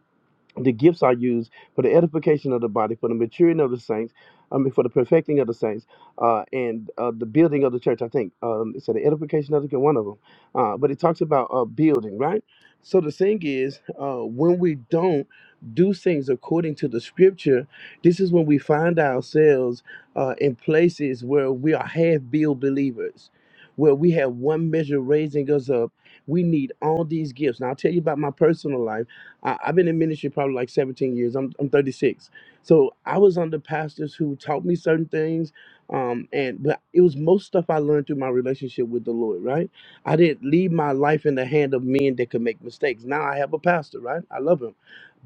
the gifts are used for the edification of the body, for the maturing of the saints, I mean, for the perfecting of the saints, uh, and uh, the building of the church. I think um, it said the edification of the one of them, uh, but it talks about uh, building, right? So the thing is, uh, when we don't do things according to the scripture, this is when we find ourselves uh, in places where we are half-built believers, where we have one measure raising us up. We need all these gifts. Now I'll tell you about my personal life I, I've been in ministry probably like 17 years. I'm, I'm 36. So I was under pastors who taught me certain things. Um, and but it was most stuff I learned through my relationship with the Lord, right? I didn't leave my life in the hand of men that could make mistakes. Now I have a pastor, right? I love him.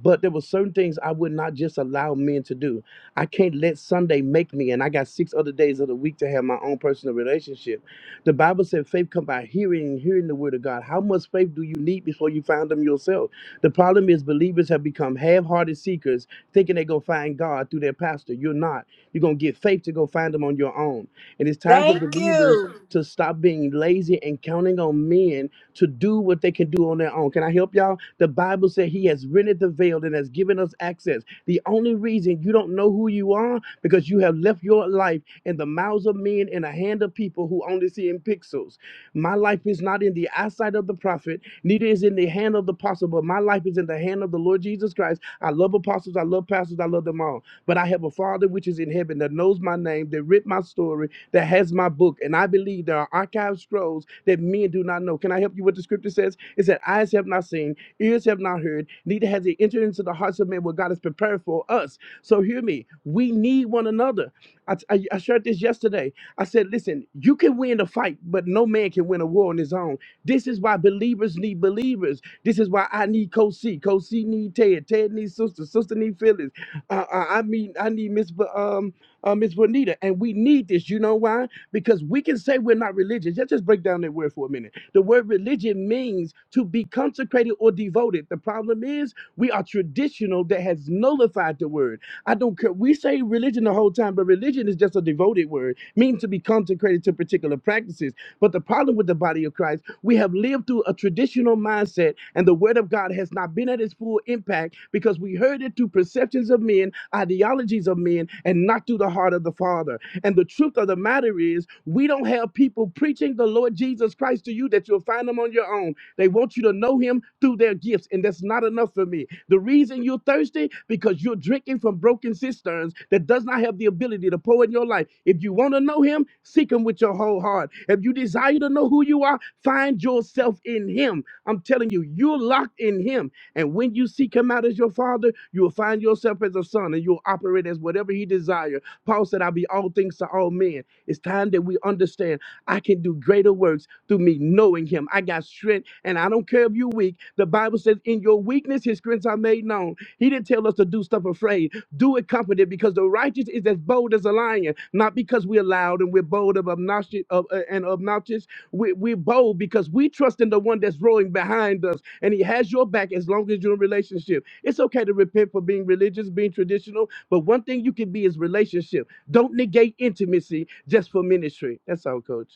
But there were certain things I would not just allow men to do. I can't let Sunday make me, and I got six other days of the week to have my own personal relationship. The Bible said faith come by hearing, hearing the word of God. How much faith do you need before you find them yourself? The problem is believers have become half-hearted seekers, thinking they go find God through their pastor. You're not. You're gonna get faith to go find them on your own. And it's time for Thank believers you. to stop being lazy and counting on men to do what they can do on their own. Can I help y'all? The Bible said He has rented the veil and has given us access. The only reason you don't know who you are because you have left your life in the mouths of men and the hand of people who only see in pixels. My life is not in the eyesight of the prophet. Neither is in the hand of the apostle, but my life is in the hand of the Lord Jesus Christ. I love apostles, I love pastors, I love them all. But I have a Father which is in heaven that knows my name, that writ my story, that has my book. And I believe there are archived scrolls that men do not know. Can I help you? with the scripture says "It said eyes have not seen, ears have not heard, neither has it entered into the hearts of men what God has prepared for us. So hear me. We need one another. I, I I shared this yesterday. I said, listen, you can win a fight, but no man can win a war on his own. This is why believers need believers. This is why I need Co C. Co C need Ted. Ted needs sister. Sister need Phyllis. Uh, uh, I mean, I need Miss Bu- um uh, Miss Bonita. And we need this. You know why? Because we can say we're not religious. Let's just break down that word for a minute. The word religion means to be consecrated or devoted. The problem is we are traditional that has nullified the word. I don't care. We say religion the whole time, but religion is just a devoted word, meaning to be consecrated to particular practices but the problem with the body of Christ, we have lived through a traditional mindset, and the word of God has not been at its full impact because we heard it through perceptions of men, ideologies of men, and not through the heart of the Father. And the truth of the matter is, we don't have people preaching the Lord Jesus Christ to you that you'll find them on your own. They want you to know him through their gifts, and that's not enough for me. The reason you're thirsty because you're drinking from broken cisterns that does not have the ability to pour in your life. If you want to know him, seek him with your whole heart. If you desire to know who you are, find yourself in him. I'm telling you, you're locked in him. And when you seek him out as your father, you'll find yourself as a son and you'll operate as whatever he desires. Paul said, I'll be all things to all men. It's time that we understand I can do greater works through me knowing him. I got strength, and I don't care if you're weak. The Bible says, In your weakness, his strengths are made known. He didn't tell us to do stuff afraid. Do it confident because the righteous is as bold as a lion, not because we're loud and we're bold of obnoxious, of, uh, and obnoxious. We, we're bold because we trust in the one that's roaring behind us, and he has your back as long as you're in relationship. It's okay to repent for being religious, being traditional, but one thing you can be is relationship. Don't negate intimacy just for ministry. That's all, coach.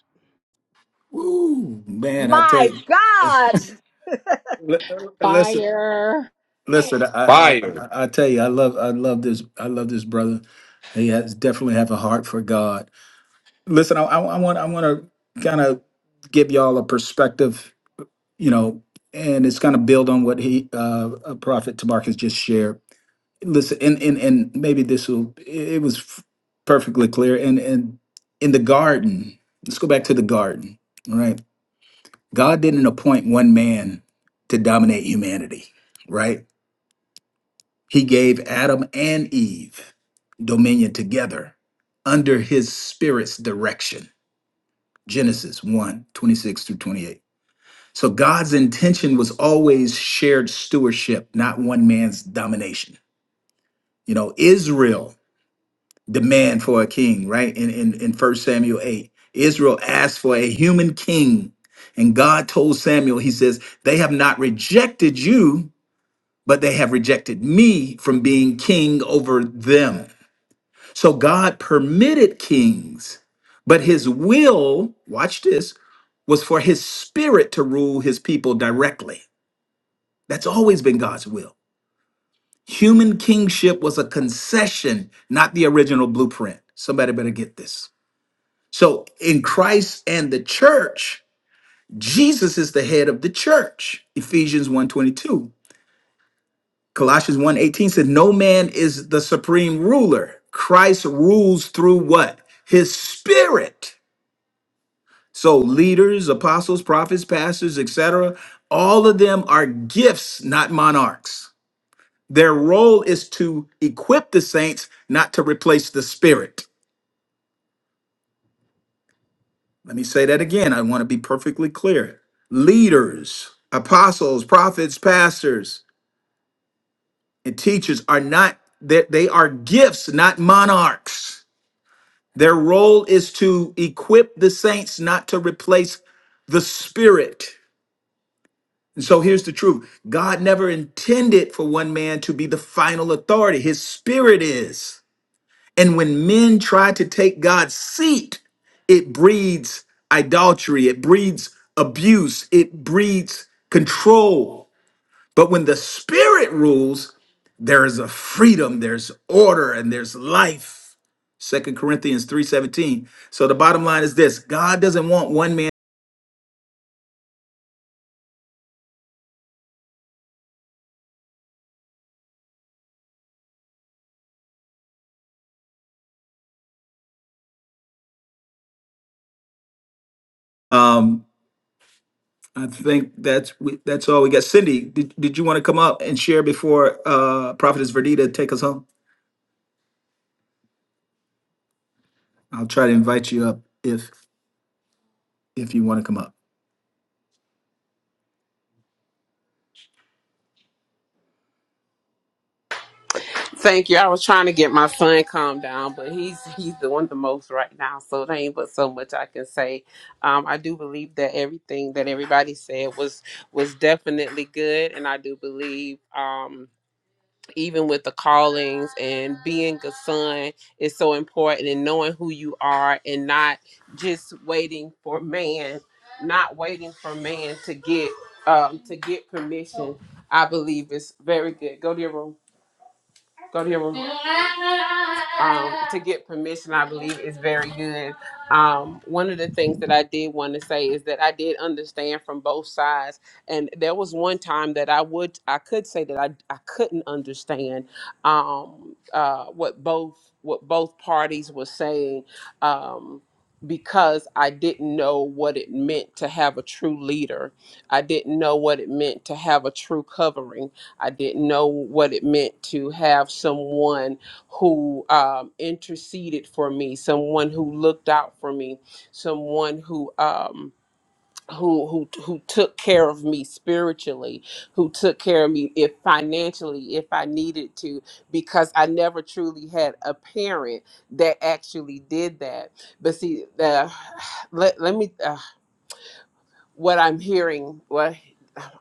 Woo, man! I tell you, li- uh, listen, Fire. listen. I, I Fire. I I tell you, I love I love this I love this brother. He has definitely have a heart for God. Listen, I, I, I want I want to kind of give y'all a perspective, you know, and it's kind of build on what he uh, uh, Prophet Tamarcus just shared listen and and, and maybe this will it was f- perfectly clear and and in the garden let's go back to the garden all right god didn't appoint one man to dominate humanity right he gave adam and eve dominion together under his spirit's direction genesis one 26 through 28 so god's intention was always shared stewardship not one man's domination you know israel demand for a king, right? In in in First Samuel eight, Israel asked for a human king, and God told Samuel, He says, "They have not rejected you, but they have rejected me from being king over them." So God permitted kings, but His will, watch this, was for His Spirit to rule His people directly. That's always been God's will. Human kingship was a concession, not the original blueprint. Somebody better get this. So in Christ and the church, Jesus is the head of the church. Ephesians one twenty two, Colossians one eighteen said no man is the supreme ruler. Christ rules through what? His spirit. So leaders, apostles, prophets, pastors, etc., all of them are gifts, not monarchs. Their role is to equip the saints, not to replace the spirit. Let me say that again. I want to be perfectly clear. Leaders, apostles, prophets, pastors, and teachers are not that they, are gifts, not monarchs. Their role is to equip the saints, not to replace the spirit. And so here's the truth. God never intended for one man to be the final authority. His spirit is. And when men try to take God's seat, it breeds idolatry, it breeds abuse, it breeds control. But when the Spirit rules, there is a freedom, there's order, and there's life. Second Corinthians 3:17. So the bottom line is this: God doesn't want one man. Um, I think that's we, that's all we got. Cindy, did, did you want to come up and share before uh Prophetess Verdita take us home? I'll try to invite you up if if you want to come up. Thank you. I was trying to get my son calmed down, but he's he's doing the most right now, so there ain't but so much I can say. Um, I do believe that everything that everybody said was was definitely good, and I do believe um, even with the callings and being a son is so important, and knowing who you are, and not just waiting for man, not waiting for man to get um, to get permission. I believe is very good. Go to your room. Go to your room um, to get permission, I believe, is very good. Um, one of the things that I did want to say is that I did understand from both sides, and there was one time that I would, I could say that I, I couldn't understand um, uh, what both what both parties were saying. Um, because I didn't know what it meant to have a true leader. I didn't know what it meant to have a true covering. I didn't know what it meant to have someone who um, interceded for me, someone who looked out for me, someone who um, who who who took care of me spiritually, who took care of me if financially if I needed to, because I never truly had a parent that actually did that. But see, uh, let let me. Uh, what I'm hearing, What.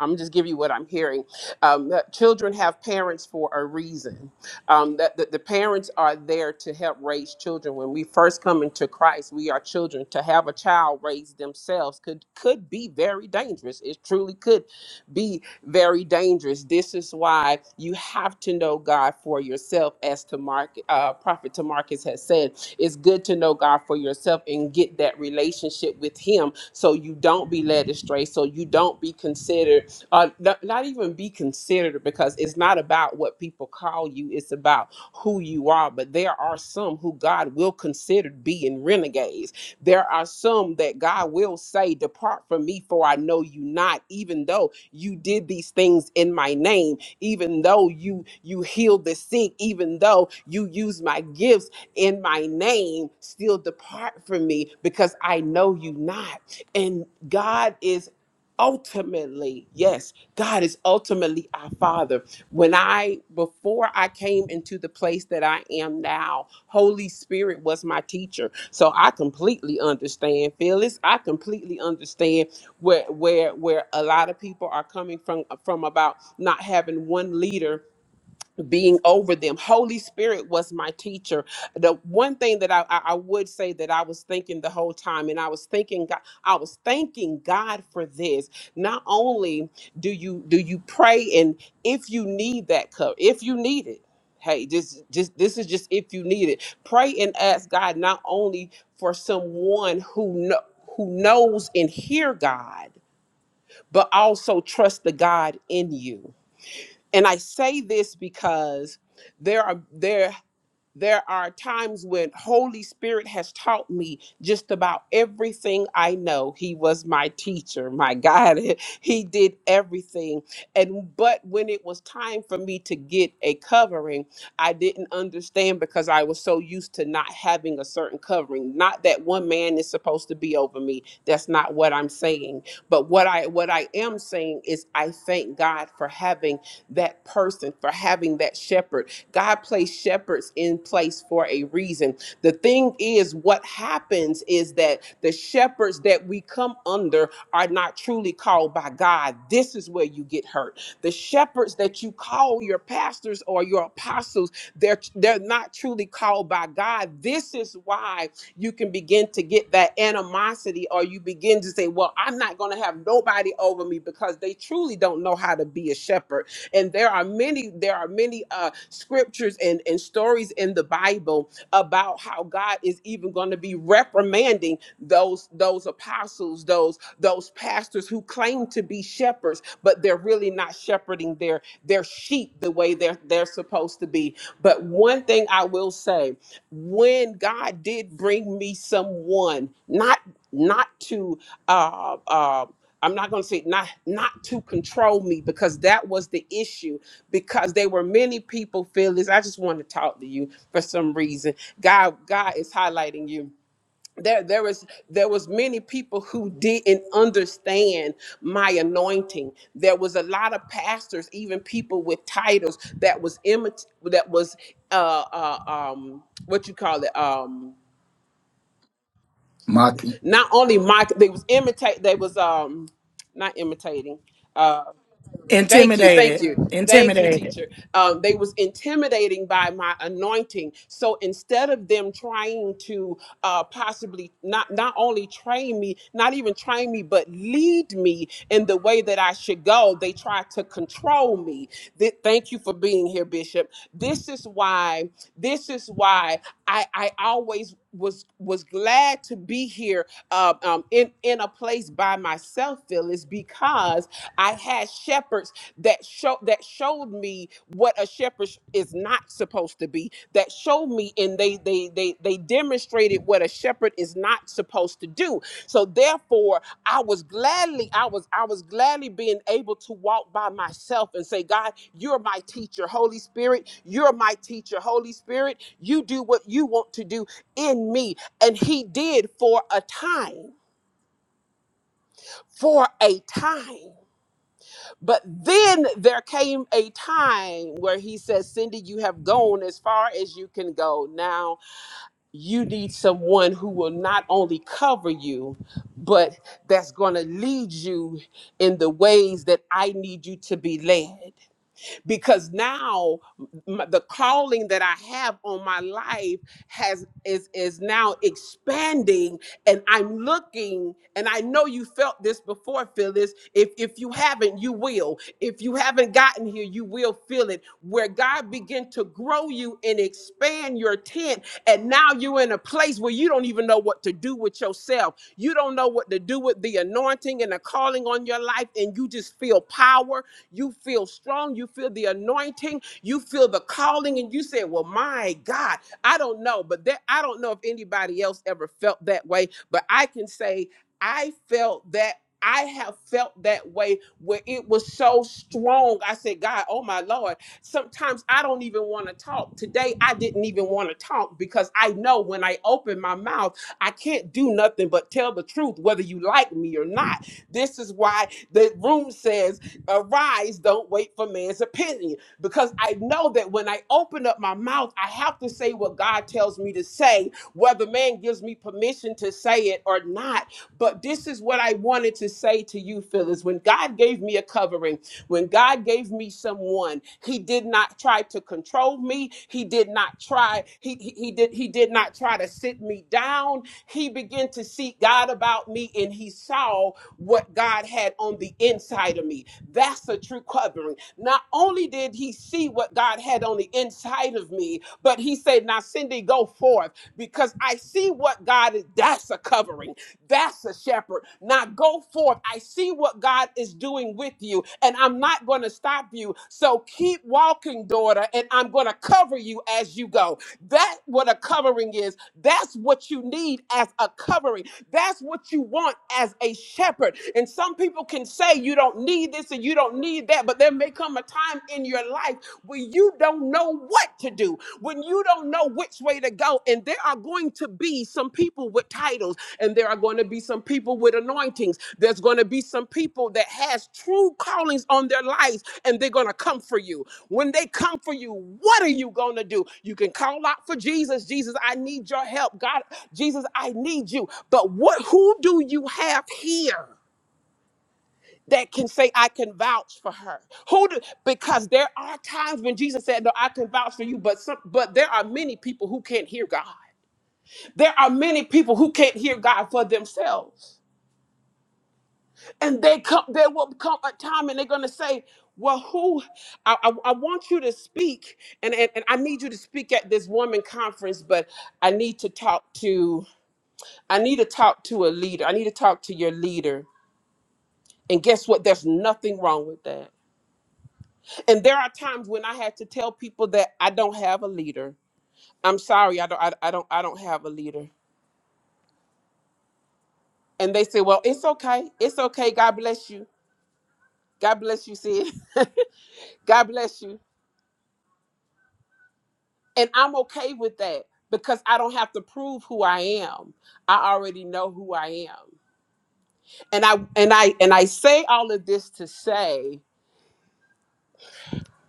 I'm just giving you what I'm hearing. Um, that children have parents for a reason. Um, that, that the parents are there to help raise children. When we first come into Christ, we are children. To have a child raise themselves could could be very dangerous. It truly could be very dangerous. This is why you have to know God for yourself, as to Mark, uh, Prophet Tamarcus has said. It's good to know God for yourself and get that relationship with Him so you don't be led astray, so you don't be considered uh, not, not even be considered because it's not about what people call you, it's about who you are. But there are some who God will consider being renegades. There are some that God will say, Depart from me, for I know you not, even though you did these things in my name, even though you you healed the sick, even though you used my gifts in my name, still depart from me because I know you not. And God is ultimately yes god is ultimately our father when i before i came into the place that i am now holy spirit was my teacher so i completely understand phyllis i completely understand where where where a lot of people are coming from from about not having one leader being over them. Holy Spirit was my teacher. The one thing that I, I, I would say that I was thinking the whole time, and I was thinking God, I was thanking God for this. Not only do you do you pray, and if you need that cover, if you need it, hey, just just this is just if you need it. Pray and ask God not only for someone who know, who knows and hear God, but also trust the God in you and I say this because there are there there are times when holy spirit has taught me just about everything i know he was my teacher my god he did everything and but when it was time for me to get a covering i didn't understand because i was so used to not having a certain covering not that one man is supposed to be over me that's not what i'm saying but what i what i am saying is i thank god for having that person for having that shepherd God placed shepherds in place for a reason. The thing is, what happens is that the shepherds that we come under are not truly called by God. This is where you get hurt. The shepherds that you call your pastors or your apostles, they're they're not truly called by God. This is why you can begin to get that animosity, or you begin to say, Well, I'm not gonna have nobody over me because they truly don't know how to be a shepherd and there are many, there are many uh, scriptures and, and stories in the Bible about how God is even going to be reprimanding those those apostles, those those pastors who claim to be shepherds, but they're really not shepherding their their sheep the way they're they're supposed to be. But one thing I will say, when God did bring me someone, not not to uh, uh, I'm not going to say not not to control me because that was the issue because there were many people feel this I just want to talk to you for some reason God God is highlighting you there there was there was many people who didn't understand my anointing there was a lot of pastors even people with titles that was imit- that was uh, uh um what you call it um Maki, not only my they was imitate they was um not imitating uh, Thank you, thank Intimidated. you, thank you, Intimidated. teacher. Um, they was intimidating by my anointing. So instead of them trying to uh, possibly not not only train me, not even train me, but lead me in the way that I should go, they tried to control me. Th- thank you for being here, Bishop. This is why. This is why I I always was was glad to be here uh, um, in in a place by myself, Phyllis, because I had shepherds that show that showed me what a shepherd sh- is not supposed to be. That showed me, and they they they they demonstrated what a shepherd is not supposed to do. So therefore, I was gladly I was I was gladly being able to walk by myself and say, God, you're my teacher, Holy Spirit, you're my teacher, Holy Spirit. You do what you want to do in me, and He did for a time, for a time. But then there came a time where he says, Cindy, you have gone as far as you can go. Now you need someone who will not only cover you, but that's going to lead you in the ways that I need you to be led because now m- the calling that I have on my life has is is now expanding and I'm looking and I know you felt this before Phyllis if if you haven't you will if you haven't gotten here you will feel it where God began to grow you and expand your tent and now you're in a place where you don't even know what to do with yourself you don't know what to do with the anointing and the calling on your life and you just feel power you feel strong. You feel the anointing. You feel the calling. And you say, Well, my God, I don't know. But that I don't know if anybody else ever felt that way. But I can say I felt that. I have felt that way where it was so strong. I said, God, oh my Lord, sometimes I don't even want to talk. Today, I didn't even want to talk because I know when I open my mouth, I can't do nothing but tell the truth, whether you like me or not. This is why the room says Arise, don't wait for man's opinion. Because I know that when I open up my mouth, I have to say what God tells me to say, whether man gives me permission to say it or not. But this is what I wanted to say to you, Phyllis. When God gave me a covering, when God gave me someone, He did not try to control me. He did not try. He he, he did he did not try to sit me down. He began to seek God about me, and He saw what God had on the inside of me. That's a true covering. Not only did he see what God had on the inside of me, but he said, Now, Cindy, go forth because I see what God is. That's a covering. That's a shepherd. Now go forth. I see what God is doing with you, and I'm not going to stop you. So keep walking, daughter, and I'm going to cover you as you go. That's what a covering is. That's what you need as a covering. That's what you want as a shepherd. And some people can say you don't need don't need this and you don't need that. But there may come a time in your life where you don't know what to do, when you don't know which way to go. And there are going to be some people with titles, and there are going to be some people with anointings. There's going to be some people that has true callings on their lives, and they're going to come for you. When they come for you, what are you going to do? You can call out for Jesus. Jesus, I need your help. God, Jesus, I need you. But what who do you have here? that can say I can vouch for her. Who do, because there are times when Jesus said, "No, I can vouch for you," but some, but there are many people who can't hear God. There are many people who can't hear God for themselves. And they come there will come a time and they're going to say, "Well, who I, I, I want you to speak and, and and I need you to speak at this woman conference, but I need to talk to I need to talk to a leader. I need to talk to your leader." And guess what? There's nothing wrong with that and there are times when I had to tell people that I don't have a leader. I'm sorry, I don't, I, I don't, I don't have a leader. And they say, "Well, it's okay, it's okay. God bless you. God bless you, Sid. God bless you." And I'm okay with that because I don't have to prove who I am. I already know who I am. And I and I and I say all of this to say,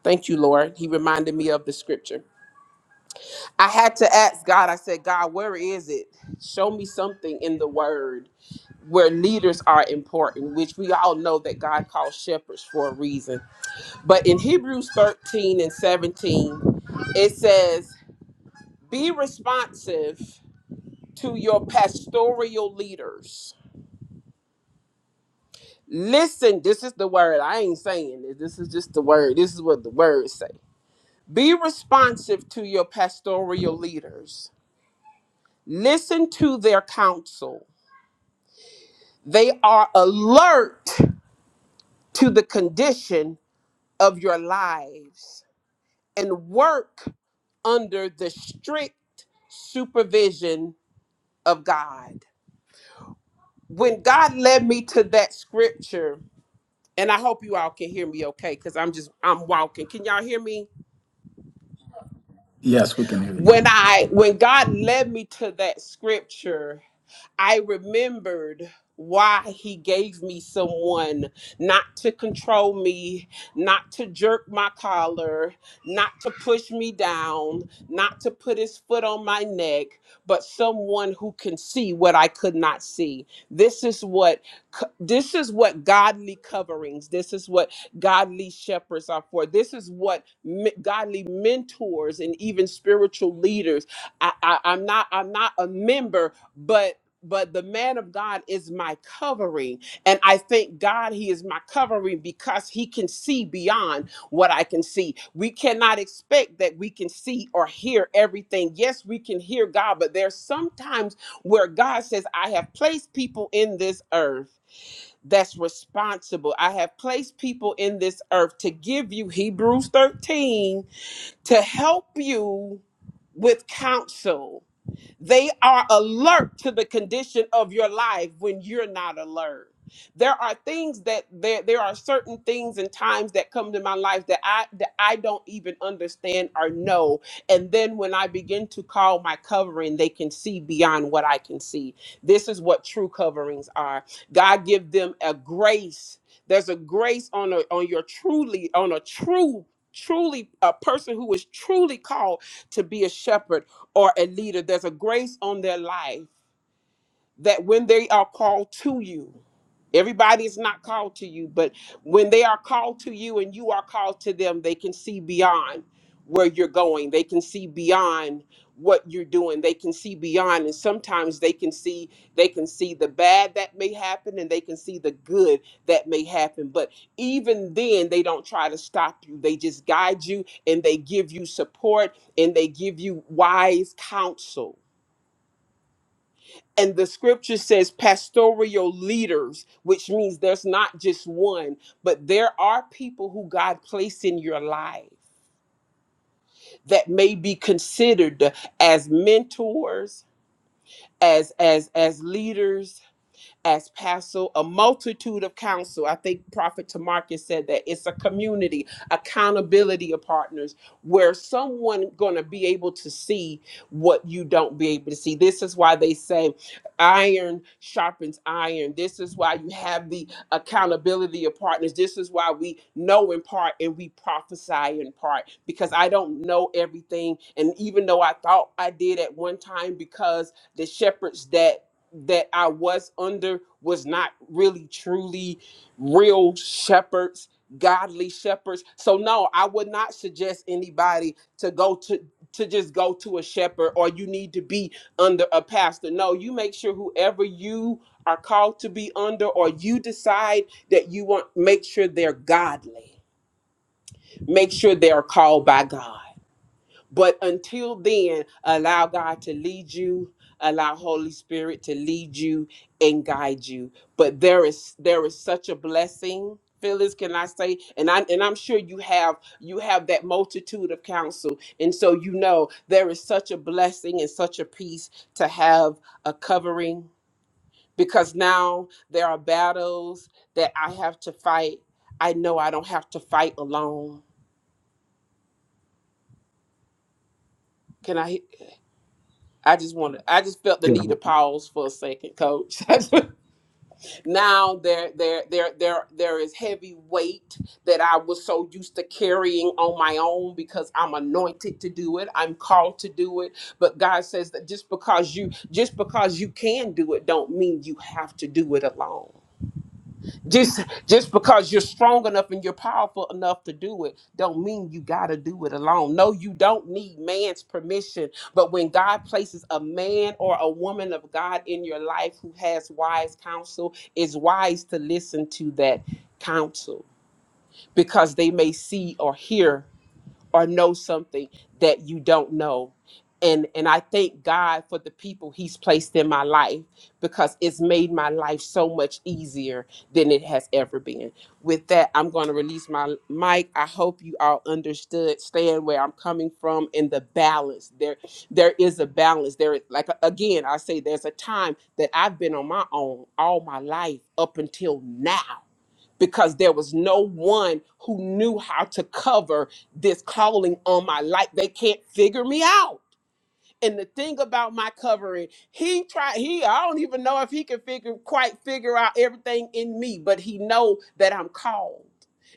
"Thank you, Lord." He reminded me of the scripture. I had to ask God. I said, "God, where is it? Show me something in the Word." where leaders are important, which we all know that God calls shepherds for a reason. But in Hebrews 13 and 17, it says, Be responsive to your pastoral leaders. Listen, this is the word. I ain't saying this. This is just the word. This is what the words say. Be responsive to your pastoral leaders. Listen to their counsel. They are alert to the condition of your lives and work under the strict supervision of God. When God led me to that scripture, and I hope you all can hear me okay cuz I'm just I'm walking. Can y'all hear me? yes, we can hear you. When I when God led me to that scripture, I remembered why he gave me someone not to control me, not to jerk my collar, not to push me down, not to put his foot on my neck, but someone who can see what I could not see. This is what co- this is what godly coverings, this is what godly shepherds are for. This is what me- godly mentors and even spiritual leaders I, I, I'm not I'm not a member, but but the man of God is my covering. And I thank God he is my covering because he can see beyond what I can see. We cannot expect that we can see or hear everything. Yes, we can hear God, but there's sometimes where God says, I have placed people in this earth. That's responsible. I have placed people in this earth to give you Hebrews 13 to help you with counsel they are alert to the condition of your life when you're not alert. There are things that there there are certain things and times that come to my life that I that I don't even understand or know. And then when I begin to call my covering, they can see beyond what I can see. This is what true coverings are. God give them a grace. There's a grace on a on your truly on a true truly a person who is truly called to be a shepherd or a leader. There's a grace on their life that when they are called to you, everybody is not called to you, but when they are called to you and you are called to them, they can see beyond where you're going. They can see beyond what you're doing. They can see beyond and sometimes they can see they can see the bad that may happen and they can see the good that may happen. But even then they don't try to stop you. They just guide you and they give you support and they give you wise counsel and the scripture says pastoral leaders, which means there's not just one, but there are people who God placed in your life that may be considered as mentors, as as as leaders, as pastoral, a multitude of counsel. I think Prophet Tamarcus said that it's a community, accountability of partners, where someone gonna be able to see what you don't be able to see. This is why they say iron sharpens iron. This is why you have the accountability of partners. This is why we know in part and we prophesy in part because I don't know everything. And even though I thought I did at one time, because the shepherds that that I was under was not really truly real shepherds, godly shepherds. So no, I would not suggest anybody to go to to just go to a shepherd or you need to be under a pastor. No, you make sure whoever you are called to be under or you decide that you want make sure they're godly. Make sure they are called by God. But until then, allow God to lead you, allow Holy Spirit to lead you and guide you. But there is there is such a blessing. Phyllis, can I say? And I and I'm sure you have you have that multitude of counsel. And so you know there is such a blessing and such a peace to have a covering because now there are battles that I have to fight. I know I don't have to fight alone. Can I? I just wanted I just felt the need to pause for a second, coach. now there there there there there is heavy weight that I was so used to carrying on my own because I'm anointed to do it. I'm called to do it. But God says that just because you just because you can do it don't mean you have to do it alone just just because you're strong enough and you're powerful enough to do it don't mean you got to do it alone no you don't need man's permission but when god places a man or a woman of god in your life who has wise counsel it's wise to listen to that counsel because they may see or hear or know something that you don't know. And and I thank God for the people he's placed in my life because it's made my life so much easier than it has ever been. With that, I'm going to release my mic. I hope you all understood stand where I'm coming from and the balance. There there is a balance. There like again, I say there's a time that I've been on my own all my life up until now because there was no one who knew how to cover this calling on my life. They can't figure me out. And the thing about my covering, he tried. He I don't even know if he can figure quite figure out everything in me, but he know that I'm called.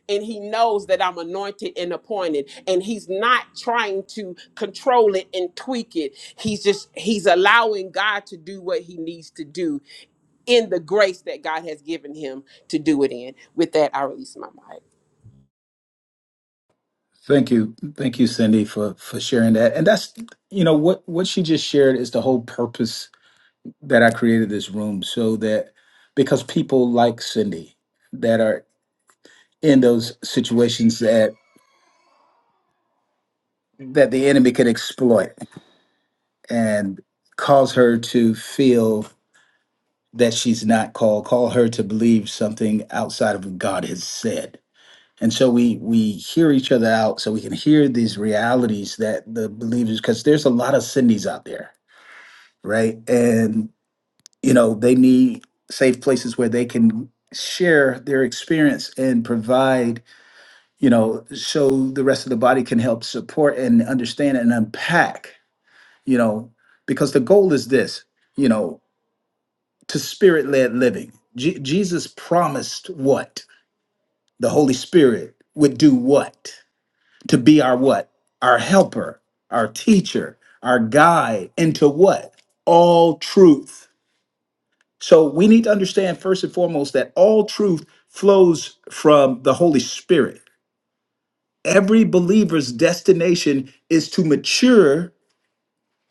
And he knows that I'm anointed and appointed, and he's not trying to control it and tweak it. He's just he's allowing God to do what he needs to do in the grace that God has given him to do it in. With that, I release my mic. Thank you, thank you, Cindy, for for sharing that. And that's you know what what she just shared is the whole purpose that I created this room so that because people like Cindy that are in those situations that that the enemy could exploit and cause her to feel that she's not called, call her to believe something outside of what God has said and so we we hear each other out so we can hear these realities that the believers because there's a lot of cindy's out there right and you know they need safe places where they can share their experience and provide you know so the rest of the body can help support and understand and unpack you know because the goal is this you know to spirit-led living Je- jesus promised what the holy spirit would do what to be our what? Our helper, our teacher, our guide into what? All truth. So we need to understand first and foremost that all truth flows from the Holy Spirit. Every believer's destination is to mature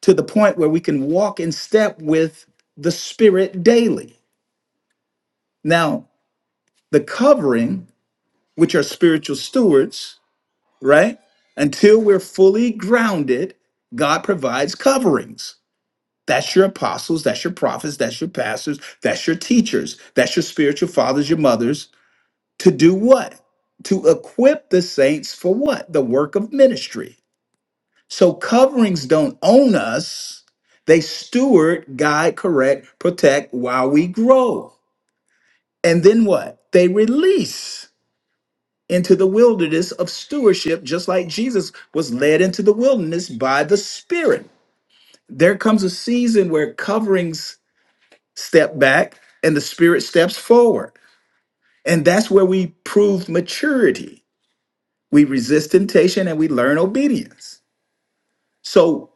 to the point where we can walk in step with the Spirit daily. Now, the covering, which are spiritual stewards, right? Until we're fully grounded, God provides coverings That's your apostles, that's your prophets, that's your pastors, that's your teachers, that's your spiritual fathers, your mothers, to do what? To equip the saints for what? The work of ministry. So coverings don't own us, they steward, guide, correct, protect while we grow. And then what? They release into the wilderness of stewardship, just like Jesus was led into the wilderness by the Spirit. There comes a season where coverings step back and the spirit steps forward. And that's where we prove maturity. We resist temptation and we learn obedience. So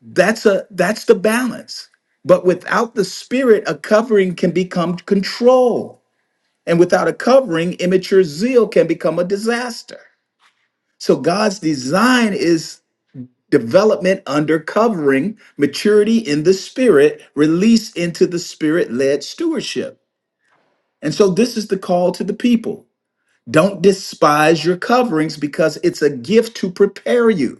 that's a that's the balance. But without the spirit, a covering can become control. And without a covering, immature zeal can become a disaster. So God's design is development under covering, maturity in the spirit, release into the spirit-led stewardship. And so this is the call to the people Don't despise your coverings because it's a gift to prepare you.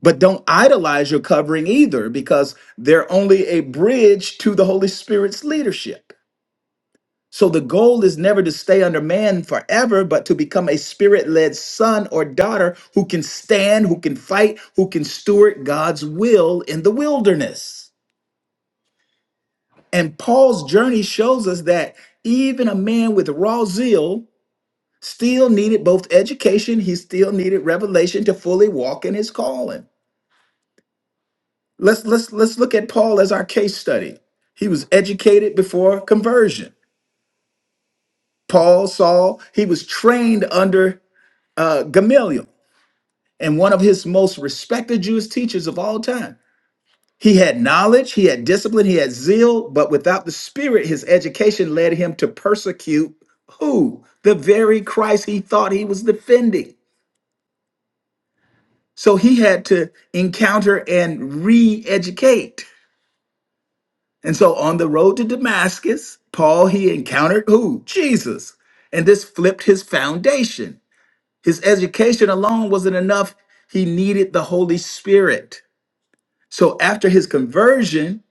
But don't idolize your covering either because they're only a bridge to the Holy Spirit's leadership. So the goal is never to stay under man forever, but to become a spirit led son or daughter who can stand, who can fight, who can steward God's will in the wilderness. And Paul's journey shows us that even a man with raw zeal still needed both education he still needed revelation to fully walk in his calling let's let's let's look at paul as our case study he was educated before conversion paul saul he was trained under uh, gamaliel and one of his most respected jewish teachers of all time he had knowledge he had discipline he had zeal but without the spirit his education led him to persecute who the very christ he thought he was defending So he had to encounter and re educate. And so on the road to Damascus, Paul, he encountered who? Jesus. And this flipped his foundation. His education alone wasn't enough, he needed the Holy Spirit. So after his conversion,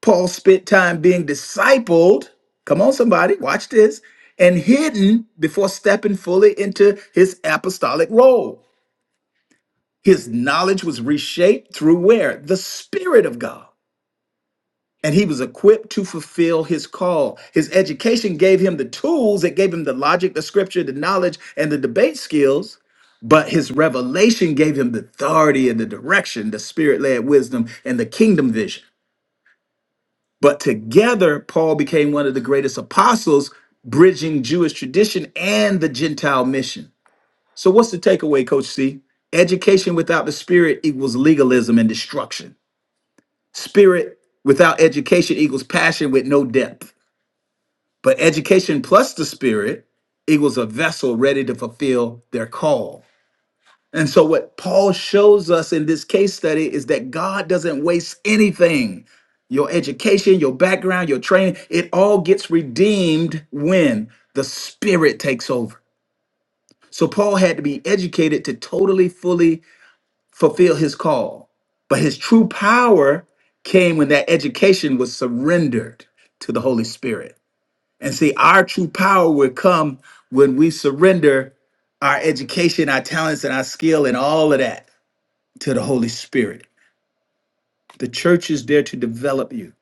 Paul spent time being discipled. Come on, somebody, watch this. And hidden before stepping fully into his apostolic role. His knowledge was reshaped through where? The Spirit of God. and he was equipped to fulfill his call. His education gave him the tools, it gave him the logic, the scripture, the knowledge, and the debate skills. But his revelation gave him the authority and the direction, the spirit led wisdom, and the kingdom vision. But together, Paul became one of the greatest apostles, bridging Jewish tradition and the Gentile mission. So, what's the takeaway, Coach C? Education without the spirit equals legalism and destruction. Spirit without education equals passion with no depth. But education plus the spirit equals a vessel ready to fulfill their call. And so, what Paul shows us in this case study is that God doesn't waste anything. Your education, your background, your training, it all gets redeemed when the spirit takes over. So, Paul had to be educated to totally, fully fulfill his call. But his true power came when that education was surrendered to the Holy Spirit. And see, our true power would come when we surrender our education, our talents, and our skill, and all of that to the Holy Spirit. The church is there to develop you.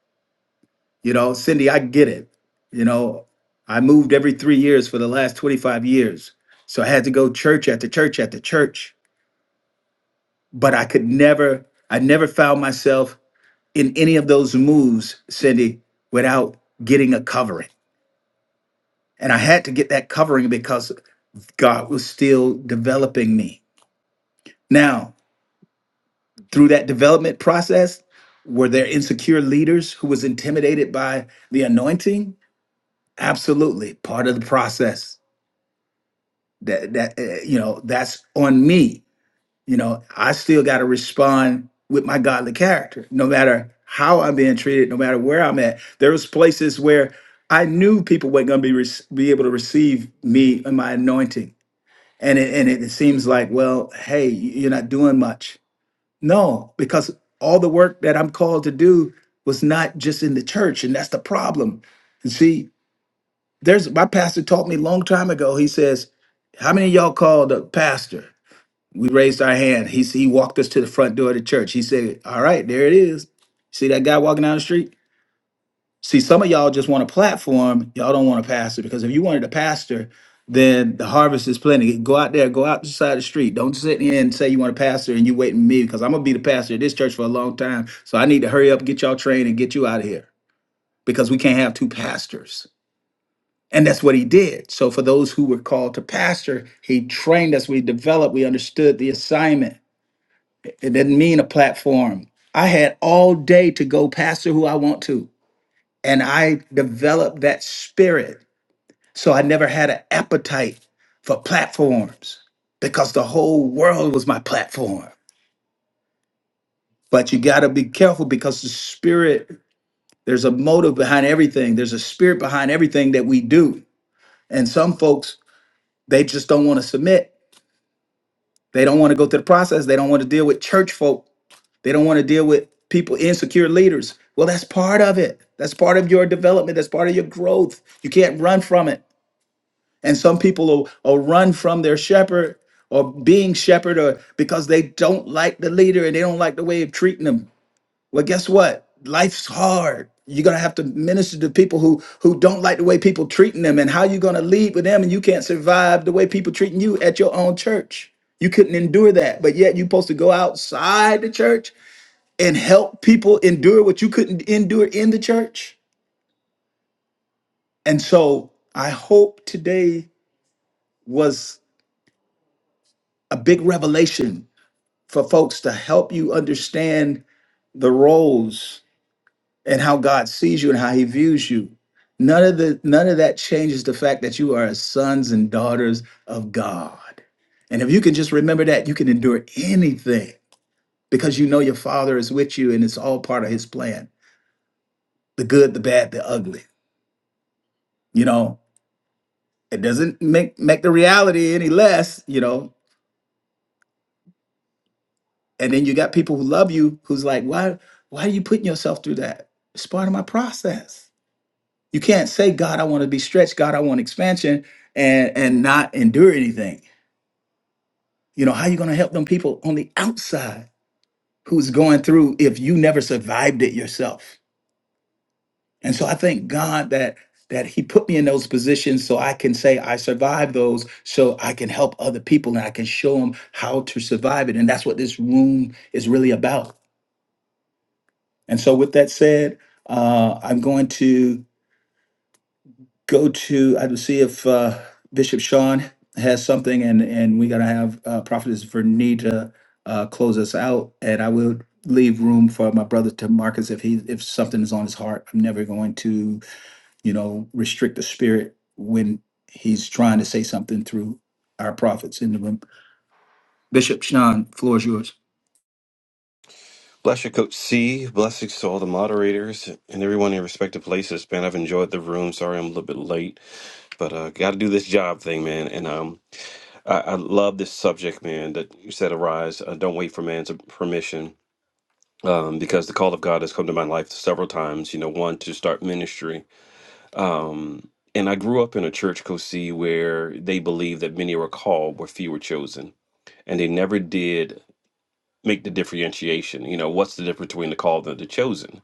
You know, Cindy, I get it. You know, I moved every three years for the last 25 years. So I had to go church after church after church. But I could never, I never found myself in any of those moves, Cindy, without getting a covering And I had to get that covering because God was still developing me. Now, through that development process, were there insecure leaders who was intimidated by the anointing? Absolutely, part of the process. That that uh, you know, that's on me. You know, I still got to respond with my godly character, no matter how I'm being treated, no matter where I'm at. There was places where I knew people weren't going to be rec- be able to receive me and my anointing and it, and it seems like well hey you're not doing much no because all the work that i'm called to do was not just in the church and that's the problem you see there's my pastor taught me a long time ago he says how many of y'all called a pastor we raised our hand he, he walked us to the front door of the church he said all right there it is see that guy walking down the street See, some of y'all just want a platform. Y'all don't want a pastor because if you wanted a pastor, then the harvest is plenty. Go out there, go out the side of the street. Don't sit here and say you want a pastor and you waiting me because I'm gonna be the pastor of this church for a long time. So I need to hurry up, get y'all trained, and get you out of here because we can't have two pastors. And that's what he did. So for those who were called to pastor, he trained us. We developed. We understood the assignment. It didn't mean a platform. I had all day to go pastor who I want to and I developed that spirit. So I never had an appetite for platforms because the whole world was my platform. But you got to be careful because the spirit, there's a motive behind everything, there's a spirit behind everything that we do. And some folks, they just don't want to submit. They don't want to go through the process. They don't want to deal with church folk. They don't want to deal with people, insecure leaders. Well, that's part of it. That's part of your development. That's part of your growth. You can't run from it. And some people will, will run from their shepherd or being shepherd or because they don't like the leader and they don't like the way of treating them. Well, guess what? Life's hard. You're gonna have to minister to people who who don't like the way people treating them and how you gonna lead with them and you can't survive the way people treating you at your own church. You couldn't endure that, but yet you're supposed to go outside the church and help people endure what you couldn't endure in the church. And so I hope today was a big revelation for folks to help you understand the roles and how God sees you and how he views you. None of the none of that changes the fact that you are sons and daughters of God. And if you can just remember that, you can endure anything because you know your father is with you and it's all part of his plan. The good, the bad, the ugly. You know, it doesn't make make the reality any less, you know. And then you got people who love you who's like, "Why why are you putting yourself through that? It's part of my process." You can't say, God, I want to be stretched, God, I want expansion, and and not endure anything. You know, how you gonna help them people on the outside who's going through if you never survived it yourself? And so I thank God that that He put me in those positions so I can say I survived those, so I can help other people and I can show them how to survive it. And that's what this room is really about. And so with that said, uh, I'm going to go to, I would see if uh, Bishop Sean has something, and and we're gonna have uh, Prophetess Vernita uh, close us out, and I will leave room for my brother to Marcus if he if something is on his heart. I'm never going to, you know, restrict the spirit when he's trying to say something through our prophets in the room. Bishop Sean, floor is yours. Bless you, Coach C. Blessings to all the moderators and everyone in respective places, man. I've enjoyed the room. Sorry I'm a little bit late, but uh, got to do this job thing, man. And um, I, I love this subject, man, that you said arise. Uh, don't wait for man's permission. Um, because the call of God has come to my life several times, you know, one to start ministry. Um, and I grew up in a church, Coach C, where they believed that many were called, where few were chosen. And they never did make the differentiation. You know, what's the difference between the called and the chosen?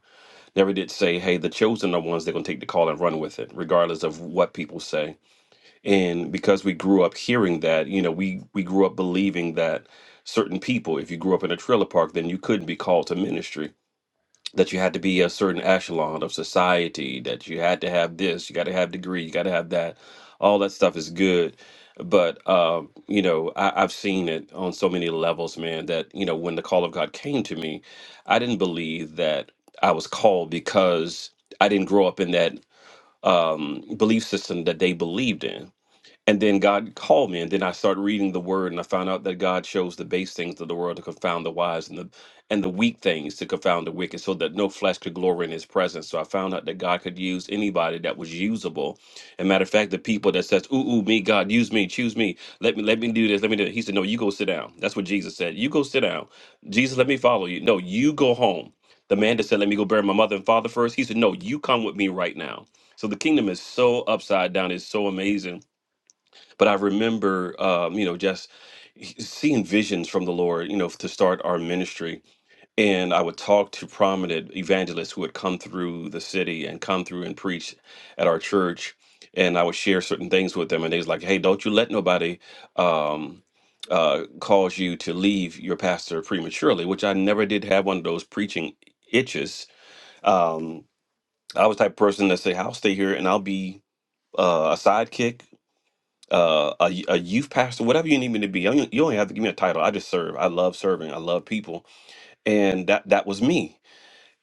never did say, hey, the chosen are ones that are going to take the call and run with it, regardless of what people say. And because we grew up hearing that, you know, we, we grew up believing that certain people, if you grew up in a trailer park, then you couldn't be called to ministry that you had to be a certain echelon of society, that you had to have this, you got to have degree, you got to have that. All that stuff is good, but um, you know I, I've seen it on so many levels, man. That you know when the call of God came to me, I didn't believe that I was called because I didn't grow up in that um, belief system that they believed in and then God called me, and then I started reading the Word, and I found out that God shows the base things of the world to confound the wise, and the and the weak things to confound the wicked, so that no flesh could glory in His presence. So I found out that God could use anybody that was usable. And matter of fact, the people that says, "Ooh, ooh, me, God, use me, choose me, let me, let me do this, let me do." It. He said, "No, you go sit down." That's what Jesus said. You go sit down. Jesus, let me follow you. No, you go home. The man that said, "Let me go bury my mother and father first," he said, "No, you come with me right now." So the kingdom is so upside down. It's so amazing but I remember, um, you know, just seeing visions from the Lord, you know, to start our ministry. And I would talk to prominent evangelists who had come through the city and come through and preach at our church. And I would share certain things with them. And they was like, hey, don't you let nobody um, uh, cause you to leave your pastor prematurely, which I never did have one of those preaching itches. Um, I was the type of person that say, I'll stay here and I'll be uh, a sidekick uh, a a youth pastor, whatever you need me to be. You don't you don't have to give me a title. I just serve. I love serving. I love people, and that that was me.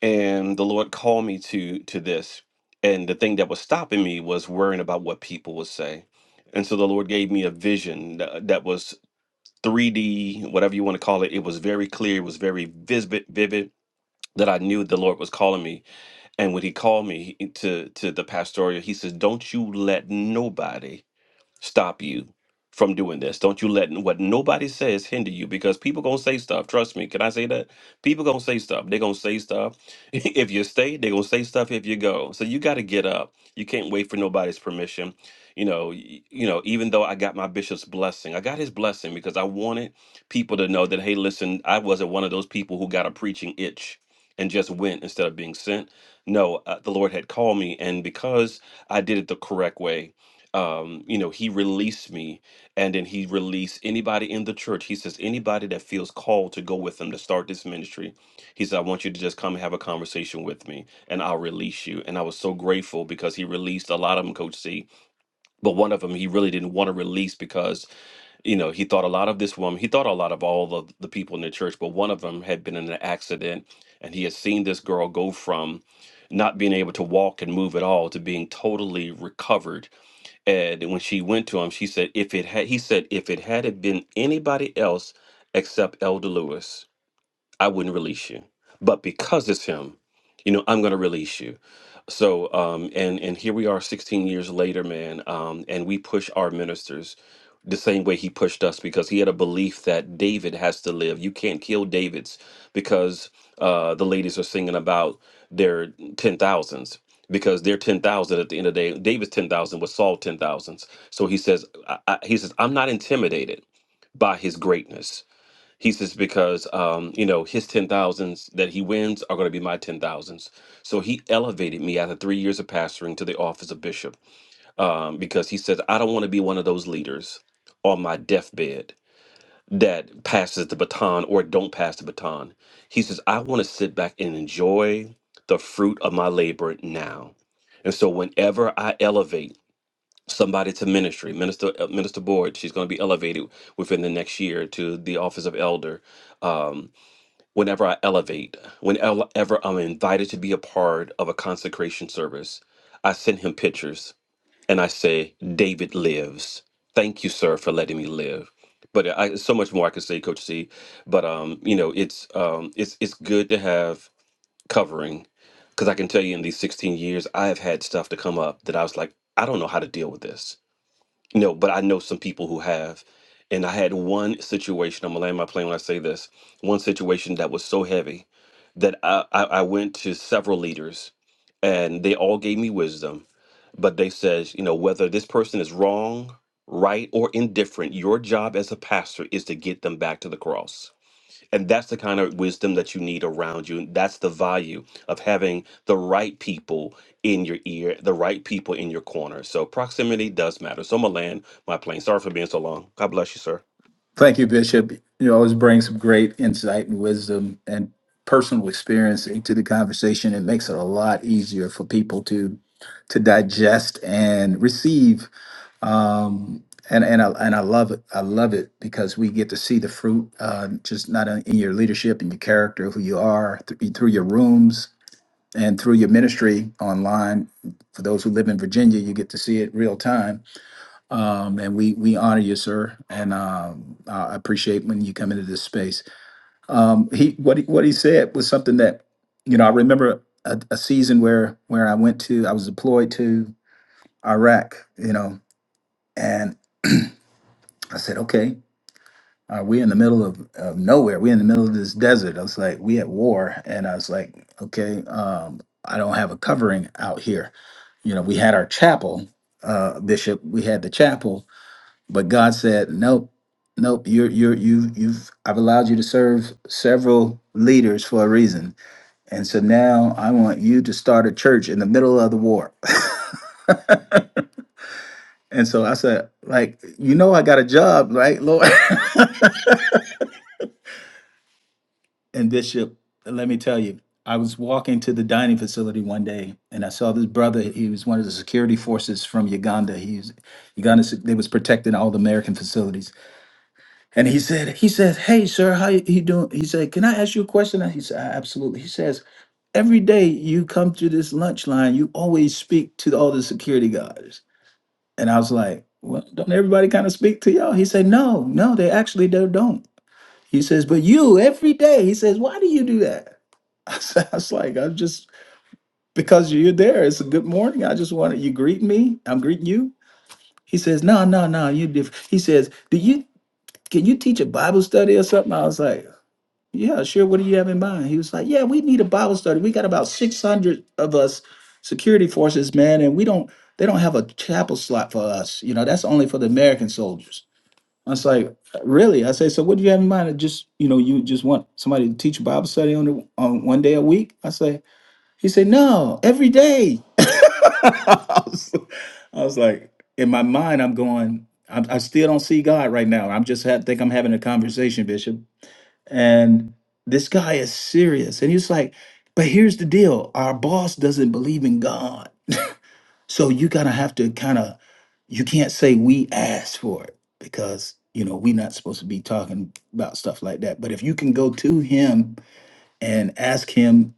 And the Lord called me to to this. And the thing that was stopping me was worrying about what people would say. And so the Lord gave me a vision that, that was 3D, whatever you want to call it. It was very clear. It was very vivid, vivid. That I knew the Lord was calling me, and when He called me he- to to the pastoral, He says, "Don't you let nobody." stop you from doing this. Don't you let n- what nobody says hinder you because people gonna say stuff. Trust me. Can I say that? People gonna say stuff. they gonna say stuff. if you stay, they gonna say stuff if you go. So you gotta get up. You can't wait for nobody's permission. You know, y- you know, even though I got my bishop's blessing, I got his blessing because I wanted people to know that, hey, listen, I wasn't one of those people who got a preaching itch and just went instead of being sent. No, uh, the Lord had called me, and because I did it the correct way, um, you know, he released me, and then he released anybody in the church. He says, anybody that feels called to go with him to start this ministry, he said, I want you to just come and have a conversation with me, and I'll release you. And I was so grateful because he released a lot of them, Coach C, but one of them he really didn't want to release because, you know, he thought a lot of this woman, he thought a lot of all of the people in the church, but one of them had been in an accident, and he had seen this girl go from not being able to walk and move at all to being totally recovered and when she went to him, she said, "If it had," he said, "If it had have been anybody else except Elder Lewis." I wouldn't release you. But because it's him, you know, I'm gonna release you. So um and and here we are 16 years later, man. Um, and we push our ministers the same way he pushed us because he had a belief that David has to live. You can't kill David's because uh the ladies are singing about their ten thousands. Because their ten thousand at the end of the day, David's ten thousand was Saul ten thousands. So he says, I, I, he says, I'm not intimidated by his greatness. He says because um, you know his ten thousands that he wins are going to be my ten thousands. So he elevated me after three years of pastoring to the office of bishop um, because he says I don't want to be one of those leaders on my deathbed that passes the baton or don't pass the baton. He says I want to sit back and enjoy the fruit of my labor now. And so whenever I elevate somebody to ministry, minister uh, minister board, she's going to be elevated within the next year to the office of elder Um, whenever I elevate, whenever I'm invited to be a part of a consecration service, I send him pictures and I say, David lives. Thank you, sir, for letting me live. But I, so much more I could say, Coach C. But um, you know, it's um, it's it's good to have covering because I can tell you in these 16 years, I have had stuff to come up that I was like, I don't know how to deal with this no, but I know some people who have. And I had one situation, I'm gonna land my plane when I say this, one situation that was so heavy that I, I, I went to several leaders and they all gave me wisdom, but they said, you know, whether this person is wrong, right, or indifferent, your job as a pastor is to get them back to the cross. And that's the kind of wisdom that you need around you. And that's the value of having the right people in your ear, the right people in your corner. So proximity does matter. So Milan, my plane. Sorry for being so long. God bless you, sir. Thank you, Bishop. You always bring some great insight and wisdom and personal experience into the conversation. It makes it a lot easier for people to to digest and receive. Um, and and I, and I love it. I love it because we get to see the fruit, uh, just not in in your leadership and your character, who you are th- through your rooms and through your ministry online. For those who live in Virginia, you get to see it real time um, and we we honor you, sir, and um, I appreciate when you come into this space. Um, he what he, what he said was something that you know I remember a, a season where where I went to I was deployed to Iraq, you know, and I said, okay, uh, we're in the middle of, of nowhere, we're in the middle of this desert. I was like, we at war, and I was like, okay, um, I don't have a covering out here. You know, we had our chapel, uh, Bishop, we had the chapel, But God said, nope, nope, you're, you're, you, you've, I've allowed you to serve several leaders for a reason. And so now I want you to start a church in the middle of the war. and so I said, like, you know, I got a job, right, Lord? and Bishop, let me tell you, I was walking to the dining facility one day and I saw this brother. He was one of the security forces from Uganda. He's Uganda, they was protecting all the American facilities And he said, he says, hey, sir, how you you doing? He said, can I ask you a question? And he said, "Ah, absolutely. He says, every day you come to this lunch line, you always speak to all the security guards. And I was like, well, don't everybody kind of speak to y'all? He said, no, no, they actually they don't. He says, but you every day. He says, why do you do that? I said, I was like, I'm just because you're there. It's a good morning. I just wanted you greet me. I'm greeting you. He says, no, no, no, you different. He says, do you can you teach a Bible study or something? I was like, yeah, sure. What do you have in mind? He was like, yeah, we need a Bible study. We got about 600 of us security forces, man, and we don't, they don't have a chapel slot for us. You know, that's only for the American soldiers. I was like, really? I say, so what do you have in mind? Just, you know, you just want somebody to teach Bible study on, the, on one day a week? I say, he said, no, every day. I was I was like, in my mind, I'm going, I'm, I still don't see God right now. I'm just ha- think I'm having a conversation, Bishop. And this guy is serious. And he's like, but here's the deal our boss doesn't believe in God. So you gotta have to kind of, you can't say we asked for it because, you know, we're not supposed to be talking about stuff like that. But if you can go to him and ask him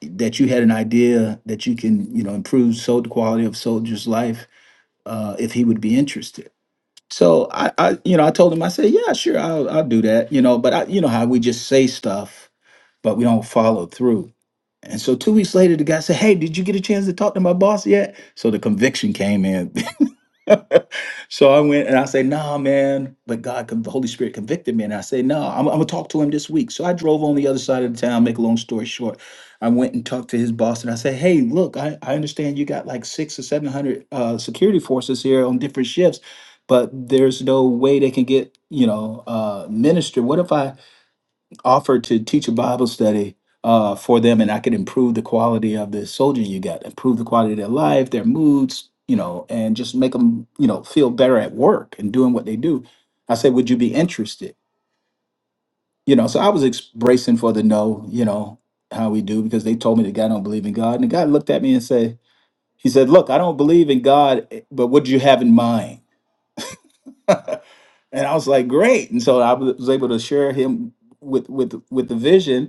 that you had an idea that you can, you know, improve so the quality of soldier's life, uh, if he would be interested. So I, I, you know, I told him, I said, yeah, sure, I'll, I'll do that, you know, but I, you know how we just say stuff but we don't follow through. And so two weeks later, the guy said, Hey, did you get a chance to talk to my boss yet? So the conviction came in. so I went and I said, Nah, man. But God, con- the Holy Spirit convicted me. And I said, No, I'm, I'm going to talk to him this week. So I drove on the other side of the town, make a long story short. I went and talked to his boss and I said, Hey, look, I, I understand you got like six or 700 uh, security forces here on different shifts, but there's no way they can get, you know, uh, minister. What if I offered to teach a Bible study uh, for them, and I could improve the quality of the soldier you got, improve the quality of their life, their moods, you know, and just make them, you know, feel better at work and doing what they do. I said, "Would you be interested?" You know, so I was ex- bracing for the no, you know, how we do because they told me the guy don't believe in God, and the guy looked at me and said, "He said, look, I don't believe in God, eh, but what do you have in mind?" and I was like, "Great!" And so I was able to share him with with with the vision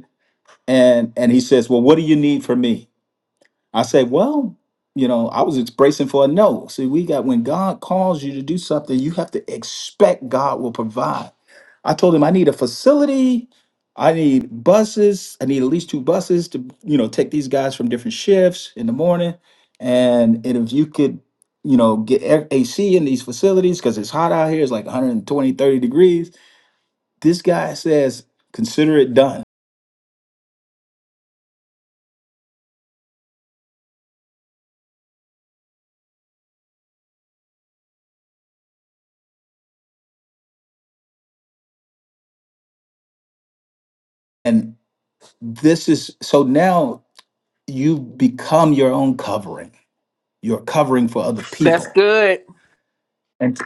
and and he says, "Well, what do you need from me?" I say, "Well, you know, I was just bracing for a no." See, we got when God calls you to do something, you have to expect God will provide. I told him I need a facility, I need buses, I need at least two buses to you know take these guys from different shifts in the morning, and and if you could. You know, get air- AC in these facilities because it's hot out here. It's like 120 30 degrees. This guy says, consider it done this is so now you've become your own covering you're covering for other That's people good. and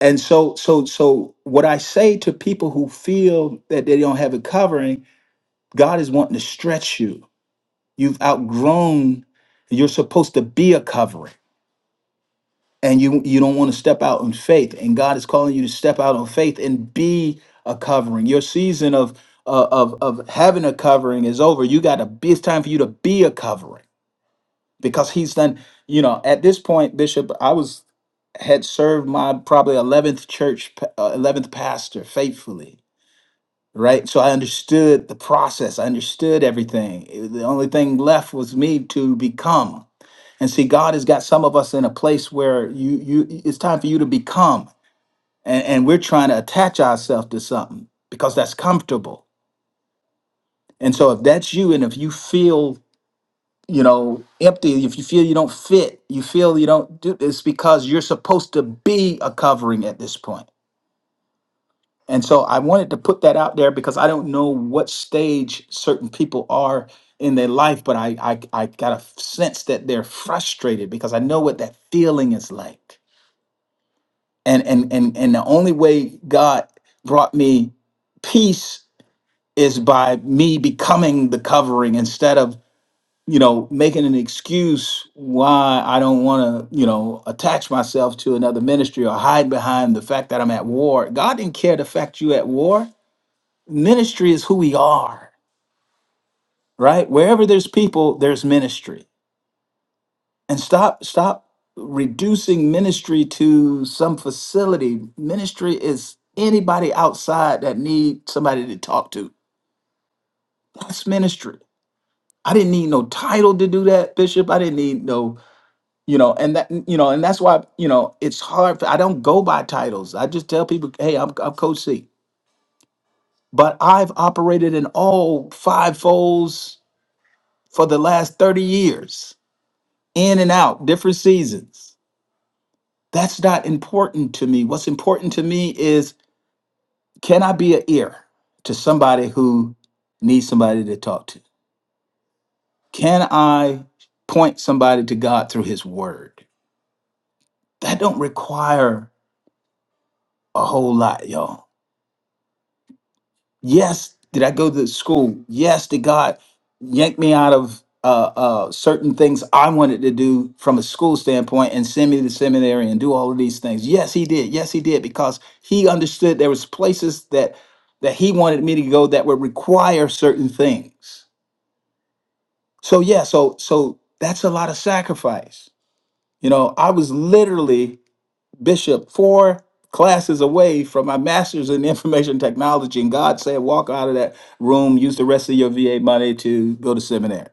and so so so what i say to people who feel that they don't have a covering god is wanting to stretch you you've outgrown you're supposed to be a covering and you you don't want to step out in faith and god is calling you to step out on faith and be a covering your season of uh, of of having a covering is over you got to be it's time for you to be a covering because he's done you know at this point bishop i was had served my probably 11th church pa- uh, 11th pastor faithfully right so i understood the process i understood everything It- the only thing left was me to become and see god has got some of us in a place where you you it's time for you to become and, and we're trying to attach ourselves to something because that's comfortable and so if that's you and if you feel you know, empty, if you feel you don't fit, you feel you don't do it's because you're supposed to be a covering at this point. And so I wanted to put that out there because I don't know what stage certain people are in their life, but I I, I got a sense that they're frustrated because I know what that feeling is like. And and and and the only way God brought me peace is by me becoming the covering instead of you know, making an excuse why I don't want to, you know, attach myself to another ministry or hide behind the fact that I'm at war. God didn't care the fact you at war. Ministry is who we are, right? Wherever there's people, there's ministry. And stop, stop reducing ministry to some facility. Ministry is anybody outside that need somebody to talk to. That's ministry. I didn't need no title to do that, Bishop. I didn't need no you know and that you know and that's why you know it's hard for, i don't go by titles i just tell people hey i'm, I'm coach c but i've operated in all five folds for the last 30 years in and out different seasons that's not important to me what's important to me is can i be an ear to somebody who needs somebody to talk to can i point somebody to god through his word that don't require a whole lot y'all Yes, did I go to school? Yes, did God yank me out of uh, uh, certain things I wanted to do from a school standpoint and send me to seminary and do all of these things? Yes, He did. Yes, He did because He understood there was places that that He wanted me to go that would require certain things. So yeah, so so that's a lot of sacrifice. You know, I was literally Bishop, four classes away from my master's in information technology. And God said, walk out of that room, use the rest of your VA money to go to seminary.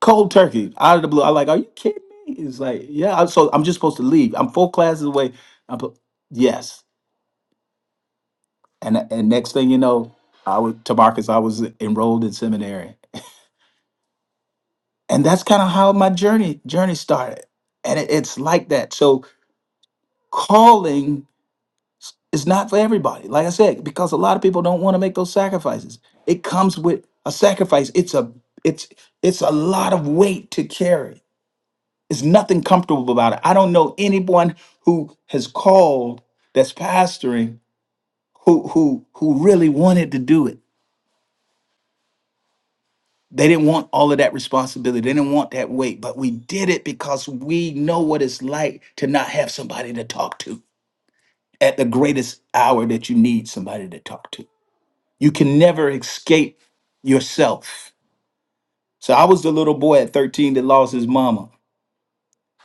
Cold turkey, out of the blue. I'm like, are you kidding me? It's like, yeah. I- So I'm just supposed to leave. I'm four classes away. I'm, po- yes. And, and next thing you know, I was, to Marcus, I was enrolled in seminary. And that's kind of how my journey journey started. And it, it's like that. So calling S- It's not for everybody. Like I said, because a lot of people don't want to make those sacrifices. It comes with a sacrifice. It's a it's it's a lot of weight to carry. It's nothing comfortable about it. I don't know anyone who has called that's pastoring who who who really wanted to do it. They didn't want all of that responsibility. They didn't want that weight, but we did it because we know what it's like to not have somebody to talk to at the greatest hour that you need somebody to talk to. You can never escape yourself. So I was the little boy at 13 that lost his mama,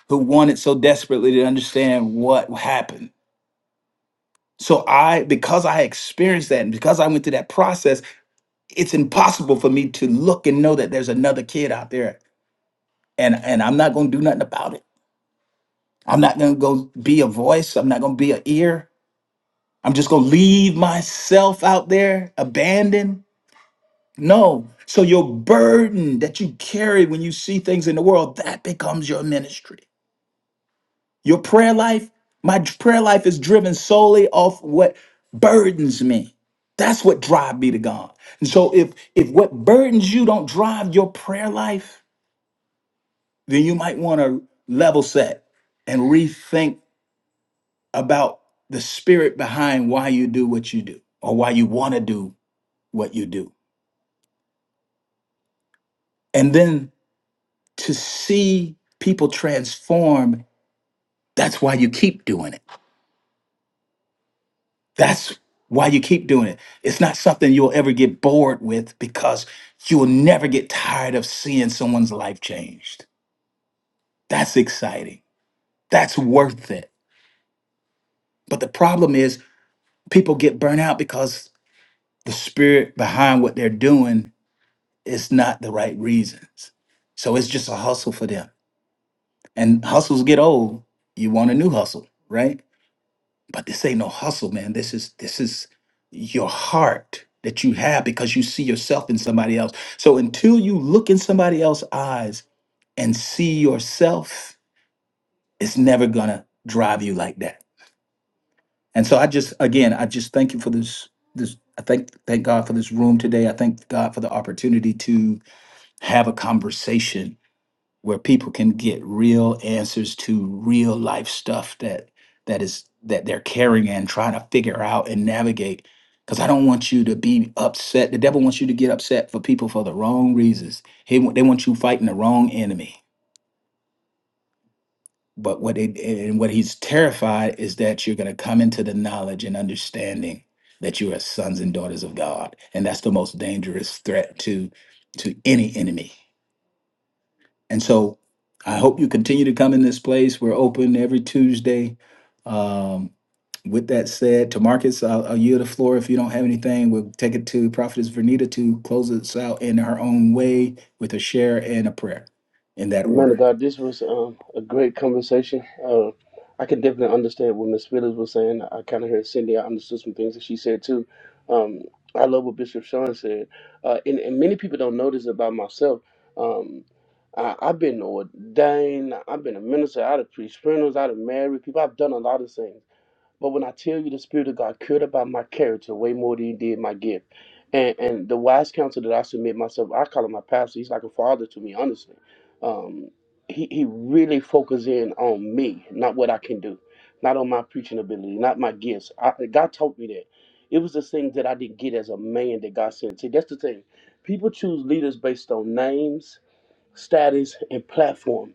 who wanted so desperately to understand what happened. So I, because I experienced that and because I went through that process, it's impossible for me to look and know that there's another kid out there. And and I'm not gonna do nothing about it. I'm not gonna go be a voice. I'm not gonna be an ear. I'm just gonna leave myself out there abandoned No. So your burden that you carry when you see things in the world, that becomes your ministry. Your prayer life, my d- prayer life is driven solely off what burdens me. That's what drive me to God. And so if if what burdens you don't drive your prayer life, then you might want to level set and rethink about the spirit behind why you do what you do or why you want to do what you do. And then to see people transform That's why you keep doing it. That's why you keep doing it. It's not something you'll ever get bored with because you will never get tired of seeing someone's life changed. That's exciting. That's worth it. But the problem is, people get burnt out because the spirit behind what they're doing is not the right reasons. So it's just a hustle for them. And hustles get old. You want a new hustle, right? But this ain't no hustle, man. This is this is your heart that you have because you see yourself in somebody else. So until you look in somebody else's eyes and see yourself, it's never gonna drive you like that. And so I just again, I just thank you for this this I thank thank God for this room today. I thank God for the opportunity to have a conversation where people can get real answers to real life stuff that that is that they're carrying and trying to figure out and navigate because i don't want you to be upset the devil wants you to get upset for people for the wrong reasons he, wa- they want you fighting the wrong enemy but what they and what he's terrified is that you're going to come into the knowledge and understanding that you are sons and daughters of god and that's the most dangerous threat to to any enemy And so I hope you continue to come in this place. We're open every Tuesday. Um, with that said, to Marcus, I'll, I'll yield the floor. If you don't have anything, we'll take it to Prophetess Vernita to close us out in her own way with a share and a prayer in that Man of order. God, this was um, a great conversation. Uh, I can definitely understand what Miss Phillips was saying. I kind of heard Cindy. I understood some things that she said too. Um, I love what Bishop Sean said, uh, and, and many people don't know this about myself. Um, I, I've been ordained. I've been out of pre-sprinters, married people. I've done a lot of things. But when I tell you the Spirit of God cared about my character way more than he did my gift. And and the wise counsel that I submit myself, I call him my pastor. He's like a father to me, honestly. Um, he, he really focuses in on me, not what I can do, not on my preaching ability, not my gifts. I, God taught me that. It was the thing that I didn't get as a man that God sent. See, that's the thing. People choose leaders based on names, status, and platform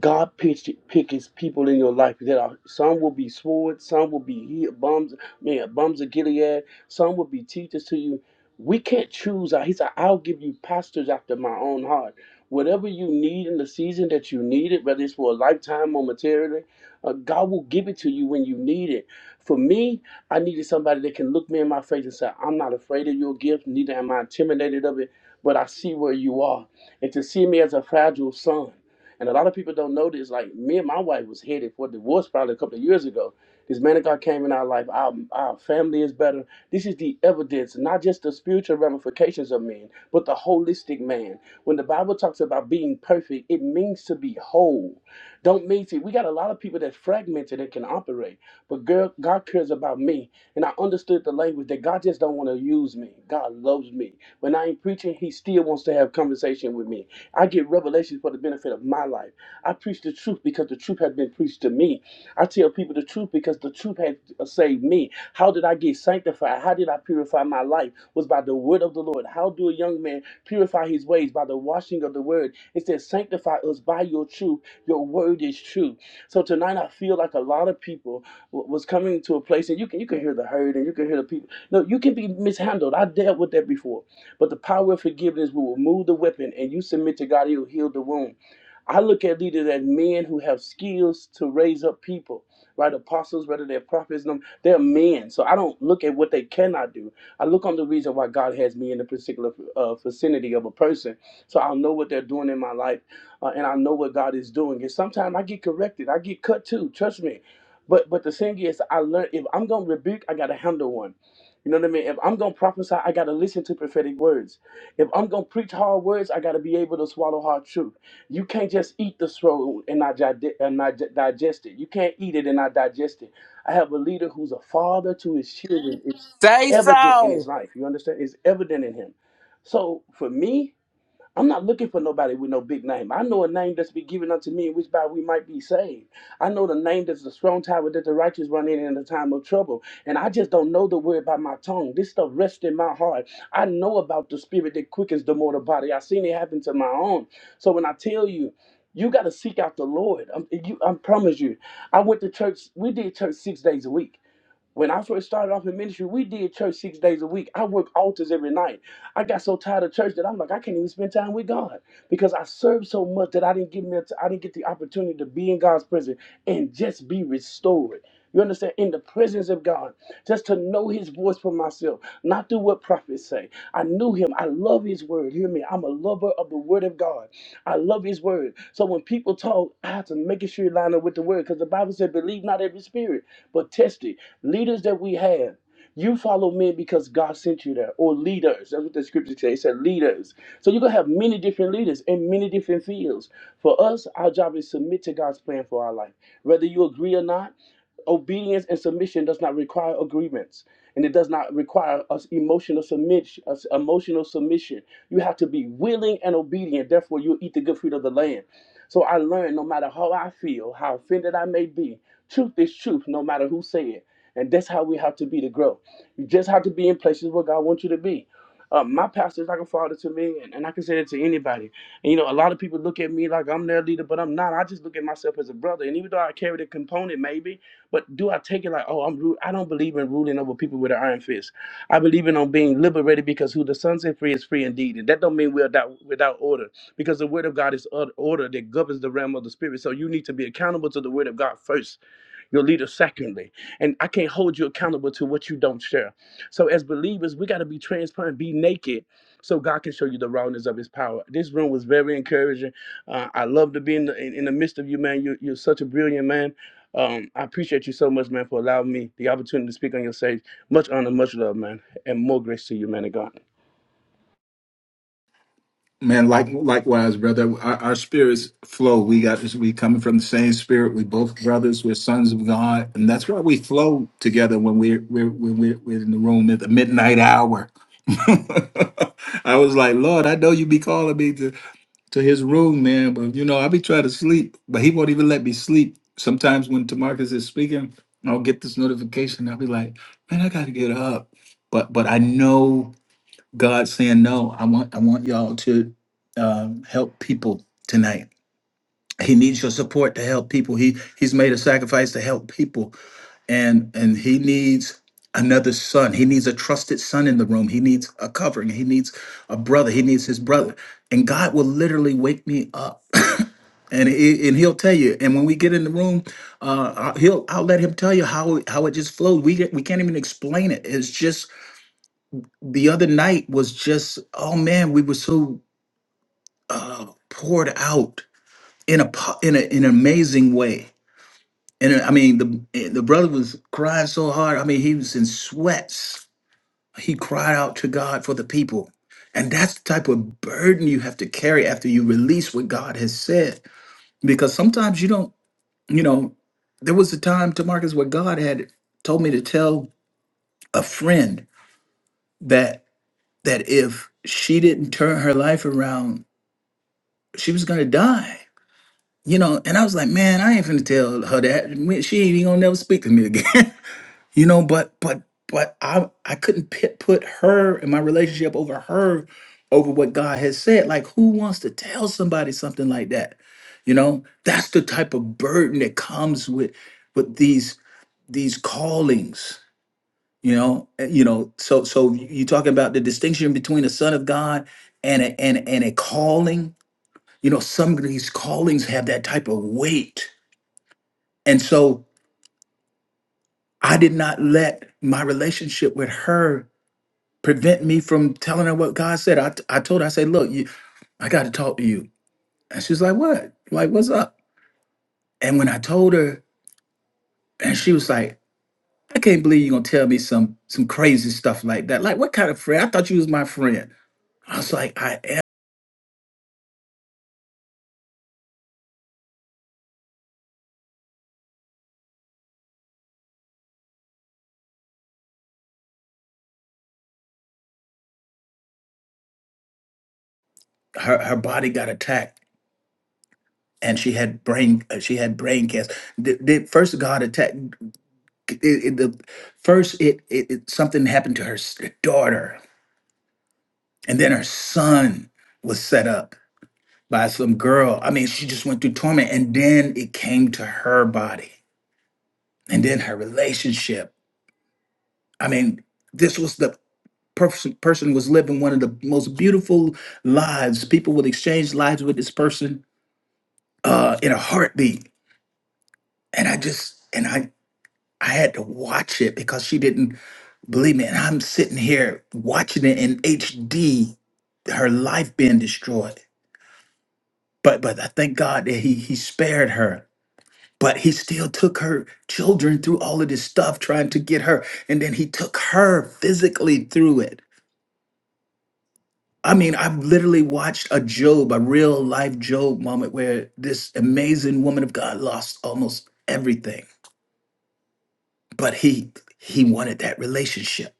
God picks pick his people in your life that are some will be swords, some will be he- bums, man, bums of Gilead, some will be teachers to you. We can't choose. He said, I'll give you pastors after my own heart. Whatever you need in the season that you need it, whether it's for a lifetime or momentarily, uh, God will give it to you when you need it. For me, I needed somebody that can look me in my face and say, I'm not afraid of your gift, neither am I intimidated of it, but I see where you are. And to see me as a fragile son. And a lot of people don't know this. Like me and my wife was headed for divorce probably a couple of years ago. This man of God came in our life. Our, our family is better. This is the evidence, not just the spiritual ramifications of man, but the holistic man. When the Bible talks about being perfect, it means to be whole. Don't mean to. We got a lot of people that's fragmented and can operate, but girl, God cares about me. And I understood the language that God just don't want to use me. God loves me. When I ain't preaching, He still wants to have conversation with me. I get revelations for the benefit of my life. I preach the truth because the truth has been preached to me. I tell people the truth because the truth has uh, saved me. How did I get sanctified? How did I purify my life? Was by the word of the Lord. How do a young man purify his ways? By the washing of the word. It says, sanctify us by your truth. Your word is true. So tonight I feel like a lot of people w- was coming to a place and you can you can hear the hurt and you can hear the people. No, you can be mishandled. I dealt with that before. But the power of forgiveness will remove the weapon and you submit to God, He'll heal the wound. I look at leaders as men who have skills to raise up people, right? Apostles, whether they're prophets, them- they're men. So I don't look at what they cannot do. I look on the reason why God has me in a particular uh, vicinity of a person. So I'll know what they're doing in my life uh, and I know what God is doing. And sometimes I get corrected, I get cut too, trust me. But but the thing is, I learned if I'm gonna rebuke, I gotta handle one. You know what I mean? If I'm gonna prophesy, I gotta listen to prophetic words. If I'm gonna preach hard words, I gotta be able to swallow hard truth. You can't just eat the scroll and not, jide- and not di- digest it. You can't eat it and not digest it. I have a leader who's a father to his children. It's Say evident in his so. life. You understand? It's evident in him. So for me. I'm not looking for nobody with no big name. I know a name that's been given unto me in which by we might be saved. I know the name that's the strong tower that the righteous run in in the time of trouble. And I just don't know the word by my tongue. This stuff rests in my heart. I know about the spirit that quickens the mortal body. I've seen it happen to my own. So when I tell you, you got to seek out the Lord. I'm, you, I promise you. I went to church. We did church six days a week. When I first started off in ministry, we did church six days a week. I worked altars every night. I got so tired of church that I'm like, I can't even spend time with God because I served so much that I didn't give me, a t- I didn't get the opportunity to be in God's presence and just be restored. You understand? In the presence of God, just to know His voice for myself, not through what prophets say. I knew Him. I love His word. Hear me. I'm a lover of the Word of God. I love His word. So when people talk, I have to make sure you line up with the word because the Bible said, "Believe not every spirit, but test it." Leaders that we have, you follow men because God sent you there, or leaders. That's what the scripture says. It said leaders. So you're gonna have many different leaders in many different fields. For us, our job is submit to God's plan for our life. Whether you agree or not, obedience and submission does not require agreements and it does not require us emotional submission us emotional submission you have to be willing and obedient therefore you'll eat the good fruit of the land so i learned no matter how i feel how offended i may be truth is truth no matter who say it and that's how we have to be to grow. You just have to be in places where God wants you to be. Um, my pastor is like a father to me, and, and I can say that to anybody. And, you know, a lot of people look at me like I'm their leader, but I'm not. I just look at myself as a brother. And even though I carry the component, maybe, but do I take it like, oh, I'm rude? I don't believe in ruling over people with an iron fist. I believe in on being liberated because who the Son set free is free indeed. And that don't mean we're without, without order because the Word of God is or- order that governs the realm of the Spirit. So you need to be accountable to the Word of God first your leader secondly and i can't hold you accountable to what you don't share so as believers we got to be transparent be naked so god can show you the rawness of his power this room was very encouraging uh, i love to be in the, in, in the midst of you man you, you're such a brilliant man um, I appreciate you so much, man, for allowing me the opportunity to speak on your stage. Much honor, much love, man, and more grace to you, man of God. Man, like likewise, brother. Our, our spirits flow. We got we coming from the same spirit. We both brothers. We're sons of God, and that's why we flow together when we're we're when we're, we're in the room at the midnight hour. I was like, Lord, I know you be calling me to, to his room, man, but you know, I be trying to sleep, but he won't even let me sleep. Sometimes when Tamarcus is speaking, I'll get this notification. I'll be like, man, I gotta get up. But but I know God saying no. I want I want y'all to um, help people tonight he needs your support to help people he he's made a sacrifice to help people and and he needs another son he needs a trusted son in the room he needs a covering he needs a brother he needs his brother and god will literally wake me up and he, and he'll tell you and when we get in the room uh I- he'll i'll let him tell you how it- how it just flowed. we get, we can't even explain it it's just the other night was just oh man we were so uh poured out in a po- in a, in an amazing way And uh, I mean, the eh, the brother was crying so hard. I mean, he was in sweats. He cried out to God for the people. And that's the type of burden you have to carry after you release what God has said. Because sometimes you don't, you know, there was a time to where God had told me to tell a friend that that if she didn't turn her life around, she was gonna die. You know, and I was like, man, I ain't finna tell her that. I mean, She ain't even gonna never speak to me again. you know but but but i i couldn't pit, put her and my relationship over her over what god has said like who wants to tell somebody something like that you know that's the type of burden that comes with with these these callings you know Uh, you know so so you talking about the distinction between a son of god and a, and and a calling you know some of these callings have that type of weight and so i did not let my relationship with her prevent me from telling her what God said. I, I told her, I said, look, you, I got to talk to you. And she's like, what? Like, what's up? And when I told her, and she was like, I can't believe you're going to tell me some some crazy stuff like that. Like, what kind of friend? I thought you was my friend. I was like, I am. Her, her body got attacked and she had brain uh, she had brain cancer. The, the first God attacked it, it- the first it, it it something happened to her s- daughter and then her son was set up by some girl. I mean, she just went through torment and then it came to her body and then her relationship. I mean, this was the person person was living one of the most beautiful lives. People would exchange lives with this person uh in a heartbeat. And I just and I I had to watch it because she didn't believe me. And I'm sitting here watching it in HD, her life being destroyed. But but I thank God that he he spared her But he still took her children through all of this stuff, trying to get her. And then he took her physically through it. I mean, I've literally watched a Job, a real life Job moment where this amazing woman of God lost almost everything. But he he wanted that relationship.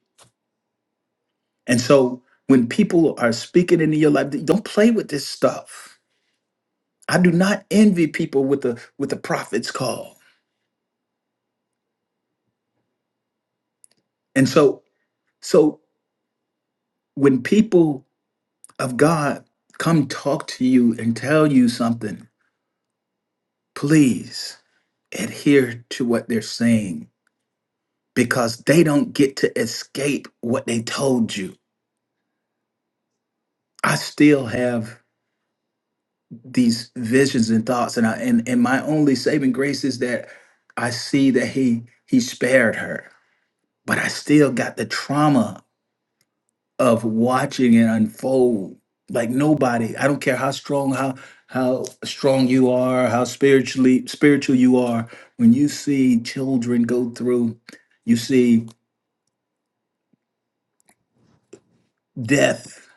And so when people are speaking into your life, don't play with this stuff. I do not envy people with the with the prophet's call. And so so when people of God come talk to you and tell you something, please adhere to what they're saying because they don't get to escape what they told you. I still have these visions and thoughts, and I and, and my only saving grace is that I see that he he spared her, but I still got the trauma of watching it unfold. Like nobody, I don't care how strong, how how strong you are, how spiritually spiritual you are, when you see children go through, you see death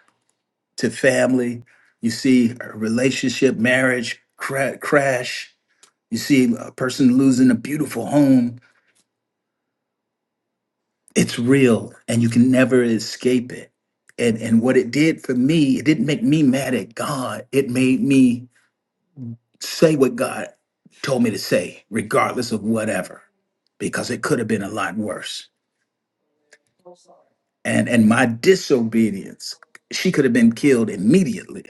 to family, you see a relationship, marriage cra- crash, you see a person losing a beautiful home. It's real, and you can never escape it. And and what it did for me, it didn't make me mad at God. It made me say what God told me to say, regardless of whatever, because it could have been a lot worse. And and my disobedience, she could have been killed immediately.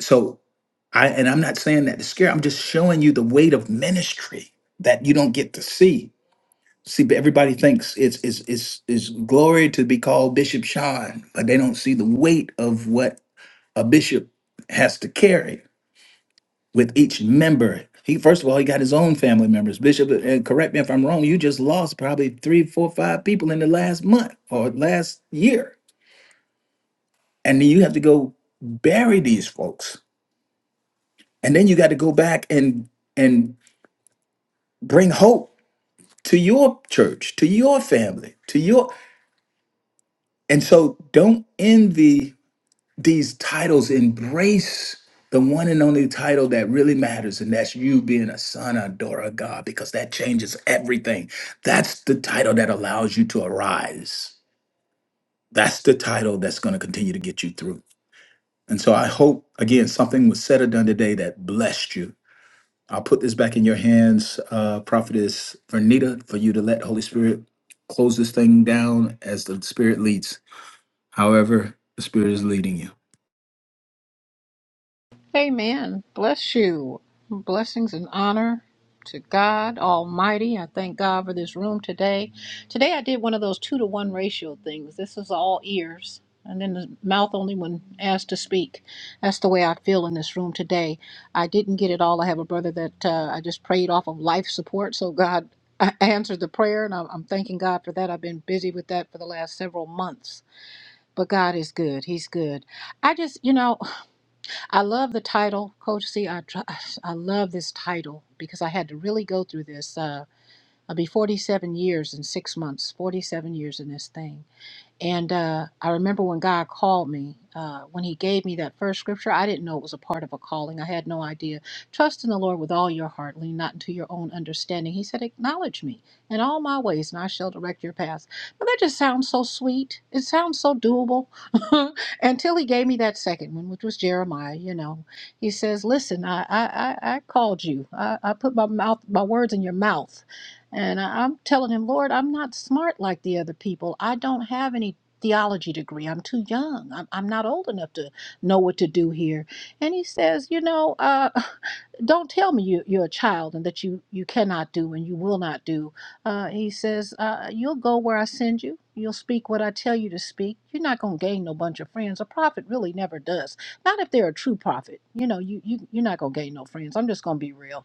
So I and I'm not saying that to scare, I'm just showing you the weight of ministry that you don't get to see. See, but everybody thinks it's it's it's is glory to be called Bishop Sean, but they don't see the weight of what a bishop has to carry with each member. He first of all, he got his own family members. Bishop, uh, and correct me if I'm wrong. You just lost probably three, four, five people in the last month or last year, and then you have to go bury these folks, and then you got to go back and and bring hope to your church, to your family, to your. And so, don't envy these titles embrace the one and only title that really matters and that's you being a son or daughter of god because that changes everything that's the title that allows you to arise that's the title that's going to continue to get you through and so i hope again something was said or done today that blessed you i'll put this back in your hands uh prophetess vernita for you to let holy spirit close this thing down as the spirit leads however the spirit is leading you Amen. Bless you. Blessings and honor to God Almighty. I thank God for this room today. Today I did one of those two to one ratio things. This is all ears. And then the mouth only when asked to speak. That's the way I feel in this room today. I didn't get it all. I have a brother that uh, I just prayed off of life support. So God uh, answered the prayer, and I'm I'm thanking God for that. I've been busy with that for the last several months. But God is good. He's good. I just, you know, I love the title, Coach C. I tr- I love this title because I had to really go through this. Uh, I'll be 47 years in six months. 47 years in this thing. And uh, I remember when God called me, uh, when He gave me that first scripture, I didn't know it was a part of a calling. I had no idea. Trust in the Lord with all your heart, lean not into your own understanding. He said, Acknowledge me in all my ways, and I shall direct your paths. Now, that just sounds so sweet. It sounds so doable. Until He gave me that second one, which was Jeremiah, you know. He says, Listen, I, I, I, I called you, I, I put my, mouth, my words in your mouth. And I, I'm telling him, Lord, I'm not smart like the other people. I don't have any theology degree. I'm too young. I'm, I'm not old enough to know what to do here. And he says, You know, uh, don't tell me you, you're a child and that you, you cannot do and you will not do. Uh, he says, uh, You'll go where I send you. You'll speak what I tell you to speak. You're not going to gain no bunch of friends. A prophet really never does. Not if they're a true prophet. You know, you, you, you're not going to gain no friends. I'm just going to be real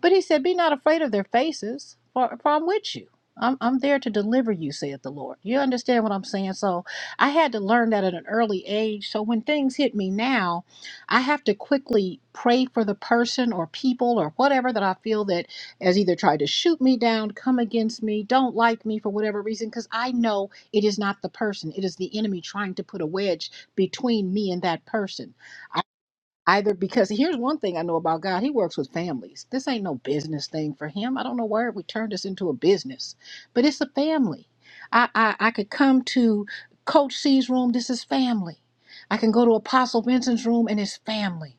but he said, Be not afraid of their faces, for, for I'm with you. I'm, I'm there to deliver you, saith the Lord. You understand what I'm saying? So I had to learn that at an early age. So when things hit me now, I have to quickly pray for the person or people or whatever that I feel that has either tried to shoot me down, come against me, don't like me for whatever reason, because I know it is not the person. It is the enemy trying to put a wedge between me and that person. Either because here's one thing I know about God, He works with families. This ain't no business thing for Him. I don't know why we turned this into a business, but it's a family. I, I, I could come to Coach C's room, this is family. I can go to Apostle Vincent's room and it's family.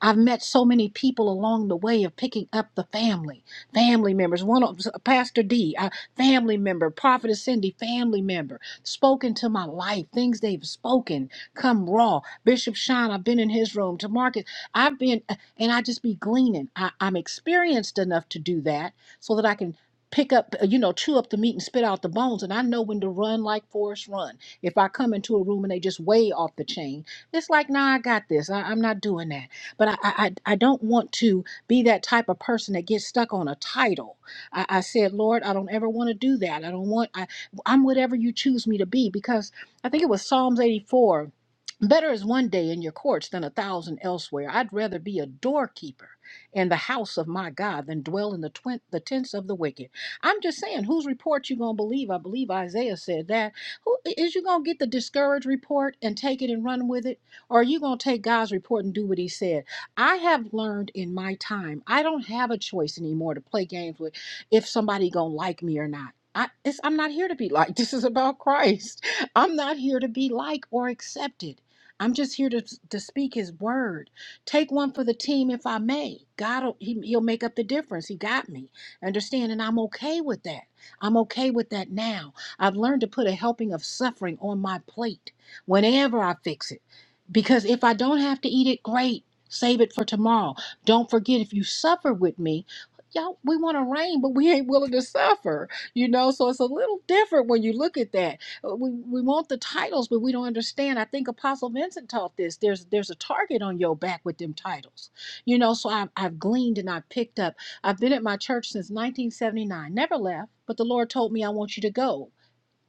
I've met so many people along the way of picking up the family, family members. One of Pastor D, a family member, Prophetess Cindy, family member, spoken to my life. Things they've spoken come raw. Bishop Sean, I've been in his room. To market. I've been, uh, and I just be gleaning. I, I'm experienced enough to do that so that I can pick up, uh, you know, chew up the meat and spit out the bones. And I know when to run like Forrest Run. If I come into a room and they just way off the chain, it's like, nah, I got this. I, I'm not doing that but I, I I I don't want to be that type of person that gets stuck on a title. I, I said, Lord, I don't ever want to do that. I don't want I I'm whatever you choose me to be because I think it was Psalms 84. Better is one day in your courts than a thousand elsewhere. I'd rather be a doorkeeper in the house of my God than dwell in the twin, the tents of the wicked. I'm just saying, whose report you gonna believe? I believe Isaiah said that. Who is you gonna get the discouraged report and take it and run with it? Or are you going to take God's report and do what he said? I have learned in my time, I don't have a choice anymore to play games with if somebody gonna like me or not. I, it's, I'm not here to be liked. This is about Christ. I'm not here to be liked or accepted. I'm just here to, to speak His word. Take one for the team if I may. God, will- he, He'll make up the difference. He got me. Understand? And I'm okay with that. I'm okay with that now. I've learned to put a helping of suffering on my plate whenever I fix it. Because if I don't have to eat it, great. Save it for tomorrow. Don't forget if you suffer with me. Y'all, we want to reign, but we ain't willing to suffer. You know, so it's a little different when you look at that. Uh, We we want the titles, but we don't understand. I think Apostle Vincent taught this. There's there's a target on your back with them titles. You know, so I've I've gleaned and I've picked up. I've been at my church since 1979. Never left, but the Lord told me I want you to go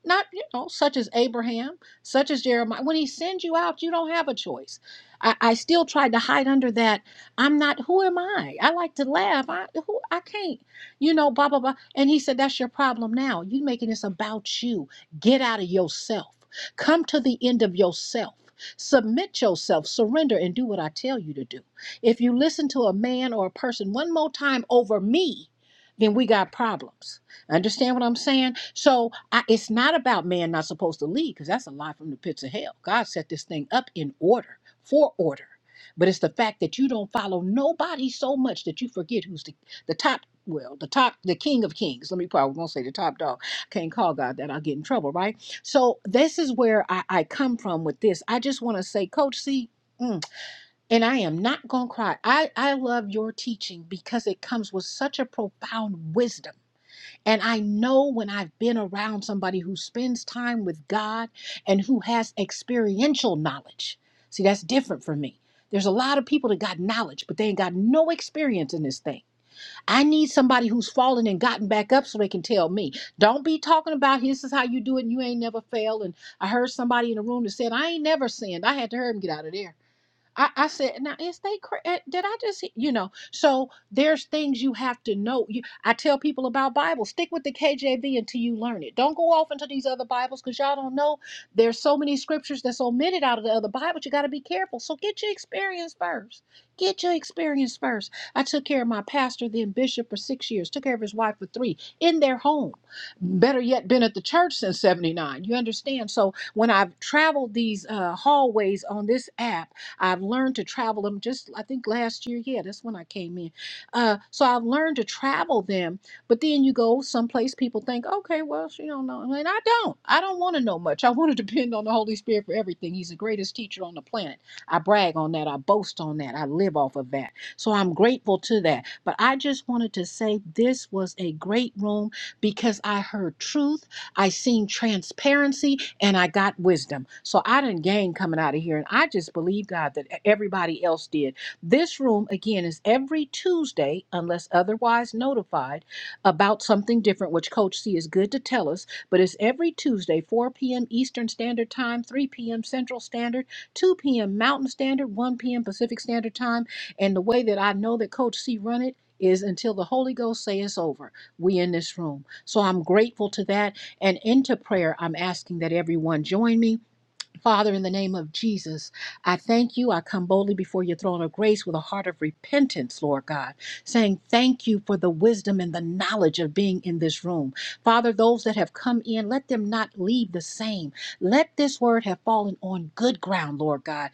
not you know such as abraham such as jeremiah when he sends you out you don't have a choice i, I still tried to hide under that i'm not who am i i like to laugh i who i can't you know blah blah blah and he said that's your problem now you making this about you get out of yourself come to the end of yourself Submit yourself, surrender, and do what I tell you to do. If you listen to a man or a person one more time over me, then we got problems Understand what I'm saying? So I, it's not about man not supposed to lead, because that's a lie from the pits of hell. God set this thing up in order, for order. But it's the fact that you don't follow nobody so much that you forget who's the, the top, well, the top, the king of kings. Let me probably gonna say the top dog. Can't call God that. I'll get in trouble, right? So this is where I, I come from with this. I just want to say, Coach C, mm, and I am not gonna cry. I, I love your teaching because it comes with such a profound wisdom and I know when I've been around somebody who spends time with God and who has experiential knowledge. See, that's different for me. There's a lot of people that got knowledge, but they ain't got no experience in this thing. I need somebody who's fallen and gotten back up so they can tell me. Don't be talking about this is how you do it and you ain't never failed. And I heard somebody in the room that said, I ain't never sinned. I had to hear him get out of there. I, I said, now is they cra- eh, did I just he-" you know? So there's things you have to know. You, I tell people about Bible. Stick with the KJV until you learn it. Don't go off into these other Bibles because y'all don't know. There's so many scriptures that's omitted out of the other Bibles. You got to be careful. So get your experience first. Get your experience first. I took care of my pastor, then bishop, for six years. Took care of his wife for three in their home. Better yet, been at the church since '79. You understand? So when I've traveled these uh, hallways on this app. I've learned to travel them just, I think last year, yeah, that's when I came in. Uh, so I've learned to travel them, but then you go someplace, people think, okay, well, she don't know. no," And I don't. I don't want to know much. I want to depend on the Holy Spirit for everything. He's the greatest teacher on the planet. I brag on that. I boast on that. I live off of that. So I'm grateful to that. But I just wanted to say this was a great room because I heard truth. I seen transparency and I got wisdom. So I didn't gain coming out of here. And I just believe, God, that e-, everybody else did. This room, again, is every Tuesday, unless otherwise notified, about something different, which Coach C is good to tell us. But it's every Tuesday, 4 p.m. Eastern Standard Time, 3 p.m. Central Standard, 2 p.m. Mountain Standard, 1 p.m. Pacific Standard Time. And the way that I know that Coach C run it, is until the Holy Ghost say it's over. We in this room. So I'm grateful to that. And into prayer, I'm asking that everyone join me Father, in the name of Jesus, I thank you. I come boldly before your throne of grace with a heart of repentance, Lord God, saying thank you for the wisdom and the knowledge of being in this room. Father, those that have come in, let them not leave the same. Let this word have fallen on good ground, Lord God.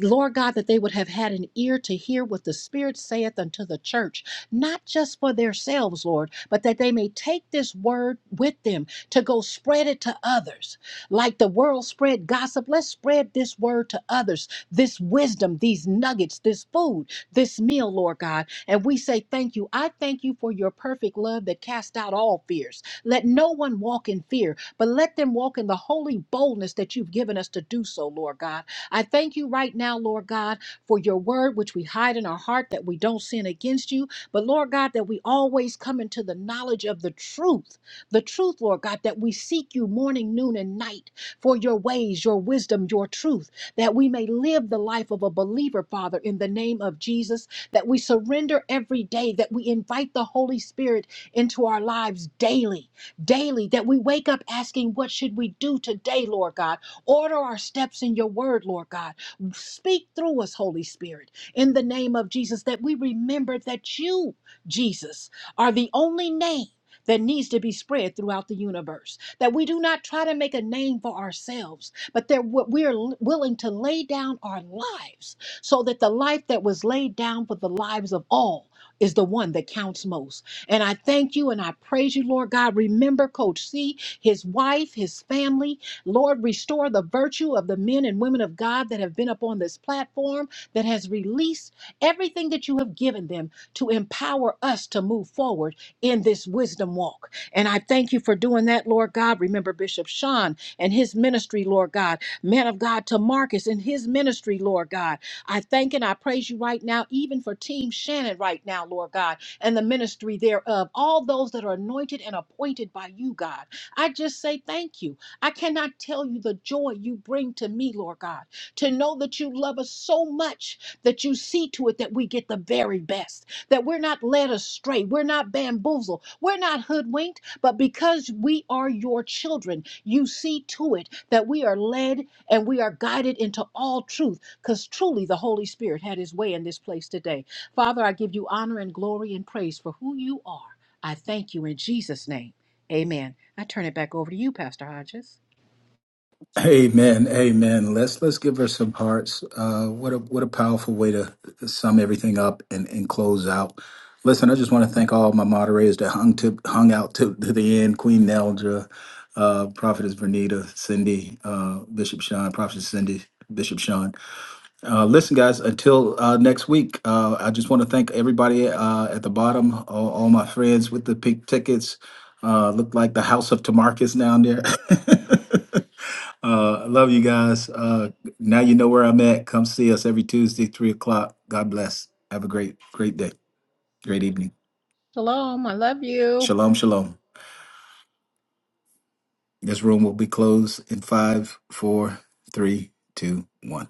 Lord God, that they would have had an ear to hear what the Spirit saith unto the church, not just for themselves, Lord, but that they may take this word with them to go spread it to others. Like the world spread gossip, let's spread this word to others, this wisdom, these nuggets, this food, this meal, Lord God. And we say thank you. I thank you for your perfect love that casts out all fears. Let no one walk in fear, but let them walk in the holy boldness that you've given us to do so, Lord God. I thank you right now, Lord God, for your word, which we hide in our heart that we don't sin against you. But Lord God, that we always come into the knowledge of the truth the truth, Lord God, that we seek you morning, noon, and night for your ways, your wisdom, your truth, that we may live the life of a believer, Father, in the name of Jesus, that we surrender every day, that we invite the Holy Spirit into our lives daily, daily, that we wake up asking, What should we do today, Lord God? Order our steps in your word, Lord God. Speak through us, Holy Spirit, in the name of Jesus, that we remember that you, Jesus, are the only name that needs to be spread throughout the universe. That we do not try to make a name for ourselves, but that what we are l- willing to lay down our lives so that the life that was laid down for the lives of all is the one that counts most. And I thank you and I praise you, Lord God. Remember Coach C, his wife, his family. Lord, restore the virtue of the men and women of God that have been up on this platform that has released everything that you have given them to empower us to move forward in this wisdom walk. And I thank you for doing that, Lord God. Remember Bishop Sean and his ministry, Lord God. Man of God to Marcus and his ministry, Lord God. I thank and I praise you right now, even for Team Shannon right now, Lord God, and the ministry thereof. All those that are anointed and appointed by you, God. I just say thank you. I cannot tell you the joy you bring to me, Lord God, to know that you love us so much that you see to it that we get the very best that we're not led astray, we're not bamboozled, we're not hoodwinked, but because we are your children, you see to it that we are led and we are guided into all truth, because truly the Holy Spirit had his way in this place today. Father, I give you honor and glory and praise for who you are. I thank you in Jesus' name. Amen. I turn it back over to you, Pastor Hodges. Amen. Amen. Let's let's give her some hearts. Uh, what a what a powerful way to sum everything up and, and close out. Listen, I just want to thank all my moderators that hung to hung out to, to the end. Queen Neldra, uh, Prophetess Vernita, Cindy, uh, Bishop Sean, Prophetess Cindy, Bishop Sean. Uh, listen, guys, until uh, next week, uh, I just want to thank everybody uh, at the bottom, all, all my friends with the pink tickets. Uh, look like the house of Tamarcus down there. uh, I love you guys. Uh, now you know where I'm at. Come see us every Tuesday, 3 o'clock. God bless. Have a great, great day, great evening. Shalom. I love you. Shalom, shalom. This room will be closed in five, four, three, two, one.